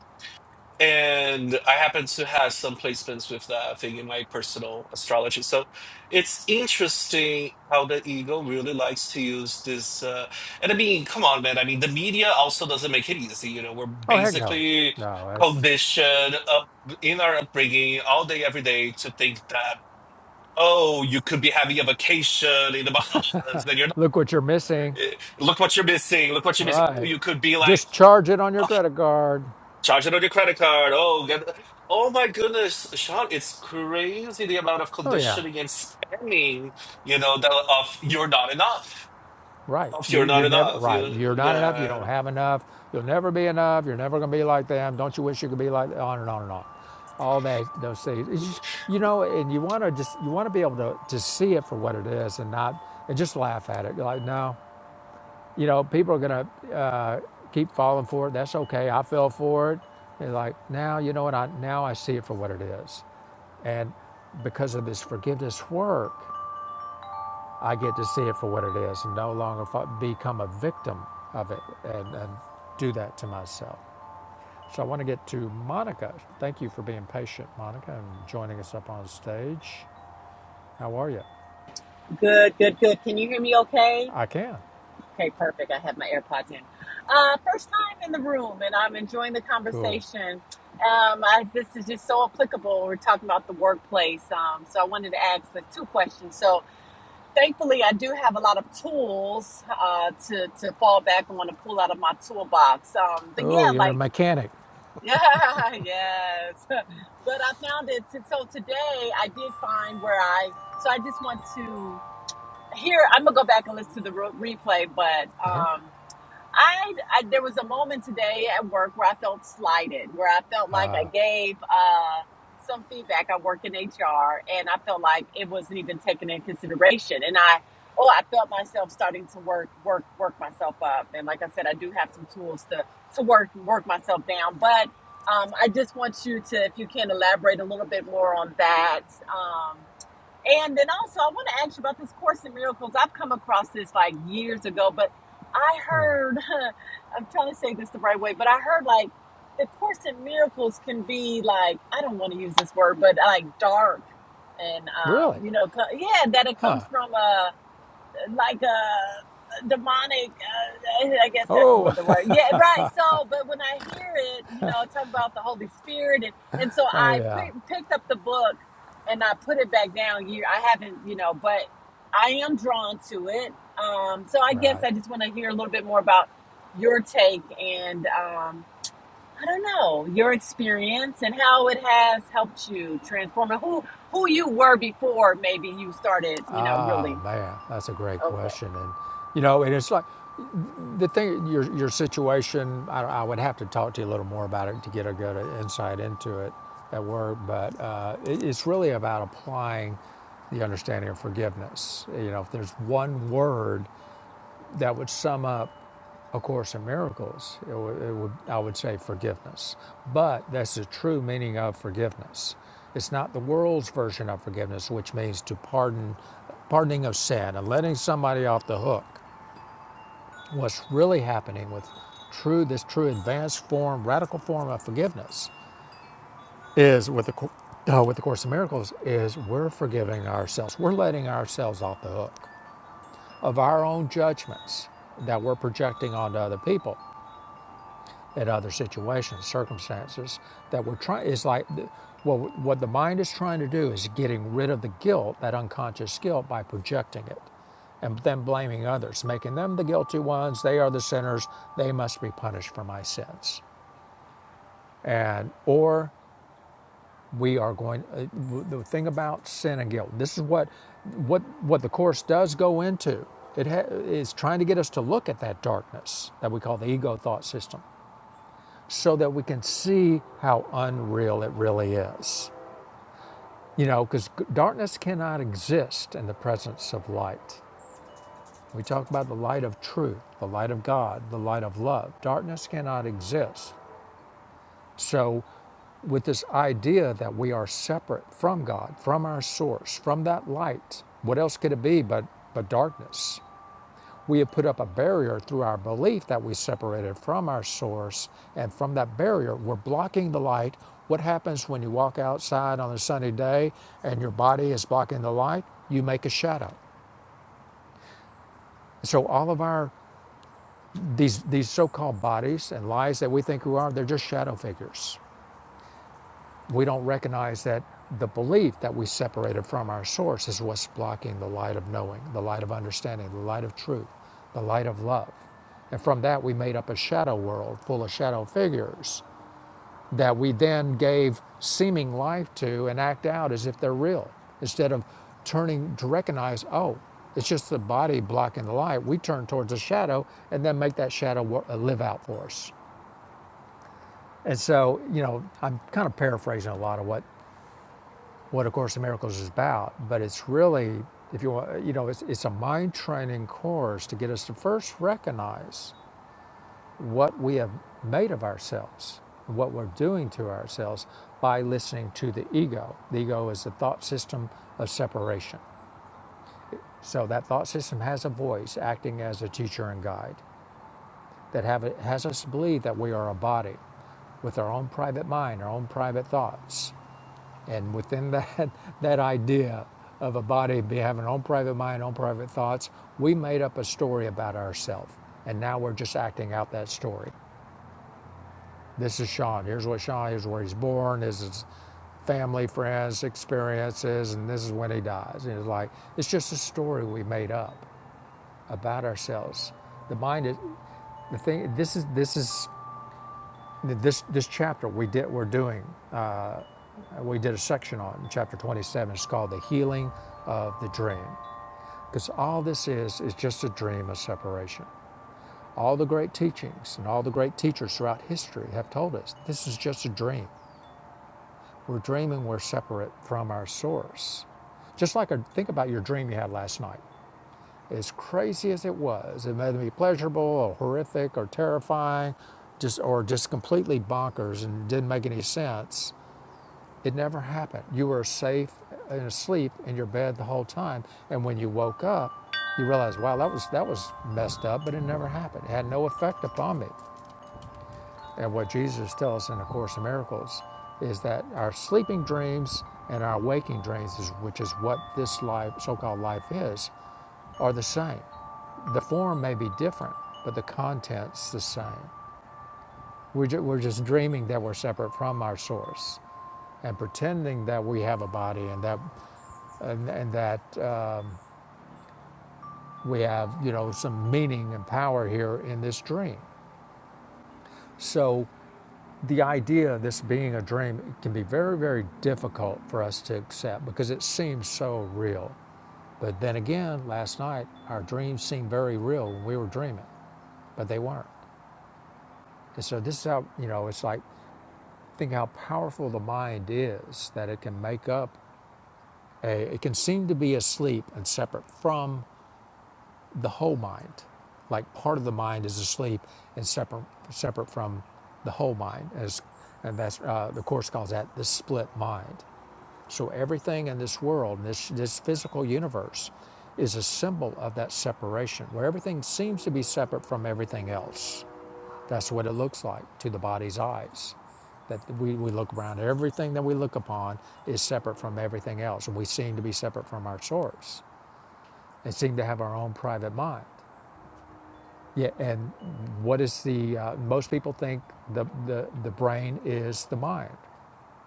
[SPEAKER 3] and I happen to have some placements with that thing in my personal astrology. So it's interesting how the ego really likes to use this. Uh, and I mean, come on, man. I mean, the media also doesn't make it easy. You know, we're
[SPEAKER 2] oh heck no
[SPEAKER 3] basically
[SPEAKER 2] no that's
[SPEAKER 3] conditioned up in our upbringing all day, every day to think that. Oh, you could be having a vacation in the Bahamas, and you're not.
[SPEAKER 2] look what you're missing
[SPEAKER 3] eh, Look what you're missing. Look what you're missing. Oh,
[SPEAKER 2] right
[SPEAKER 3] you could be like
[SPEAKER 2] just charge it on your credit card
[SPEAKER 3] Charge it on your credit card. Oh, get oh my goodness, Sean, it's crazy the amount of
[SPEAKER 2] oh yeah
[SPEAKER 3] conditioning and spamming, you know, that of you're not enough.
[SPEAKER 2] Right.
[SPEAKER 3] Of
[SPEAKER 2] You're,
[SPEAKER 3] you're
[SPEAKER 2] you're
[SPEAKER 3] not
[SPEAKER 2] never
[SPEAKER 3] enough.
[SPEAKER 2] right.
[SPEAKER 3] You,
[SPEAKER 2] You're not enough. You don't
[SPEAKER 3] yeah.
[SPEAKER 2] have enough. You'll never be enough. You're never going to be like them. Don't you wish you could be like that? on and on and on. All that those things. It's just- you know, and you want to just you want to be able to to see it for what it is and not and just laugh at it. You're like no, you know, people are going to uh, keep falling for it. That's okay. I fell for it. And like now, you know what? I now I see it for what it is, and because of this forgiveness work, I get to see it for what it is and no longer become a victim of it and, and do that to myself. So I want to get to Monica. Thank you for being patient, Monica, and joining us up on stage. How are you?
[SPEAKER 4] Good, good, good. Can you hear me okay?
[SPEAKER 2] I can.
[SPEAKER 4] Okay, perfect. I have my AirPods in. Uh, first time in the room, and I'm enjoying the
[SPEAKER 2] Cool.
[SPEAKER 4] conversation. Um, I, this is just so applicable. We're talking about the workplace. Um, so I wanted to ask the two questions. So thankfully, I do have a lot of tools uh, to, to fall back on to pull out of my toolbox. Um, but yeah,
[SPEAKER 2] Oh, you're a
[SPEAKER 4] like,
[SPEAKER 2] mechanic.
[SPEAKER 4] yeah, yes. But I found it. So today I did find where I, so I just want to here i'm gonna go back and listen to the re- replay but
[SPEAKER 2] Uh-huh.
[SPEAKER 4] um I, I there was a moment today at work where i felt slighted where i felt like i gave uh some feedback i work in hr and i felt like it wasn't even taken in consideration and i oh i felt myself starting to work work work myself up and like i said i do have some tools to to work work myself down but um, i just want you to if you can elaborate a little bit more on that Um, and then also, I want to ask you about this Course in Miracles. I've come across this like years ago, but I heard, I'm trying to say this the right way, but I heard like the Course in Miracles can be like, I don't want to use this word, but like dark and,
[SPEAKER 2] Really?
[SPEAKER 4] um, you know, co- yeah, that it comes from uh, like a demonic. Uh, I guess that's what
[SPEAKER 2] Oh,
[SPEAKER 4] the word. Yeah, right. So, but when I hear it, you know, talk about the Holy Spirit, and and so
[SPEAKER 2] oh
[SPEAKER 4] I
[SPEAKER 2] yeah.
[SPEAKER 4] put, picked up the book and I put it back down. You, I haven't, you know, but I am drawn to it. Um, so I guess
[SPEAKER 2] Right.
[SPEAKER 4] I just want to hear a little bit more about your take and um, I don't know your experience and how it has helped you transform and who who you were before maybe you started, you know, really.
[SPEAKER 2] Ah, man, that's a great question. And you know, and it's like The thing, your, your situation, I, I would have to talk to you a little more about it to get a good insight into it at work, but uh, it, it's really about applying the understanding of forgiveness. You know, if there's one word that would sum up A Course in Miracles, it, would it would, I would say forgiveness. But that's the true meaning of forgiveness. It's not the world's version of forgiveness, which means to pardon, pardoning of sin and letting somebody off the hook what's really happening with true this true advanced form radical form of forgiveness is with the uh, with the course of miracles is we're forgiving ourselves we're letting ourselves off the hook of our own judgments that we're projecting onto other people at other situations, circumstances that we're trying. It's like well, what the mind is trying to do is getting rid of the guilt, that unconscious guilt, by projecting it, and then blaming others, making them the guilty ones. They are the sinners. They must be punished for my sins. And or we are going. Uh, the thing about sin and guilt. This is what what what the course does go into. It ha- is trying to get us to look at that darkness that we call the ego thought system so that we can see how unreal it really is. You know, because darkness cannot exist in the presence of light. We talk about the light of truth, the light of God, the light of love. Darkness cannot exist. So, with this idea that we are separate from God, from our source, from that light, what else could it be but, but darkness? We have put up a barrier through our belief that we separated from our source, and from that barrier, we're blocking the light. What happens when you walk outside on a sunny day and your body is blocking the light? You make a shadow. So all of our these these so-called bodies and lies that we think we are, they're just shadow figures. We don't recognize that the belief that we separated from our source is what's blocking the light of knowing, the light of understanding, the light of truth, the light of love. And from that, we made up a shadow world full of shadow figures that we then gave seeming life to and act out as if they're real. Instead of turning to recognize, oh, it's just the body blocking the light, we turn towards the shadow and then make that shadow uh, live out for us. And so, you know, I'm kind of paraphrasing a lot of what what A Course in Miracles is about, but it's really, if you want, you know, it's, it's a mind training course to get us to first recognize what we have made of ourselves, what we're doing to ourselves by listening to the ego. The ego is the thought system of separation. So that thought system has a voice acting as a teacher and guide that have, it, has us believe that we are a body with our own private mind, our own private thoughts. And within that, that idea of a body having own private mind, own private thoughts, we made up a story about ourselves. And now we're just acting out that story. This is Sean. Here's what Sean, here's where he's born, this is his family, friends, experiences, and this is when he dies. And it's like it's just a story we made up about ourselves. The mind is the thing. This is this is this this chapter we did we're doing. Uh, we did a section on in chapter 27. It's called the healing of the dream. Because all this is, is just a dream of separation. All the great teachings and all the great teachers throughout history have told us this is just a dream. We're dreaming we're separate from our source. Just like a, think about your dream you had last night. As crazy as it was, it may be pleasurable or horrific or terrifying, just or just completely bonkers and didn't make any sense. It never happened. You were safe and asleep in your bed the whole time. And when you woke up, you realized, wow, that was that was messed up, but it never happened. It had no effect upon me. And what Jesus tells us in A Course in Miracles is that our sleeping dreams and our waking dreams, which is what this life, so-called life is, are the same. The form may be different, but the content's the same. We're, ju- we're just dreaming that we're separate from our source and pretending that we have a body and that and, and that um, we have, you know, some meaning and power here in this dream. So the idea of this being a dream can be very, very difficult for us to accept because it seems so real. But then again, last night our dreams seemed very real when we were dreaming, but they weren't. And so this is how, you know, it's like think how powerful the mind is that it can make up a, it can seem to be asleep and separate from the whole mind. Like part of the mind is asleep and separate, separate from the whole mind. As, and that's, uh, the Course calls that the split mind. So everything in this world, in this, this physical universe, is a symbol of that separation, where everything seems to be separate from everything else. That's what it looks like to the body's eyes. That we, we look around, everything that we look upon is separate from everything else. And we seem to be separate from our source and seem to have our own private mind. Yeah, and what is the uh, most people think the, the the brain is the mind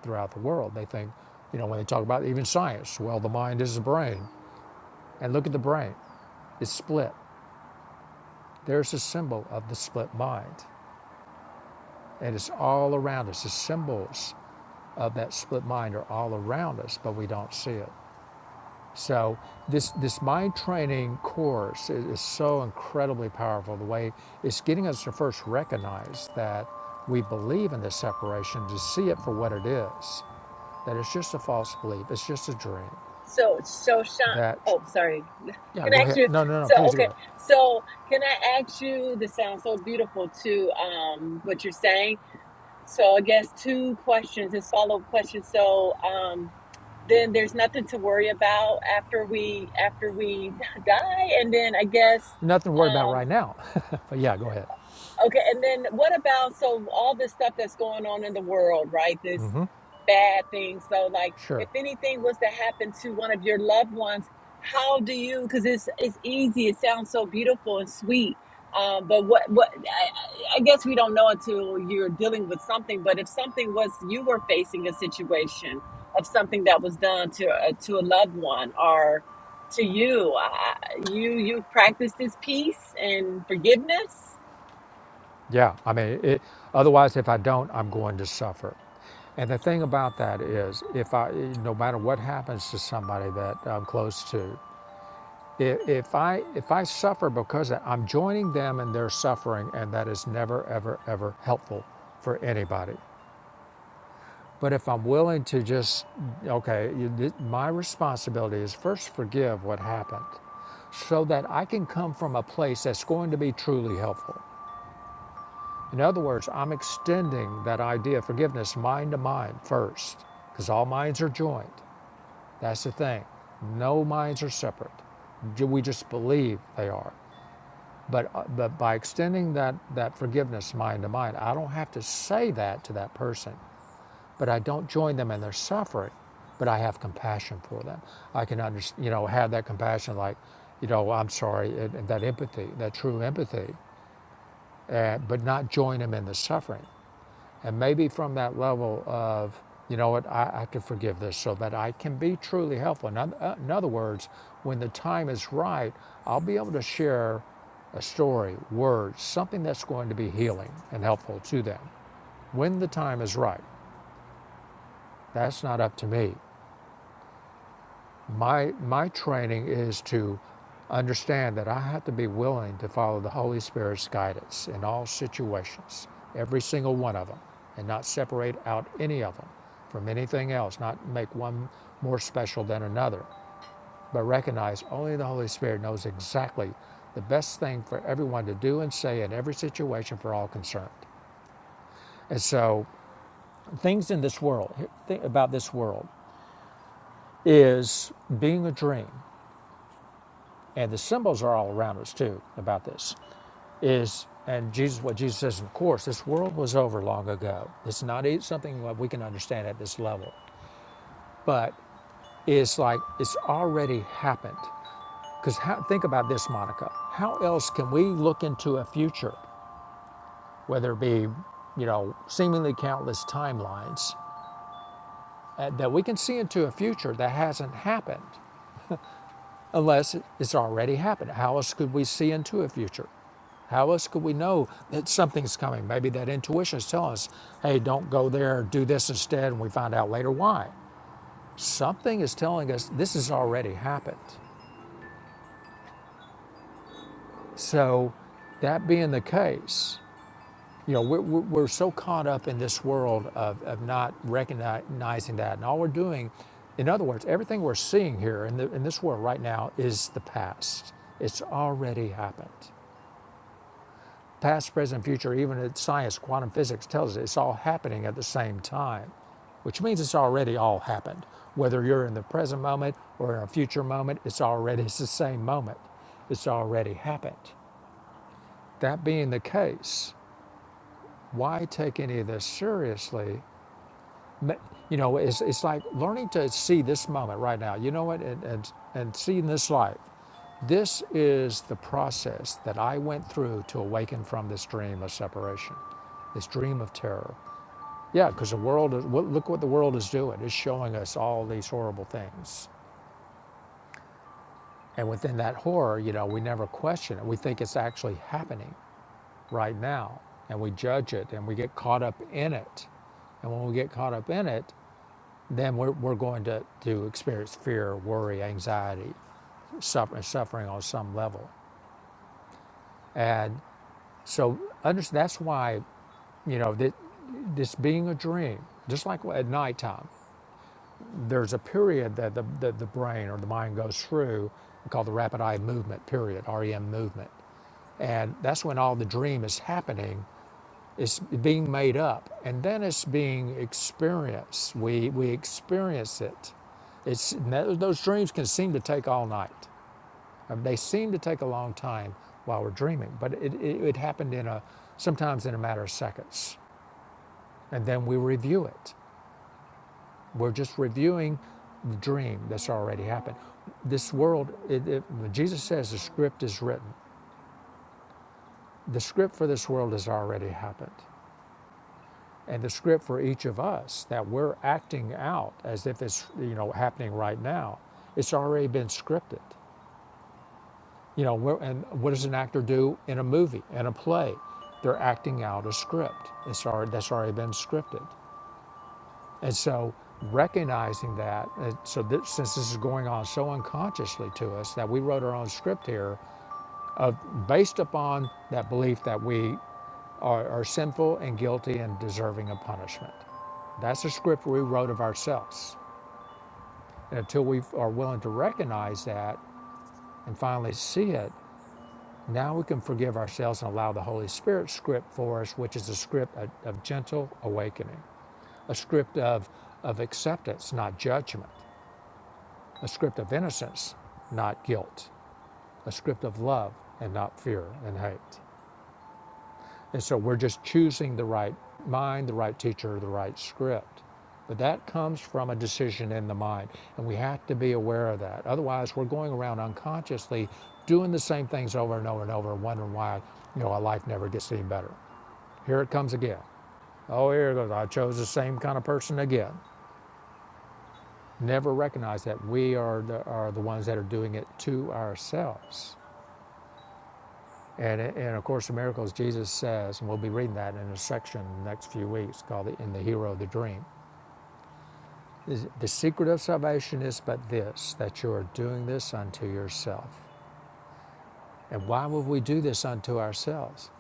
[SPEAKER 2] throughout the world. They think, you know, when they talk about even science, well, the mind is the brain, and look at the brain, it's split. There's a symbol of the split mind, and it's all around us. The symbols of that split mind are all around us, but we don't see it. So this, this mind training course is, is so incredibly powerful. The way it's getting us to first recognize that we believe in this separation, to see it for what it is, that it's just a false belief, it's just a dream.
[SPEAKER 4] So, so Sean,
[SPEAKER 2] That,
[SPEAKER 4] oh, sorry.
[SPEAKER 2] yeah,
[SPEAKER 4] Can I
[SPEAKER 2] go
[SPEAKER 4] ask
[SPEAKER 2] ahead.
[SPEAKER 4] you?
[SPEAKER 2] No, no, no,
[SPEAKER 4] So,
[SPEAKER 2] please go
[SPEAKER 4] okay.
[SPEAKER 2] ahead.
[SPEAKER 4] So, can I ask you? This sounds so beautiful to um what you're saying. So, I guess two questions, this follow up questions. So, um, then there's nothing to worry about after we after we die, and then I guess.
[SPEAKER 2] Nothing to worry about
[SPEAKER 4] um.
[SPEAKER 2] right now. but yeah, go ahead.
[SPEAKER 4] Okay, and then what about so all this stuff that's going on in the world, right? This bad thing. So like
[SPEAKER 2] Sure.
[SPEAKER 4] if anything was to happen to one of your loved ones, how do you because it's it's easy, it sounds so beautiful and sweet. Um, but what what I, I guess we don't know until you're dealing with something, but if something was you were facing a situation of something that was done to a, to a loved one or to you, I, you you practice this peace and forgiveness?
[SPEAKER 2] Yeah, I mean, it, otherwise, if I don't, I'm going to suffer. And the thing about that is, if I, no matter what happens to somebody that I'm close to, If, if I if I suffer because I'm joining them in their suffering, and that is never, ever, ever helpful for anybody. But if I'm willing to just okay, you, my responsibility is first forgive what happened, so that I can come from a place that's going to be truly helpful. In other words, I'm extending that idea of forgiveness mind to mind first, because all minds are joined. That's the thing. No minds are separate. Ju- We just believe they are. But, uh, but by extending that, that forgiveness mind to mind, I don't have to say that to that person, but I don't join them in their suffering, but I have compassion for them. I can under, you know, have that compassion like, you know, I'm sorry, and, that empathy, that true empathy, uh, but not join them in the suffering. And maybe from that level of, you know what, I, I can forgive this so that I can be truly helpful. In, oth- uh, in other words, when the time is right, I'll be able to share a story, words, something that's going to be healing and helpful to them when the time is right. That's not up to me. My, my training is to understand that I have to be willing to follow the Holy Spirit's guidance in all situations, every single one of them, and not separate out any of them from anything else, not make one more special than another, but recognize only the Holy Spirit knows exactly the best thing for everyone to do and say in every situation for all concerned. And so, things in this world, think about this world, is being a dream and the symbols are all around us too about this is and jesus what jesus says of course this world was over long ago it's not e- something that we can understand at this level but it's like it's already happened because think about this monica how else can we look into a future whether it be you know seemingly countless timelines uh, that we can see into a future that hasn't happened unless it's already happened. How else could we see into a future? How else could we know that something's coming? Maybe that intuition is telling us, hey, don't go there, do this instead, and we find out later why. Something is telling us this has already happened. So, that being the case, you know, we're, we're so caught up in this world of, of not recognizing that. And all we're doing, in other words, everything we're seeing here in, the, in this world right now is the past. It's already happened. Past, present, future, even in science, quantum physics tells us it's all happening at the same time, which means it's already all happened. Whether you're in the present moment or in a future moment, it's already it's the same moment. It's already happened. That being the case, why take any of this seriously? You know, it's, it's like learning to see this moment right now. You know what? And, and, and seeing this life. This is the process that I went through to awaken from this dream of separation, this dream of terror. Yeah, because the world is, look what the world is doing. It's showing us all these horrible things. And within that horror, you know, we never question it. We think it's actually happening right now. And we judge it and we get caught up in it. And when we get caught up in it, then we're, we're going to, to experience fear, worry, anxiety, suffer, suffering on some level. And so under, that's why you know that this being a dream just like at nighttime there's a period that the, the, the brain or the mind goes through called the rapid eye movement period rem movement and that's when all the dream is happening it's being made up and then it's being experienced we we experience it it's those dreams can seem to take all night I mean, they seem to take a long time while we're dreaming but it, it, it happened in a sometimes in a matter of seconds and then we review it We're just reviewing the dream that's already happened. This world, it, it, Jesus says the script is written. The script for this world has already happened. And the script for each of us that we're acting out as if it's you know happening right now, it's already been scripted. You know, we're, and what does an actor do in a movie, in a play? They're acting out a script. It's already, that's already been scripted. And so recognizing that, uh, so this, since this is going on so unconsciously to us that we wrote our own script here based upon that belief that we are, are sinful and guilty and deserving of punishment. That's a script we wrote of ourselves. And until we are willing to recognize that and finally see it, now we can forgive ourselves and allow the Holy Spirit script for us, which is a script of, of gentle awakening, a script of, of acceptance, not judgment a script of innocence, not guilt, a script of love and not fear and hate. And so we're just choosing the right mind, the right teacher, the right script. But that comes from a decision in the mind, and we have to be aware of that. Otherwise, we're going around unconsciously doing the same things over and over and over, wondering why you know our life never gets any better. Here it comes again. Oh, here it goes. I chose the same kind of person again. Never recognize that we are the, are the ones that are doing it to ourselves. And, and of course, the miracles Jesus says, and we'll be reading that in a section in the next few weeks called the, In the Hero of the Dream. The secret of salvation is but this, that you are doing this unto yourself. And why would we do this unto ourselves?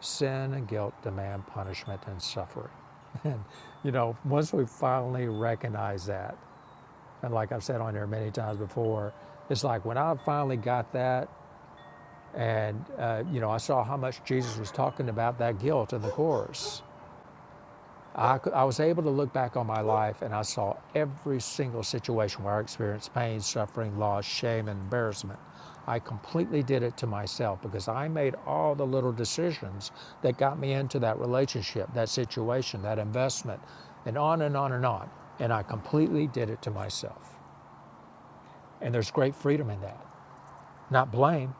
[SPEAKER 2] Sin and guilt demand punishment and suffering. And, you know, once we finally recognize that, and like I've said on here many times before, it's like when I finally got that, and, uh, you know, I saw how much Jesus was talking about that guilt in the chorus I, cou- I was able to look back on my life and I saw every single situation where I experienced pain, suffering, loss, shame, and embarrassment. I completely did it to myself because I made all the little decisions that got me into that relationship, that situation, that investment, and on and on and on. And I completely did it to myself. And there's great freedom in that. Not blame,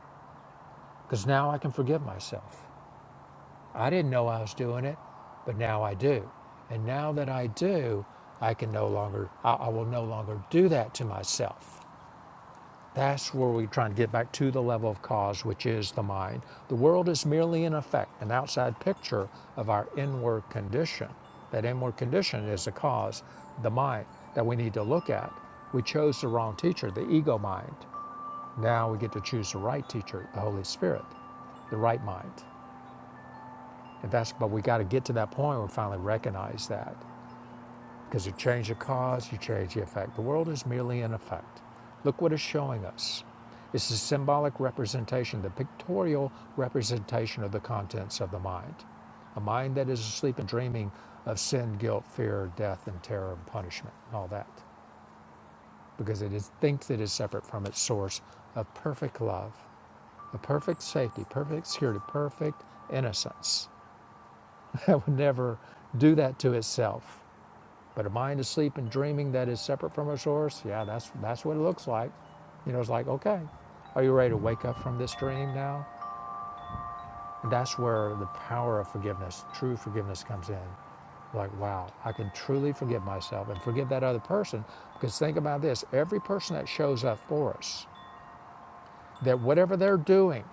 [SPEAKER 2] because now I can forgive myself. I didn't know I was doing it, but now I do. And now that I do, I can no longer, I, I will no longer do that to myself. That's where we're trying to get back to the level of cause, which is the mind. The world is merely an effect, an outside picture of our inward condition. That inward condition is the cause, the mind that we need to look at. We chose the wrong teacher, the ego mind. Now we get to choose the right teacher, the Holy Spirit, the right mind. And that's, but we got to get to that point where we finally recognize that. Because you change the cause, you change the effect. The world is merely an effect. Look what it's showing us. It's the symbolic representation, the pictorial representation of the contents of the mind. A mind that is asleep and dreaming of sin, guilt, fear, death, and terror, and punishment, and all that. Because it is, thinks it is separate from its source of perfect love, of perfect safety, perfect security, perfect innocence that would never do that to itself. But a mind asleep and dreaming that is separate from a source, yeah, that's that's what it looks like. You know, it's like, okay, are you ready to wake up from this dream now? And that's where the power of forgiveness, true forgiveness comes in. Like, wow, I can truly forgive myself and forgive that other person. Because think about this, every person that shows up for us, that whatever they're doing,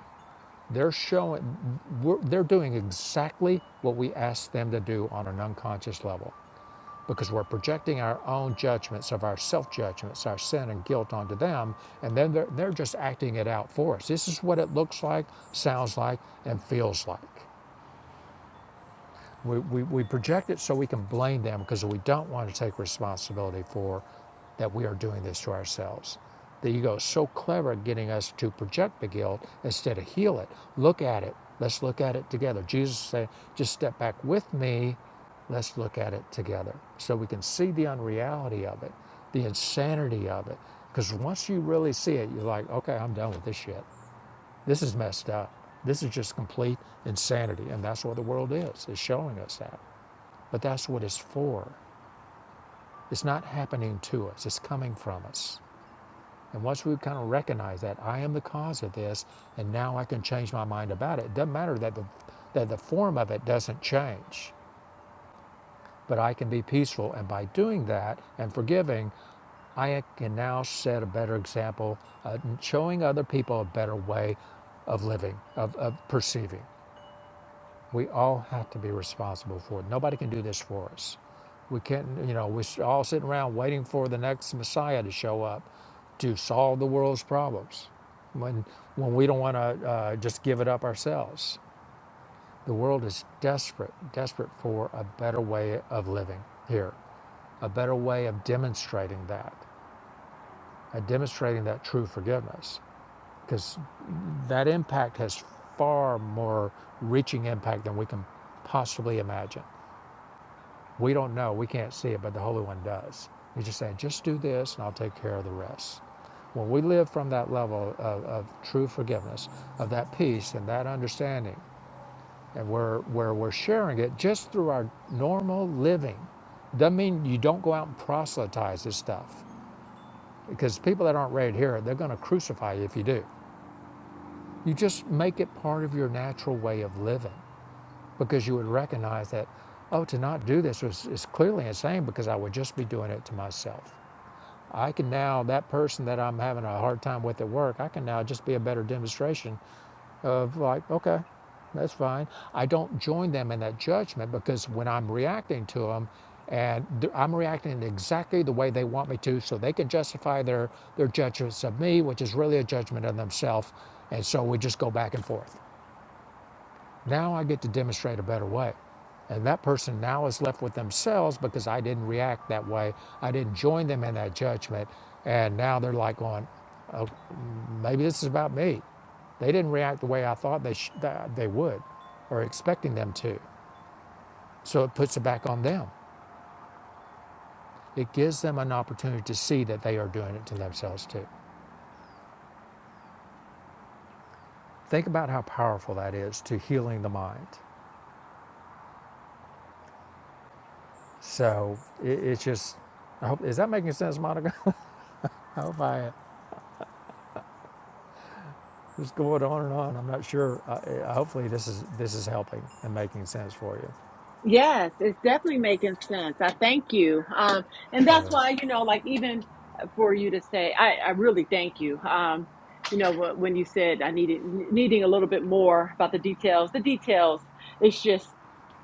[SPEAKER 2] they're showing we're, they're doing exactly what we asked them to do on an unconscious level because we're projecting our own judgments of our self judgments, our sin and guilt onto them, and then they're, they're just acting it out for us. This is what it looks like, sounds like, and feels like. We, we, we project it so we can blame them because we don't want to take responsibility for that we are doing this to ourselves. The ego is so clever at getting us to project the guilt instead of heal it. Look at it. Let's look at it together. Jesus said, just step back with me. Let's look at it together so we can see the unreality of it, the insanity of it. Because once you really see it, you're like, okay, I'm done with this shit. This is messed up. This is just complete insanity. And that's what the world is, is showing us that. But that's what it's for. It's not happening to us, it's coming from us. And once we kind of recognize that I am the cause of this, and now I can change my mind about it, it doesn't matter that the, that the form of it doesn't change, but I can be peaceful. And by doing that and forgiving, I can now set a better example, uh, showing other people a better way of living, of, of perceiving. We all have to be responsible for it. Nobody can do this for us. We can't, you know, we're all sitting around waiting for the next Messiah to show up to solve the world's problems when, when we don't want to uh, just give it up ourselves. The world is desperate, desperate for a better way of living here, a better way of demonstrating that, of demonstrating that true forgiveness, because that impact has far more reaching impact than we can possibly imagine. We don't know. We can't see it, but the Holy One does. He's just saying, just do this and I'll take care of the rest. When we live from that level of, of true forgiveness, of that peace and that understanding, and where, where we're sharing it just through our normal living, doesn't mean you don't go out and proselytize this stuff. Because people that aren't ready to hear it, they're going to crucify you if you do. You just make it part of your natural way of living. because you would recognize that, oh, to not do this was, is clearly insane because I would just be doing it to myself. I can now, that person that I'm having a hard time with at work, I can now just be a better demonstration of like, okay, that's fine. I don't join them in that judgment because when I'm reacting to them, and I'm reacting exactly the way they want me to, so they can justify their their judgments of me, which is really a judgment of themselves. And so we just go back and forth. Now I get to demonstrate a better way. And that person now is left with themselves because I didn't react that way. I didn't join them in that judgment. And now they're like going, oh, maybe this is about me. They didn't react the way I thought they, sh- that they would or expecting them to. So it puts it back on them. It gives them an opportunity to see that they are doing it to themselves too. Think about how powerful that is to healing the mind. So it, it's just, I hope, is that making sense, Monica? I hope I am. Just going on and on. I'm not sure. I, hopefully, this is this is helping and making sense for you.
[SPEAKER 4] Yes, it's definitely making sense. I thank you. Um, and that's
[SPEAKER 2] Sure.
[SPEAKER 4] why, you know, like even for you to say, I, I really thank you. Um, you know, wh- when you said I needed needing a little bit more about the details, the details, it's just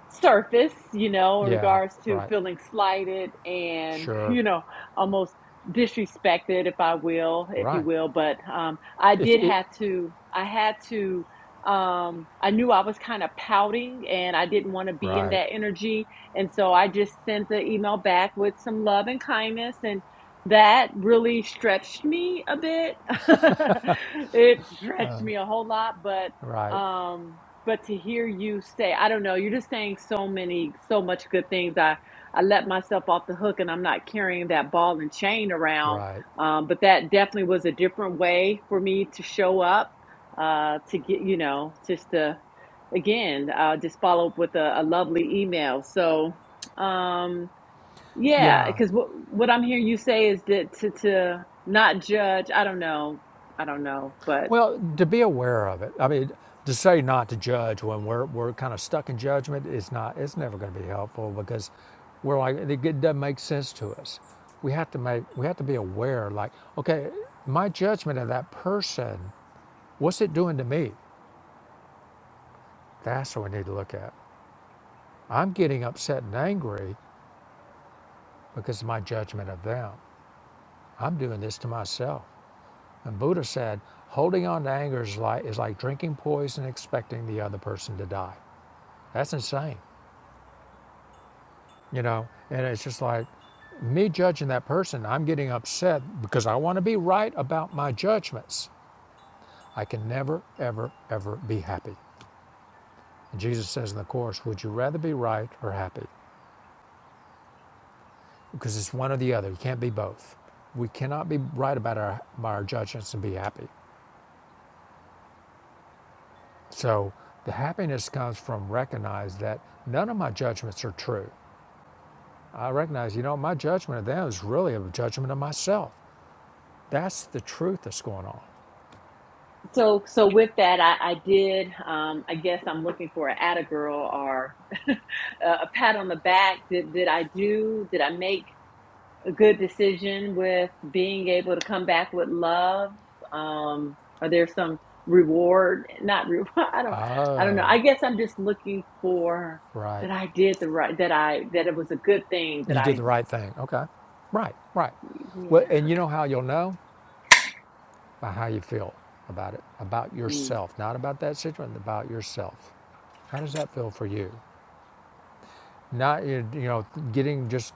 [SPEAKER 4] surface, you know, in
[SPEAKER 2] Yeah.
[SPEAKER 4] regards to
[SPEAKER 2] Right.
[SPEAKER 4] feeling slighted and,
[SPEAKER 2] Sure.
[SPEAKER 4] you know, almost disrespected, if I will, if you
[SPEAKER 2] Right.
[SPEAKER 4] will. But um, I
[SPEAKER 2] If
[SPEAKER 4] did
[SPEAKER 2] it.
[SPEAKER 4] have to, I had to, um, I knew I was kind of pouting and I didn't want to be in
[SPEAKER 2] Right.
[SPEAKER 4] that energy. And so I just sent the email back with some love and kindness and that really stretched me a bit. it stretched me a whole lot, but
[SPEAKER 2] Right.
[SPEAKER 4] um but to hear you say i don't know you're just saying so many so much good things i i let myself off the hook and i'm not carrying that ball and chain around
[SPEAKER 2] Right.
[SPEAKER 4] um but that definitely was a different way for me to show up uh to get you know just to again uh just follow up with a, a lovely email so um yeah
[SPEAKER 2] Yeah.
[SPEAKER 4] because what what i'm hearing you say is that to to not judge i don't know i don't know but
[SPEAKER 2] Well, to be aware of it. I mean, to say not to judge when we're we're kind of stuck in judgment is not. It's never going to be helpful because we're like it it doesn't make sense to us. We have to make. We have to be aware. Like, okay, my judgment of that person. What's it doing to me? That's what we need to look at. I'm getting upset and angry because of my judgment of them. I'm doing this to myself. And Buddha said, holding on to anger is like, is like drinking poison, and expecting the other person to die. That's insane, you know? And it's just like me judging that person, I'm getting upset because I want to be right about my judgments. I can never, ever, ever be happy. And Jesus says in the Course, would you rather be right or happy? because it's one or the other. You can't be both. We cannot be right about our, about our judgments and be happy. So the happiness comes from recognize that none of my judgments are true. I recognize, you know, my judgment of them is really a judgment of myself. That's the truth that's going on.
[SPEAKER 4] So, so with that, I, I did. Um, I guess I'm looking for an "atta girl" or a, a pat on the back. Did did I do? Did I make a good decision with being able to come back with love? Um, are there some reward? Not reward. I don't. I don't know.
[SPEAKER 2] Oh,
[SPEAKER 4] I guess I'm just looking for
[SPEAKER 2] right.
[SPEAKER 4] that I did the right. That I that it was a good thing. That
[SPEAKER 2] You did
[SPEAKER 4] I.
[SPEAKER 2] the right thing. Okay. Right, right.
[SPEAKER 4] Yeah.
[SPEAKER 2] Well, and you know how you'll know? By how you feel about it, about
[SPEAKER 4] mm.
[SPEAKER 2] yourself, not about that situation, about yourself. How does that feel for you? not eh, you know getting just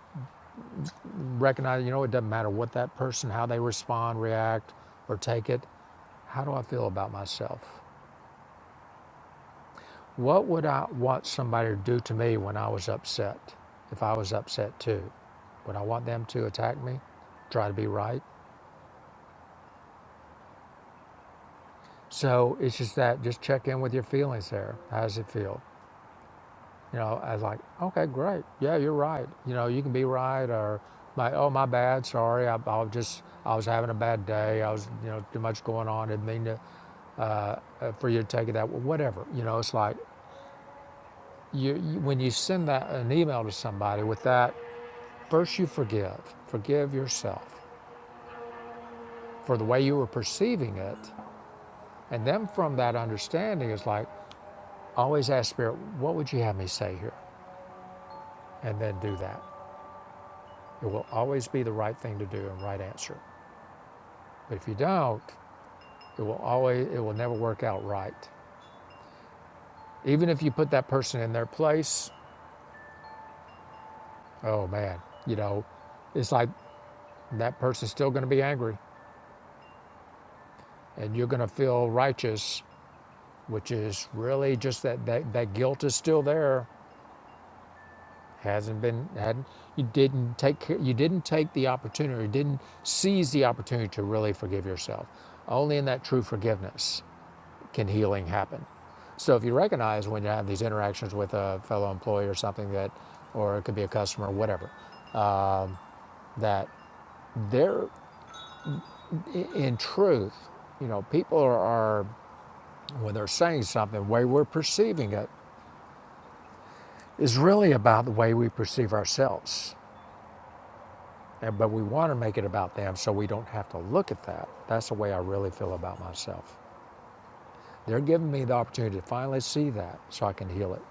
[SPEAKER 2] recognize you know it doesn't matter what that person how they respond react or take it how do i feel about myself what would i want somebody to do to me when i was upset if i was upset too would i want them to attack me try to be right so it's just that just check in with your feelings there how does it feel You know, I was like, okay, great. Yeah, you're right. You know, you can be right or my, oh, my bad. Sorry. I, I was just, I was having a bad day. I was, you know, too much going on. Didn't mean to, uh, uh, for you to take it that way. Whatever. You know, it's like you, you, when you send that, an email to somebody with that, first you forgive, forgive yourself for the way you were perceiving it. And then from that understanding, it's like, always ask Spirit, what would you have me say here? And then do that. It will always be the right thing to do and right answer. But if you don't, it will always it will never work out right. Even if you put that person in their place, oh man, you know, it's like that person's still going to be angry and you're going to feel righteous, which is really just that, that that guilt is still there. Hasn't been hadn't you didn't take care- you didn't take the opportunity, you didn't seize the opportunity to really forgive yourself. Only in that true forgiveness can healing happen? So if you recognize when you have these interactions with a fellow employee or something that, or it could be a customer, or whatever, that they're in truth, you know, people are, are when they're saying something, the way we're perceiving it is really about the way we perceive ourselves. And, but we want to make it about them so we don't have to look at that. That's the way I really feel about myself. They're giving me the opportunity to finally see that so I can heal it.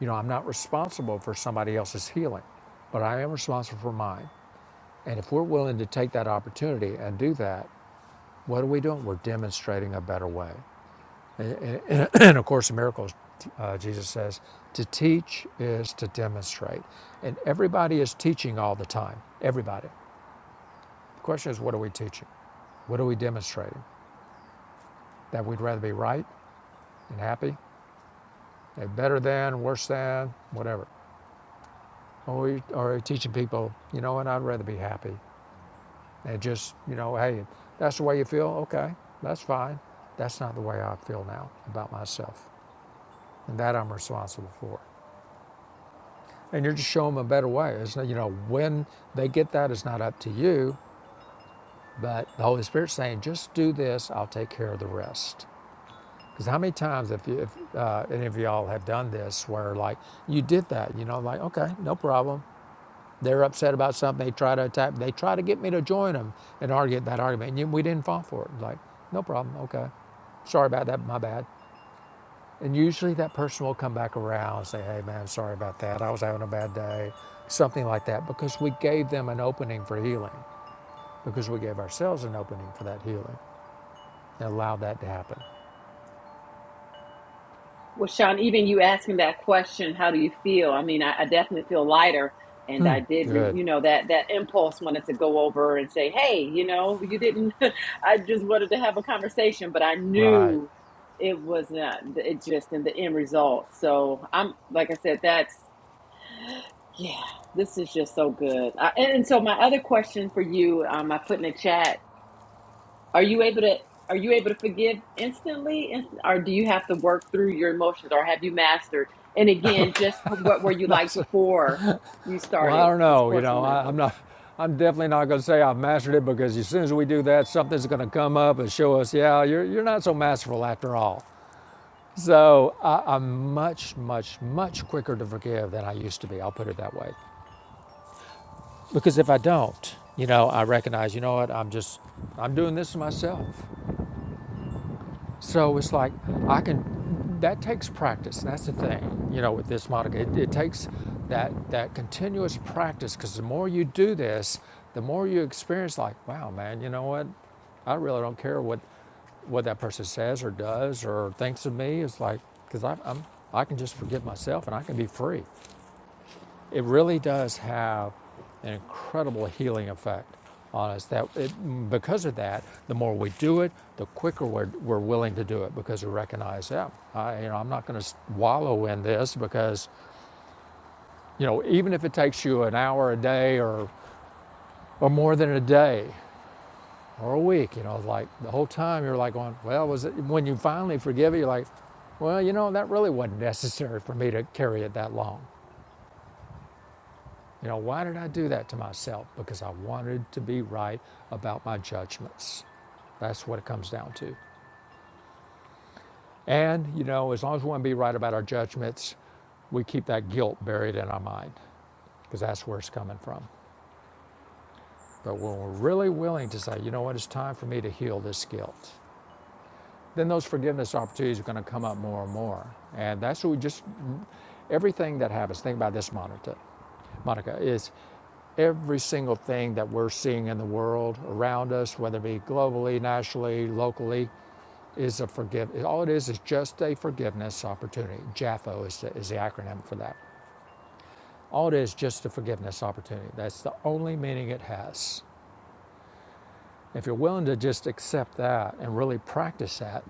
[SPEAKER 2] You know, I'm not responsible for somebody else's healing, but I am responsible for mine. And if we're willing to take that opportunity and do that, what are we doing? We're demonstrating a better way. And, and- and of course, in miracles, uh, Jesus says, to teach is to demonstrate. And everybody is teaching all the time. Everybody. The question is, what are we teaching? What are we demonstrating? That we'd rather be right and happy, and better than, worse than, whatever. Or are we are we teaching people, you know what, I'd rather be happy And just, you know, hey, if that's the way you feel, okay, that's fine. That's not the way I feel now about myself. And that I'm responsible for. And you're just showing them a better way. It's not, you know, when they get that, it's not up to you, but the Holy Spirit's saying, just do this, I'll take care of the rest. Because how many times, if, you, if uh, any of y'all have done this, where like you did that, you know, like, okay, no problem. They're upset about something. They try to attack. They try to get me to join them and argue that argument. And we didn't fall for it. Like, no problem. Okay, sorry about that. My bad. And usually that person will come back around and say, "Hey, man, sorry about that. I was having a bad day," something like that, because we gave them an opening for healing, because we gave ourselves an opening for that healing and allowed that to happen.
[SPEAKER 4] Well, Sean, even you asking that question, how do you feel? I mean, I, I definitely feel lighter. And I did, re,
[SPEAKER 2] Good.
[SPEAKER 4] you know, that that impulse wanted to go over and say, "Hey, you know, you didn't." I just wanted to have a conversation, but I
[SPEAKER 2] Right.
[SPEAKER 4] knew it was not. It just in the end result. So I'm, like I said, that's yeah. This is just so good. I, and, and so my other question for you, um, I put in the chat are you able to are you able to forgive instantly inst- or do you have to work through your emotions or have you mastered? And again, just what were you like
[SPEAKER 2] That's
[SPEAKER 4] before you
[SPEAKER 2] Well, I
[SPEAKER 4] started
[SPEAKER 2] don't
[SPEAKER 4] this
[SPEAKER 2] know. You
[SPEAKER 4] course
[SPEAKER 2] know,
[SPEAKER 4] in
[SPEAKER 2] I, I'm
[SPEAKER 4] miracles?
[SPEAKER 2] not. I'm definitely not going to say I've mastered it because as soon as we do that, something's going to come up and show us, yeah, you're you're not so masterful after all. So I, I'm much, much, much quicker to forgive than I used to be. I'll put it that way, because if I don't, you know, I recognize, you know what, I'm just, I'm doing this to myself. So it's like I can. That takes practice. That's the thing, you know, with this Monica. It, it takes that that continuous practice because the more you do this, the more you experience. Like, wow, man, you know what? I really don't care what what that person says or does or thinks of me. It's like because I'm I can just forgive myself and I can be free. It really does have an incredible healing effect on us. That it, because of that, the more we do it, the quicker we're, we're willing to do it because we recognize, yeah, I, you know, I'm not going to wallow in this because, you know, even if it takes you an hour a day or or more than a day or a week, you know, like the whole time you're like going, well, was it when you finally forgive it, you're like, well, you know, that really wasn't necessary for me to carry it that long. You know, why did I do that to myself? Because I wanted to be right about my judgments. That's what it comes down to. And, you know, as long as we want to be right about our judgments, we keep that guilt buried in our mind because that's where it's coming from. But when we're really willing to say, you know what, it's time for me to heal this guilt, then those forgiveness opportunities are going to come up more and more. And that's what we just, everything that happens, think about this, Monica, Monica is every single thing that we're seeing in the world around us, whether it be globally, nationally, locally, is a forgive. All it is is just a forgiveness opportunity. JAFO is the, is the acronym for that. All it is just a forgiveness opportunity. That's the only meaning it has. If you're willing to just accept that and really practice that,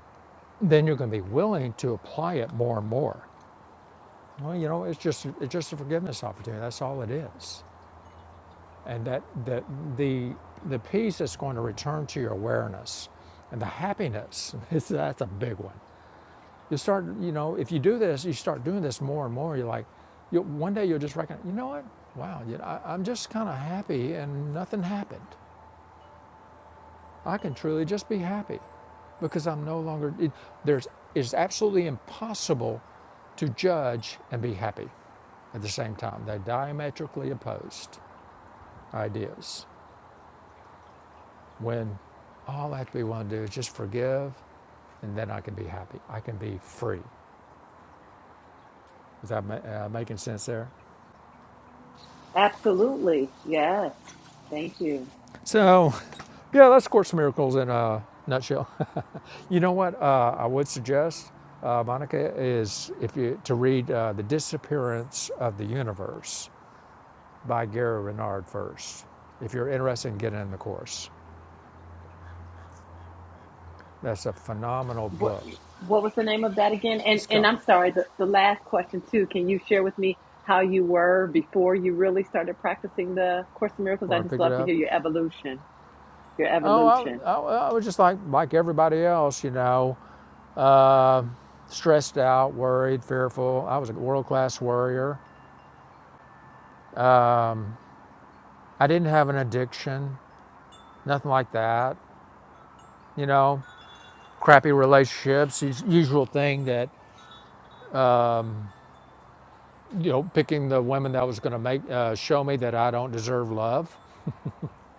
[SPEAKER 2] then you're going to be willing to apply it more and more. Well, you know, it's just it's just a forgiveness opportunity. That's all it is. and that the, the, the peace is going to return to your awareness and the happiness is, that's a big one you start you know if you do this you start doing this more and more you're like you one day you'll just recognize you know what wow you know, I, i'm just kind of happy and nothing happened i can truly just be happy because i'm no longer it, there's it's absolutely impossible to judge and be happy at the same time they're diametrically opposed ideas when all I actually want to do is just forgive, and then I can be happy. I can be free. Is that uh, making sense there?
[SPEAKER 4] Absolutely. Yes. Thank you.
[SPEAKER 2] So, yeah, that's Course in Miracles in a nutshell. You know what uh, I would suggest, uh, Monica, is if you to read uh, The Disappearance of the Universe by Gary Renard first, if you're interested in getting in the course. That's a phenomenal
[SPEAKER 4] What
[SPEAKER 2] book.
[SPEAKER 4] what was the name of that again? And
[SPEAKER 2] It's
[SPEAKER 4] and
[SPEAKER 2] got
[SPEAKER 4] I'm sorry, the, the last question too. Can you share with me how you were before you really started practicing the Course in Miracles? I
[SPEAKER 2] where I
[SPEAKER 4] just
[SPEAKER 2] picked it
[SPEAKER 4] love to
[SPEAKER 2] up.
[SPEAKER 4] hear your evolution. Your
[SPEAKER 2] Oh, I,
[SPEAKER 4] evolution.
[SPEAKER 2] I, I was just like like everybody else, you know. uh, stressed out, worried, fearful. I was a world class worrier. Um, I didn't have an addiction, nothing like that. You know, crappy relationships, usual thing that, you know, picking the women that was going to make uh, show me that I don't deserve love.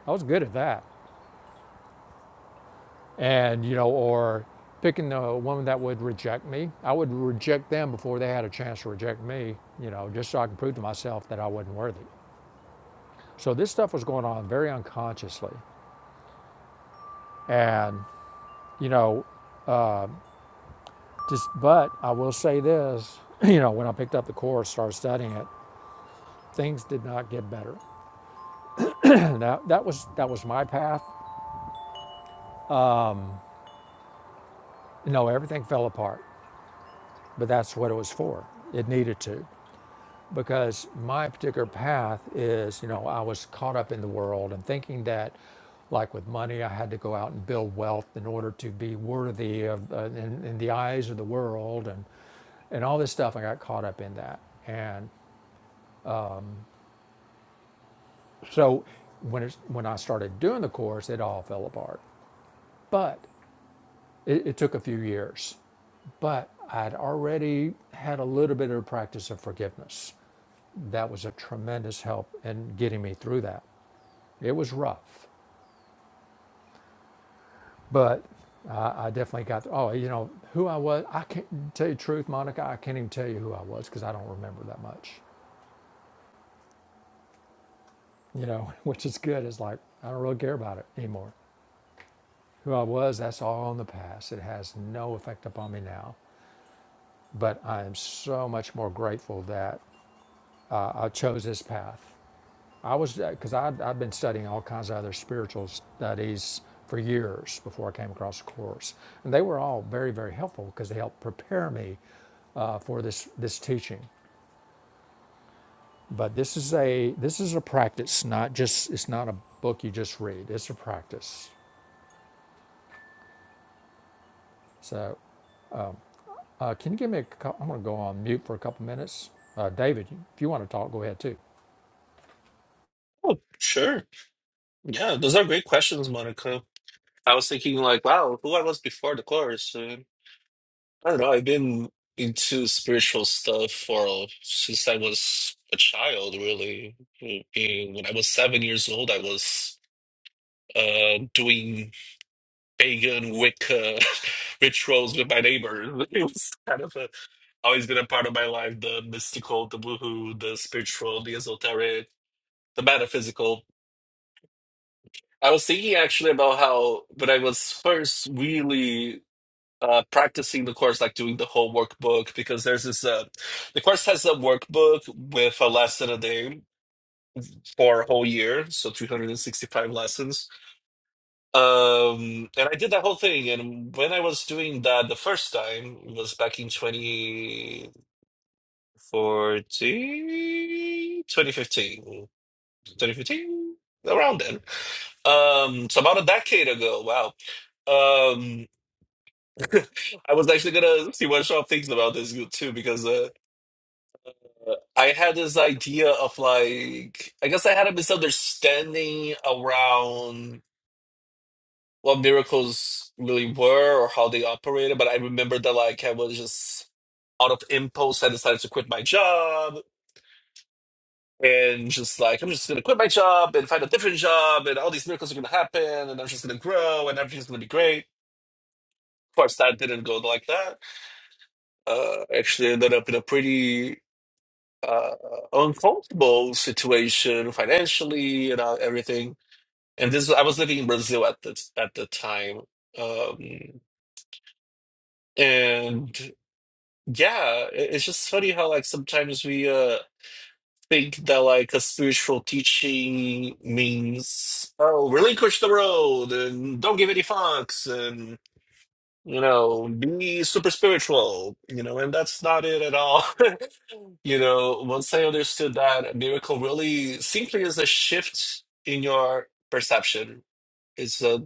[SPEAKER 2] I was good at that. And, you know, or picking the woman that would reject me. I would reject them before they had a chance to reject me, you know, just so I could prove to myself that I wasn't worthy. So this stuff was going on very unconsciously. And, you know, just, but I will say this, you know, when I picked up the course, started studying it, things did not get better. And that, that was, that was my path. No, everything fell apart, but that's what it was for. It needed to because my particular path is, you know, I was caught up in the world and thinking that like with money, I had to go out and build wealth in order to be worthy of uh, in, in the eyes of the world and, and all this stuff. I got caught up in that. And So when, it's, when I started doing the course, it all fell apart. But it, it took a few years. But I'd already had a little bit of practice of forgiveness. That was a tremendous help in getting me through that. It was rough, but I, I definitely got. Oh, you know who I was. I can't tell you the truth, Monica. I can't even tell you who I was because I don't remember that much. You know, which is good. It's like I don't really care about it anymore. Who I was, that's all in the past. It has no effect upon me now. but I am so much more grateful that uh, I chose this path. I was because I'd, I'd been studying all kinds of other spiritual studies for years before I came across the course, and they were all very very helpful because they helped prepare me uh, for this this teaching. But this is a this is a practice, not just it's not a book you just read. It's a practice. So uh, can you give me? a? am going to go on mute for a couple minutes. Uh, David, if you want to talk, go ahead too.
[SPEAKER 3] Oh, sure. Yeah, those are great questions, Monica. I was thinking like, wow, who I was before the course. uh, I don't know, I've been into spiritual stuff for since I was a child, really. When I was seven years old, I was uh, doing pagan Wicca rituals with my neighbors. It was kind of a, always been a part of my life the mystical, the woohoo, the spiritual, the esoteric, the metaphysical. I was thinking actually about how when I was first really uh, practicing the course, like doing the whole workbook, because there's this, uh, the course has a workbook with a lesson a day for a whole year, so 365 lessons Um, and I did that whole thing. And when I was doing that the first time it was back in twenty fourteen twenty fifteen twenty fifteen around then. Um, so about a decade ago. Wow. Um, I was actually gonna see what Sean thinks about this too, because uh, I had this idea of like, I guess I had a misunderstanding around. what miracles really were or how they operated, but I remember that like I was just out of impulse, I decided to quit my job and just like I'm just gonna quit my job and find a different job and all these miracles are gonna happen and I'm just gonna grow and everything's gonna be great. Of course that didn't go like that. Uh actually ended up in a pretty uh uncomfortable situation financially and uh, everything. And this I was living in Brazil at the at the time. Um and yeah, i- it's just funny how like sometimes we uh think that like a spiritual teaching means oh relinquish the road and don't give any fucks and you know be super spiritual you know and that's not it at all you know once I understood that a miracle really simply is a shift in your perception it's a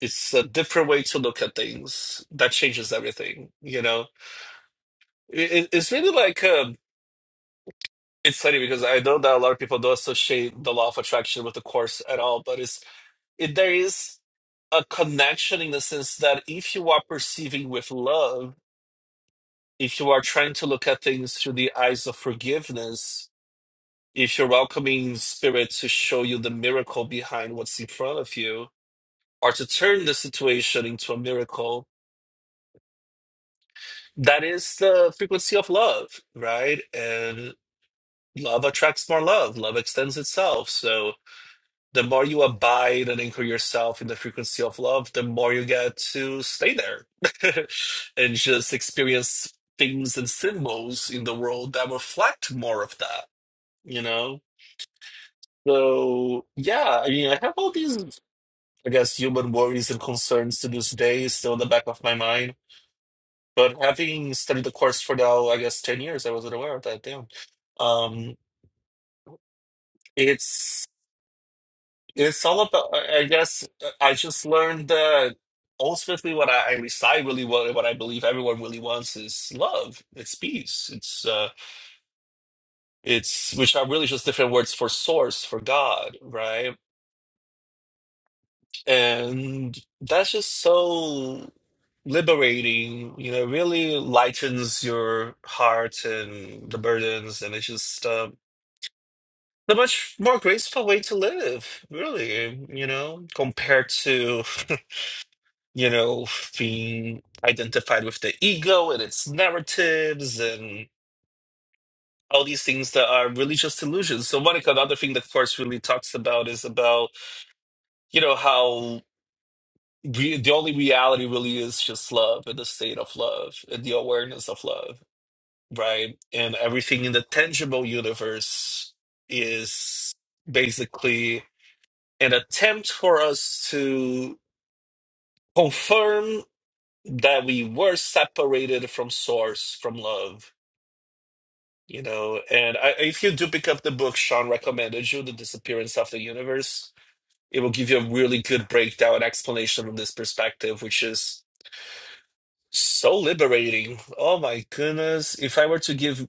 [SPEAKER 3] it's a different way to look at things that changes everything you know it, it- it's really like um It's funny because I know that a lot of people don't associate the law of attraction with the course at all, but it's it, there is a connection in the sense that if you are perceiving with love, if you are trying to look at things through the eyes of forgiveness, if you're welcoming spirit to show you the miracle behind what's in front of you, or to turn the situation into a miracle, that is the frequency of love, right? And love attracts more love. Love extends itself. So the more you abide and anchor yourself in the frequency of love, the more you get to stay there and just experience things and symbols in the world that reflect more of that, you know? So, yeah, I mean, I have all these, I guess, human worries and concerns to this day still in the back of my mind. But having studied the course for now, I guess, 10 years, I wasn't aware of that. Damn. Um, it's It's all about, I I guess, uh, I just learned that ultimately what I, I recite really what, what I believe everyone really wants is love. It's peace. It's, uh, it's, which are really just different words for source, for God, right? And that's just so liberating, you know, really lightens your heart and the burdens. And it's just, um, a much more graceful way to live, really, you know, compared to. you know, being identified with the ego and its narratives and all these things that are really just illusions. So, Monica, another thing that course really talks about is about, you know, how re- the only reality really is just love and the state of love and the awareness of love, right? And everything in the tangible universe is basically an attempt for us to confirm that we were separated from source, from love, you know. And I, if you do pick up the book Sean recommended you, The Disappearance of the Universe, it will give you a really good breakdown and explanation of this perspective, which is so liberating. Oh my goodness. If I were to give,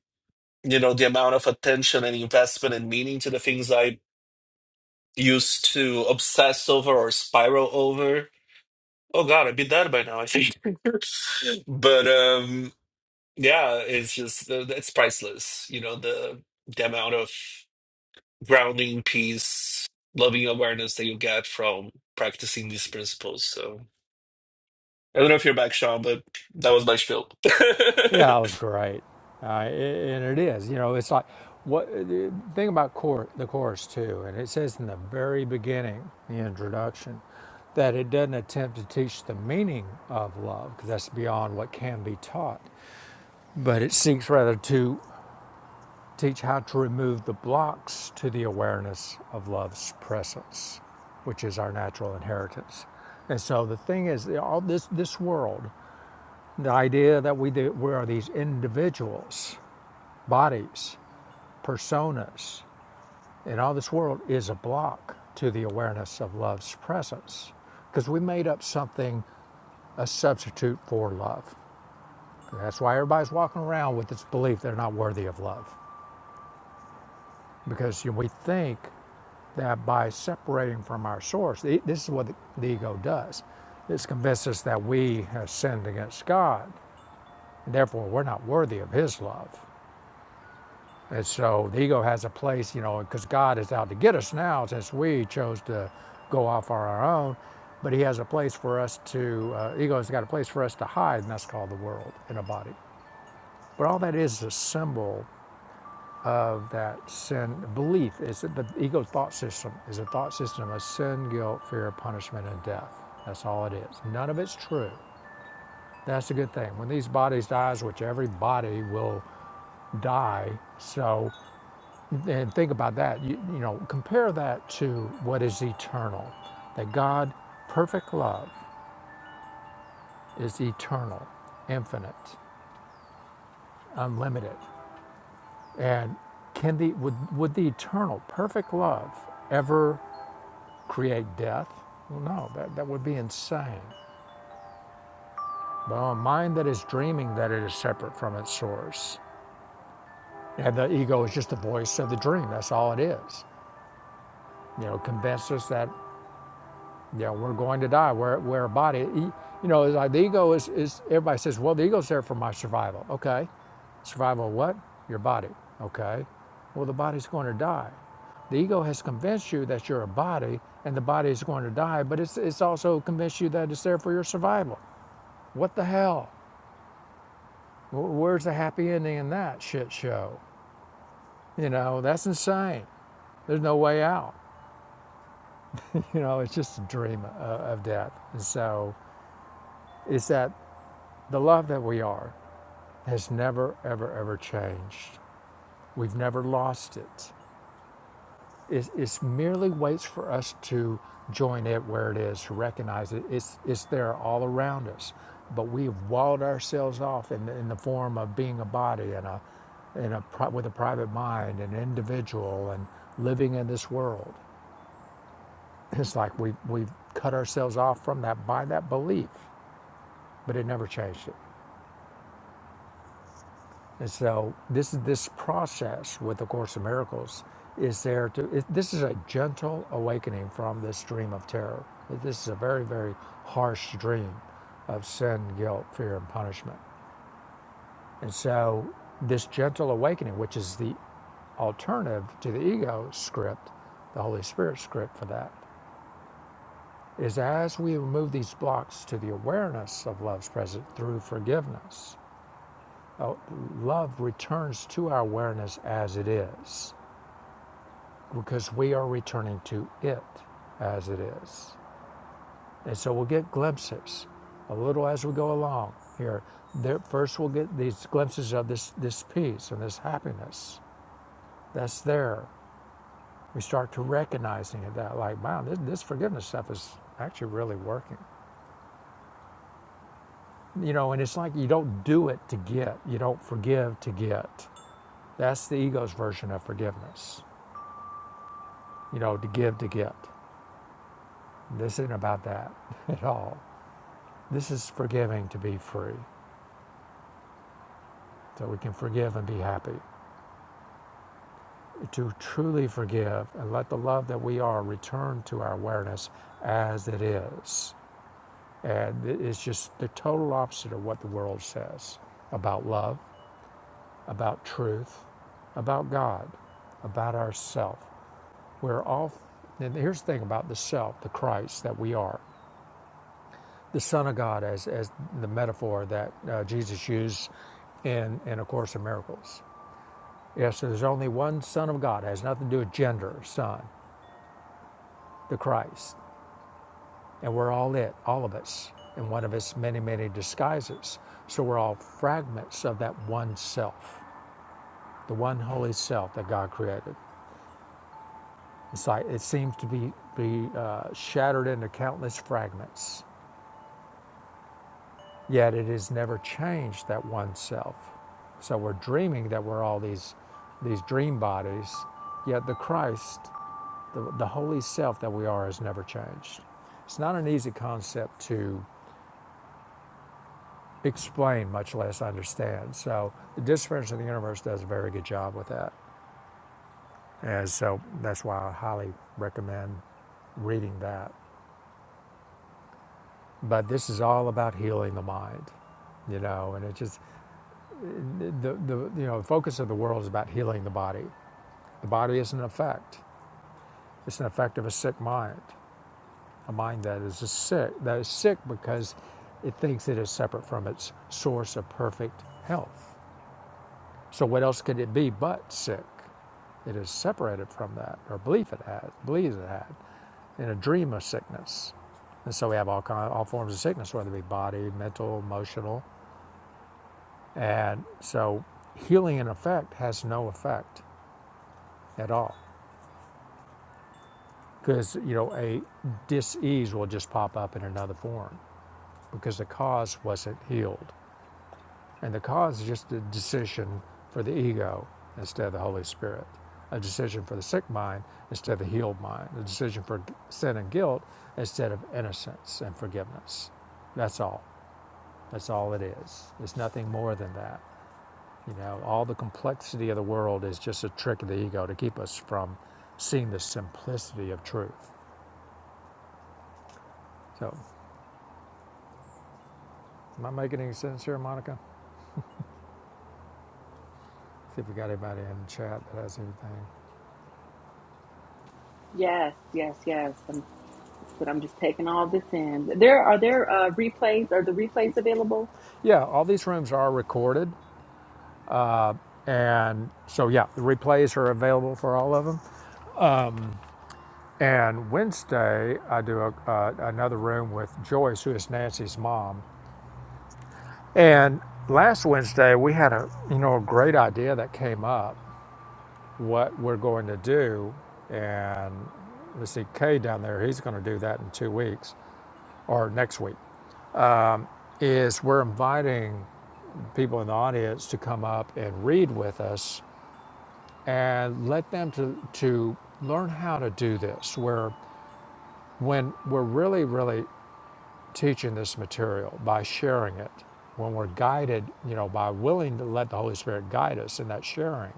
[SPEAKER 3] you know, the amount of attention and investment and meaning to the things I used to obsess over or spiral over, oh God, I'd be dead by now, I think. but um Yeah, it's just uh, it's priceless. You know, the the amount of grounding, peace, loving awareness that you get from practicing these principles. So I don't know if you're back, Sean, but that was my spiel.
[SPEAKER 2] Yeah, it was great, uh, and it is. You know, it's like what uh, the thing about cour the course too, and it says in the very beginning, the introduction, that it doesn't attempt to teach the meaning of love because that's beyond what can be taught, but it seeks rather to teach how to remove the blocks to the awareness of love's presence, which is our natural inheritance. And so the thing is, all this this world, the idea that we do, we are these individuals bodies, personas in all this world is a block to the awareness of love's presence because we made up something, a substitute for love. And that's why everybody's walking around with this belief they're not worthy of love because we think that by separating from our source, this is what the ego does. This convinces us that we have sinned against God, and therefore we're not worthy of His love. And so the ego has a place, you know, because God is out to get us now since we chose to go off on our own. But He has a place for us to, uh, ego's got a place for us to hide, and that's called the world in a body. But all that is a symbol of that sin belief. Is that the ego thought system is a thought system of sin, guilt, fear, punishment, and death. That's all it is. None of it's true. That's a good thing. When these bodies dies, which every body will die, so And think about that. You, you know, compare that to what is eternal. That God, perfect love, is eternal, infinite, unlimited. And can the would, would the eternal, perfect love ever create death? Well, no, that, that would be insane. Well, a mind that is dreaming that it is separate from its source. And the ego is just the voice of the dream. That's all it is. You know, convince us that Yeah, we're going to die. We're, we're a body. E- You know, like the ego is, is, everybody says, well, the ego's there for my survival. Okay. Survival of what? Your body. Okay. Well, the body's going to die. The ego has convinced you that you're a body and the body is going to die, but it's, it's also convinced you that it's there for your survival. What the hell? Where's the happy ending in that shit show? You know, that's insane. There's no way out. You know, it's just a dream of, of death. And so it's that the love that we are, has never, ever, ever changed. We've never lost it. It it's merely waits for us to join it where it is, to recognize it. It's, it's there all around us. But we've walled ourselves off in the, in the form of being a body and a, and a with a private mind, an individual, and living in this world. It's like we, we've cut ourselves off from that by that belief, but it never changed it. And so this this process with the Course of Miracles is there to it, this is a gentle awakening from this dream of terror. This is a very very harsh dream of sin, guilt, fear, and punishment. And so this gentle awakening, which is the alternative to the ego script, the Holy Spirit script for that, is as we remove these blocks to the awareness of love's presence through forgiveness, uh, love returns to our awareness as it is because we are returning to it as it is. And so we'll get glimpses a little as we go along here. There, first, we'll get these glimpses of this, this peace and this happiness that's there. We start to recognizing it that, like, wow, this, this forgiveness stuff is actually really working. You know, and it's like you don't do it to get, you don't forgive to get. That's the ego's version of forgiveness, you know, to give to get. This isn't about that at all. This is forgiving to be free, so we can forgive and be happy. To truly forgive and let the love that we are return to our awareness as it is. And it's just the total opposite of what the world says about love, about truth, about God, about ourself. We're all, and here's the thing about the self, the Christ that we are, the Son of God, as, as the metaphor that uh, Jesus used in, in A Course in Miracles Yes, there's only one Son of God. It has nothing to do with gender, Son, the Christ. And we're all it, all of us, in one of its many, many disguises. So we're all fragments of that one self, the one holy self that God created. It's like it seems to be, be uh, shattered into countless fragments, yet it has never changed that one self. So we're dreaming that we're all these, these dream bodies, yet the Christ The, the holy self that we are has never changed. It's not an easy concept to explain, much less understand. So the Disappearance of the Universe does a very good job with that. And so that's why I highly recommend reading that. But this is all about healing the mind, you know, and it just the, the you know, the focus of the world is about healing the body. The body is an effect. It's an effect of a sick mind. A mind that is a sick, that is sick because it thinks it is separate from its source of perfect health. So what else could it be but sick? It is separated from that, or belief it has, believes it had, in a dream of sickness. And so we have all kind, all forms of sickness, whether it be body, mental, emotional, and so healing in effect has no effect at all because you know a disease will just pop up in another form because the cause wasn't healed. And the cause is just a decision for the ego instead of the Holy Spirit, a decision for the sick mind instead of the healed mind, a decision for sin and guilt instead of innocence and forgiveness. That's all. That's all it is. It's nothing more than that. You know, all the complexity of the world is just a trick of the ego to keep us from seeing the simplicity of truth. So, am I making any sense here, Monica? See if we got anybody in the chat that has anything.
[SPEAKER 4] Yes, yes, yes. but I'm just taking all this in. There are there uh, replays. Are the replays available?
[SPEAKER 2] Yeah, all these rooms are recorded. And so, yeah, the replays are available for all of them. And Wednesday, I do a, uh, another room with Joyce, who is Nancy's mom. And last Wednesday, we had a you know a great idea that came up. What we're going to do, and let's see, Kay down there, he's going to do that in two weeks or next week. Is we're inviting people in the audience to come up and read with us and let them to to learn how to do this. Where When we're really, really teaching this material by sharing it, when we're guided, you know, by willing to let the Holy Spirit guide us in that sharing,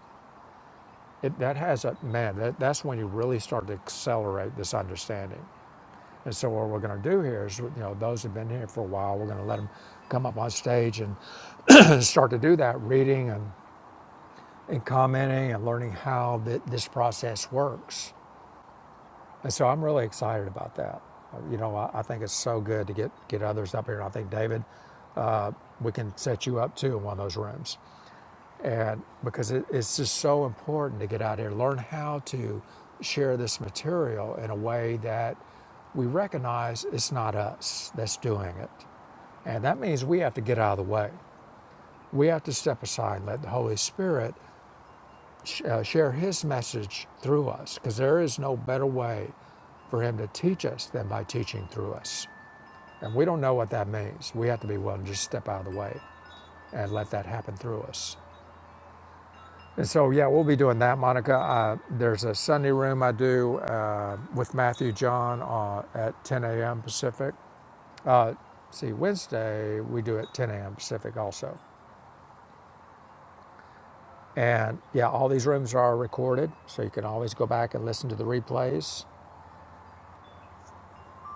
[SPEAKER 2] it, that has a man. That, that's when you really start to accelerate this understanding. And so, what we're going to do here is, you know, those who've been here for a while, we're going to let them come up on stage and start to do that reading and, and commenting and learning how th- this process works. And so, I'm really excited about that. You know, I, I think it's so good to get get others up here, and I think David. we can set you up too in one of those rooms. And because it, it's just so important to get out here, learn how to share this material in a way that we recognize it's not us that's doing it. And that means we have to get out of the way. We have to step aside and let the Holy Spirit sh- uh, share His message through us because there is no better way for Him to teach us than by teaching through us. And we don't know what that means. We have to be willing to just step out of the way and let that happen through us. And so, yeah, we'll be doing that, Monica. Uh, there's a Sunday room I do uh, with Matthew John uh, at 10 a.m. Pacific. Uh, see, Wednesday we do at 10 a.m. Pacific also. And yeah, all these rooms are recorded, so you can always go back and listen to the replays.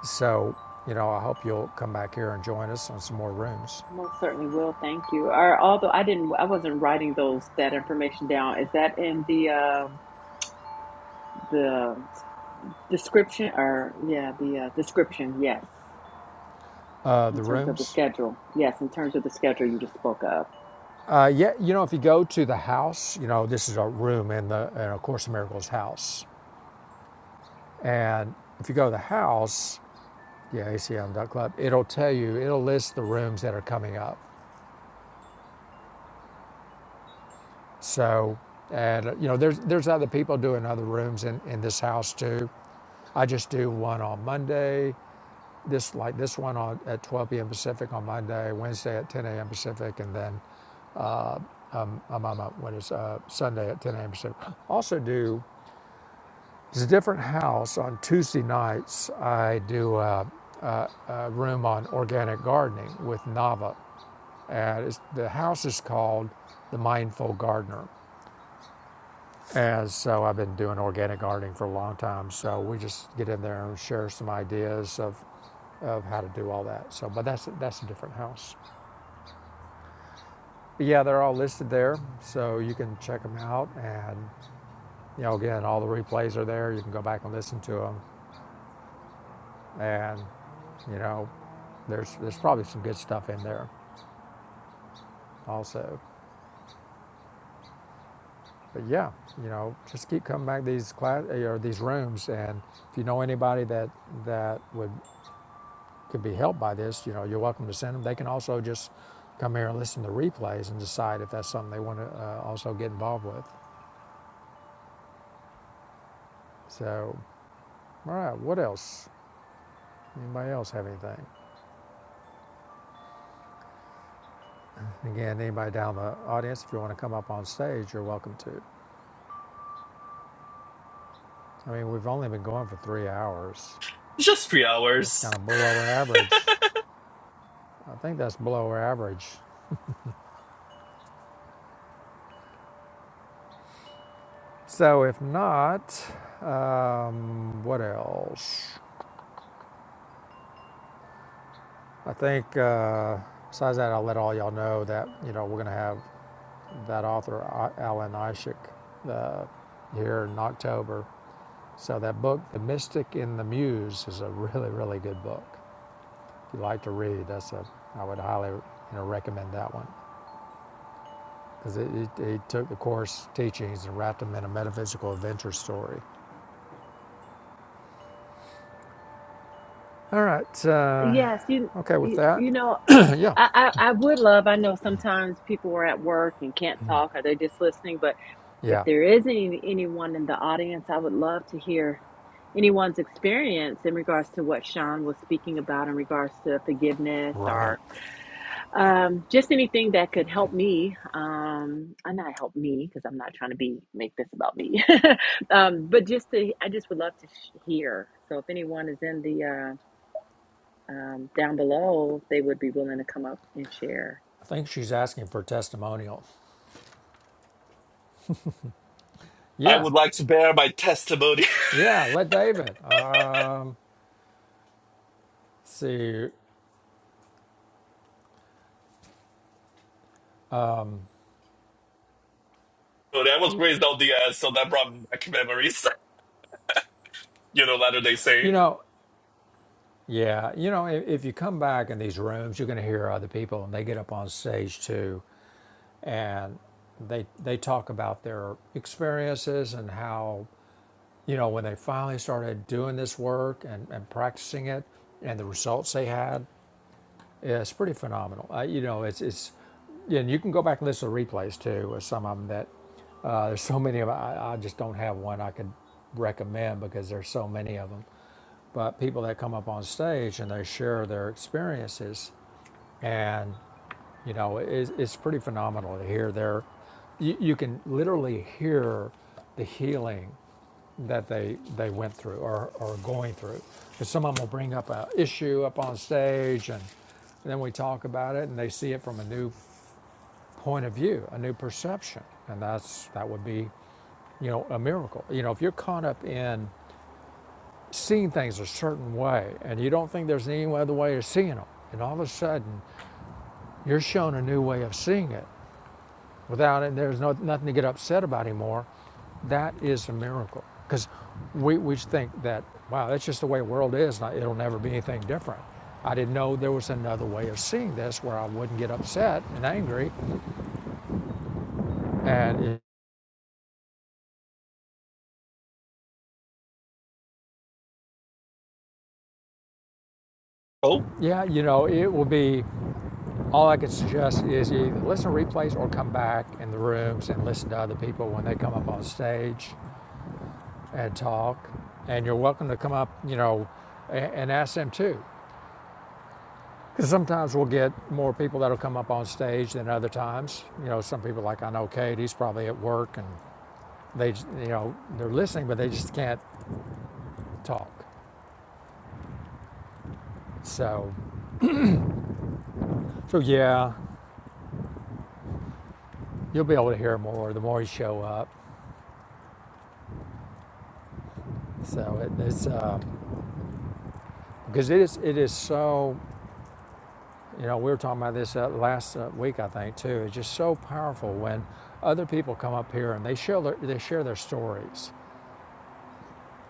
[SPEAKER 2] So, you know, I hope you'll come back here and join us on some more rooms.
[SPEAKER 4] I most certainly will. Thank you. Or although I didn't, I wasn't writing those that information down. Is that in the uh, the description or yeah the uh, description? Yes,
[SPEAKER 2] Uh,
[SPEAKER 4] in
[SPEAKER 2] the
[SPEAKER 4] terms of the
[SPEAKER 2] rooms.
[SPEAKER 4] schedule. Yes, in terms of the schedule you just spoke of.
[SPEAKER 2] Uh, yeah, you know, if you go to the house, you know, this is a room in the in a Course in Miracles house, and if you go to the house, yeah, club. it'll tell you, it'll list the rooms that are coming up. So, and uh, you know, there's there's other people doing other rooms in, in this house too. I just do one on Monday, this like this one on at 12 p.m. Pacific on Monday, Wednesday at 10 a.m. Pacific, and then I'm on my, what is uh, Sunday at 10 a.m. Pacific. Also do it's a different house on Tuesday nights. I do. Uh, uh, a room on organic gardening with Nava And it's, the house is called The Mindful Gardener. And so I've been doing organic gardening for a long time. So we just get in there and share some ideas of, of how to do all that. So, but that's, that's a different house. But yeah, they're all listed there. So you can check them out. And, you know, again, all the replays are there. You can go back and listen to them. And, you know, there's, there's probably some good stuff in there also. But yeah, you know, just keep coming back to these class or these rooms, and if you know anybody that that would could be helped by this, you know, you're welcome to send them. They can also just come here and listen to replays and decide if that's something they want to uh, also get involved with. So, all right, what else? Anybody else have anything? Again, anybody down the audience, if you want to come up on stage, you're welcome to. I mean, we've only been going for three hours.
[SPEAKER 3] Just three
[SPEAKER 2] That's
[SPEAKER 3] hours.
[SPEAKER 2] kind of below average. I think that's below average So if not, um, what else? I think uh, besides that, I'll let all y'all know that you know we're going to have that author Alan Ishik uh, here in October. So that book, The Mystic in the Muse, is a really really good book. If you like to read, that's a I would highly you know recommend that one because it, it, it took the course teachings and wrapped them in a metaphysical adventure story. All right. Uh,
[SPEAKER 4] Yes, you
[SPEAKER 2] okay, with
[SPEAKER 4] you,
[SPEAKER 2] that,
[SPEAKER 4] you know, um,
[SPEAKER 2] yeah,
[SPEAKER 4] I, I I would love. I know sometimes people are at work and can't talk, or they're just listening. But if
[SPEAKER 2] yeah.
[SPEAKER 4] there is any anyone in the audience, I would love to hear anyone's experience in regards to what Sean was speaking about in regards to forgiveness
[SPEAKER 2] Right.
[SPEAKER 4] or um, just anything that could help me. Um, and not help me because I'm not trying to be make this about me. um, but just to, I just would love to sh- hear. So if anyone is in the uh, um, down below if they would be willing to come up and share.
[SPEAKER 2] I think she's asking for a testimonial.
[SPEAKER 3] I
[SPEAKER 2] Yeah.
[SPEAKER 3] would like to bear my testimony.
[SPEAKER 2] Yeah. Let David. Um, see,
[SPEAKER 3] But I was raised on the ass, so that brought back memories. You know, Latter Day
[SPEAKER 2] you
[SPEAKER 3] Saint.
[SPEAKER 2] know, yeah, you know, if, if you come back in these rooms, you're going to hear other people and they get up on stage too. And they, they talk about their experiences and how, you know, when they finally started doing this work and, and practicing it and the results they had. Yeah, it's pretty phenomenal. Uh, you know, it's it's, yeah, and you can go back and listen to replays too. Or some of them that uh, there's so many of 'em, I, I just don't have one I could recommend because there's so many of them. But people that come up on stage and they share their experiences, and you know, it's, it's pretty phenomenal to hear their. You, you can literally hear the healing that they they went through or or are going through. Because some of them will bring up an issue up on stage, and, and then we talk about it, and they see it from a new point of view, a new perception, and that's that would be, you know, a miracle. You know, if you're caught up in seeing things a certain way, and you don't think there's any other way of seeing them, and all of a sudden you're shown a new way of seeing it, without it, there's no, nothing to get upset about anymore. That is a miracle. Because we, we think that, wow, that's just the way the world is, like, it'll never be anything different. I didn't know there was another way of seeing this where I wouldn't get upset and angry. And it-
[SPEAKER 3] Oh,
[SPEAKER 2] yeah, you know, it will be all I can suggest is either listen to replays or come back in the rooms and listen to other people when they come up on stage and talk. And you're welcome to come up, you know, a- and ask them too. Because sometimes we'll get more people that'll come up on stage than other times. You know, some people like I know Kate, he's probably at work and they, you know, they're listening, but they just can't talk. So, so yeah, you'll be able to hear more the more you show up. So it, it's uh, because it is it is so. You know, we were talking about this uh, last uh, week, I think, too. It's just so powerful when other people come up here and they share their, they share their stories.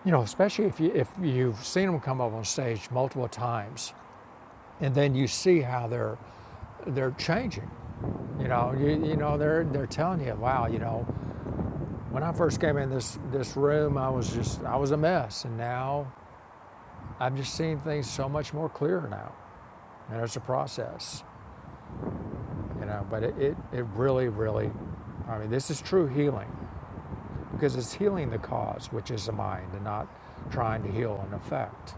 [SPEAKER 2] You know, especially if you if you've seen them come up on stage multiple times and then you see how they're they're changing. You know, you, you know they're they're telling you, wow, you know, when I first came in this this room, I was just I was a mess, and now I'm just seeing things so much more clearer now. And it's a process, you know, but it, it, it really, really, I mean, this is true healing because it's healing the cause, which is the mind, and not trying to heal an effect,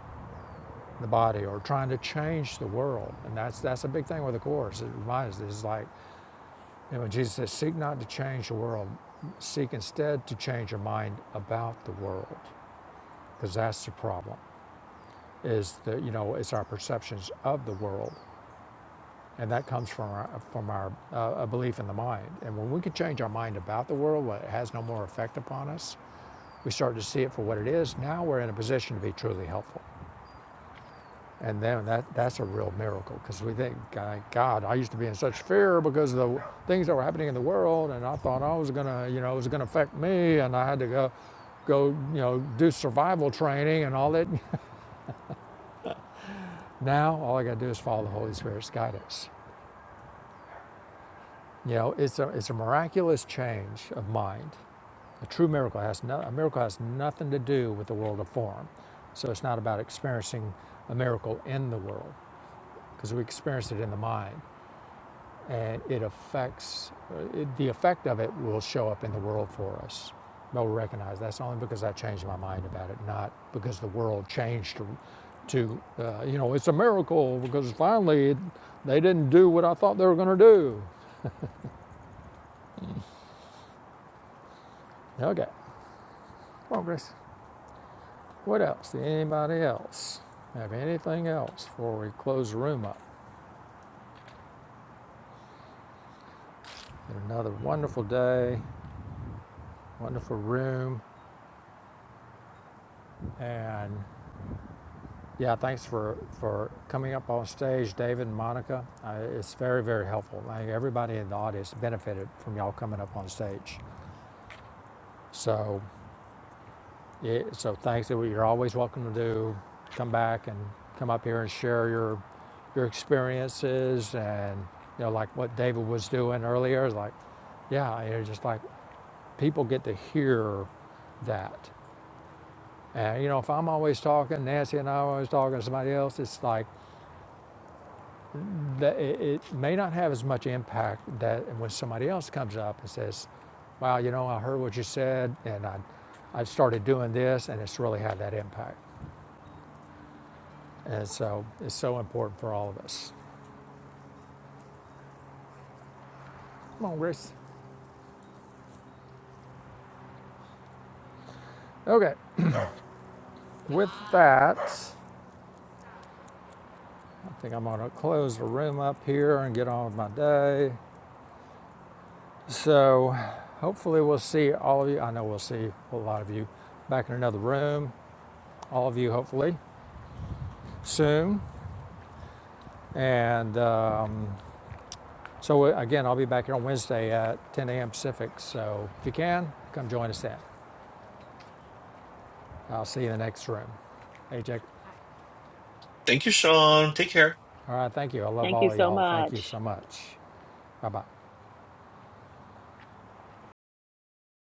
[SPEAKER 2] the body, or trying to change the world. And that's that's a big thing with the course. It reminds us, it's like And when Jesus says, Seek not to change the world, seek instead to change your mind about the world, because that's the problem. Is that you know it's our perceptions of the world, and that comes from our from our uh, a belief in the mind. And when we can change our mind about the world, when it has no more effect upon us, we start to see it for what it is. Now we're in a position to be truly helpful. And then that, that's a real miracle because we think, God, I used to be in such fear because of the things that were happening in the world, and I thought I was gonna, you know, it was gonna affect me, and I had to go, go, you know, do survival training and all that. now all I got to do is follow the Holy Spirit's guidance. You know, it's a it's a miraculous change of mind. A true miracle has no, a miracle has nothing to do with the world of form. So it's not about experiencing a miracle in the world because we experience it in the mind. and it affects it, the effect of it will show up in the world for us. They'll recognize that's only because I changed my mind about it, not because the world changed to, to uh, you know, it's a miracle because finally it, they didn't do what I thought they were going to do. Okay, progress. What else? Anybody else have anything else before we close the room up? Another wonderful day, wonderful room, and Yeah, thanks for, for coming up on stage, David and Monica. Uh, it's very, very helpful. I think everybody in the audience benefited from y'all coming up on stage. So, it, so thanks. You're always welcome to do. Come back and come up here and share your your experiences and you know like what David was doing earlier. Like, yeah, you know, just like people get to hear that. And you know, if I'm always talking, Nancy and I are always talking to somebody else, it's like that it, it may not have as much impact that when somebody else comes up and says, "Wow, you know, I heard what you said, and I, I started doing this, and it's really had that impact." And so it's so important for all of us. Come on, Grace. Okay, with that, I think I'm gonna close the room up here and get on with my day. So hopefully we'll see all of you. I know we'll see a lot of you back in another room. All of you, hopefully, soon. And. Um, So uh, again, I'll be back here on Wednesday at 10 a.m. Pacific. So if you can, come join us then. I'll see you in the next room. Hey, Jake.
[SPEAKER 3] thank you, Sean. Take care.
[SPEAKER 2] All right. Thank you. I love
[SPEAKER 4] Thank you
[SPEAKER 2] all of
[SPEAKER 4] so
[SPEAKER 2] y'all. Thank you
[SPEAKER 4] much.
[SPEAKER 2] so much. Bye bye.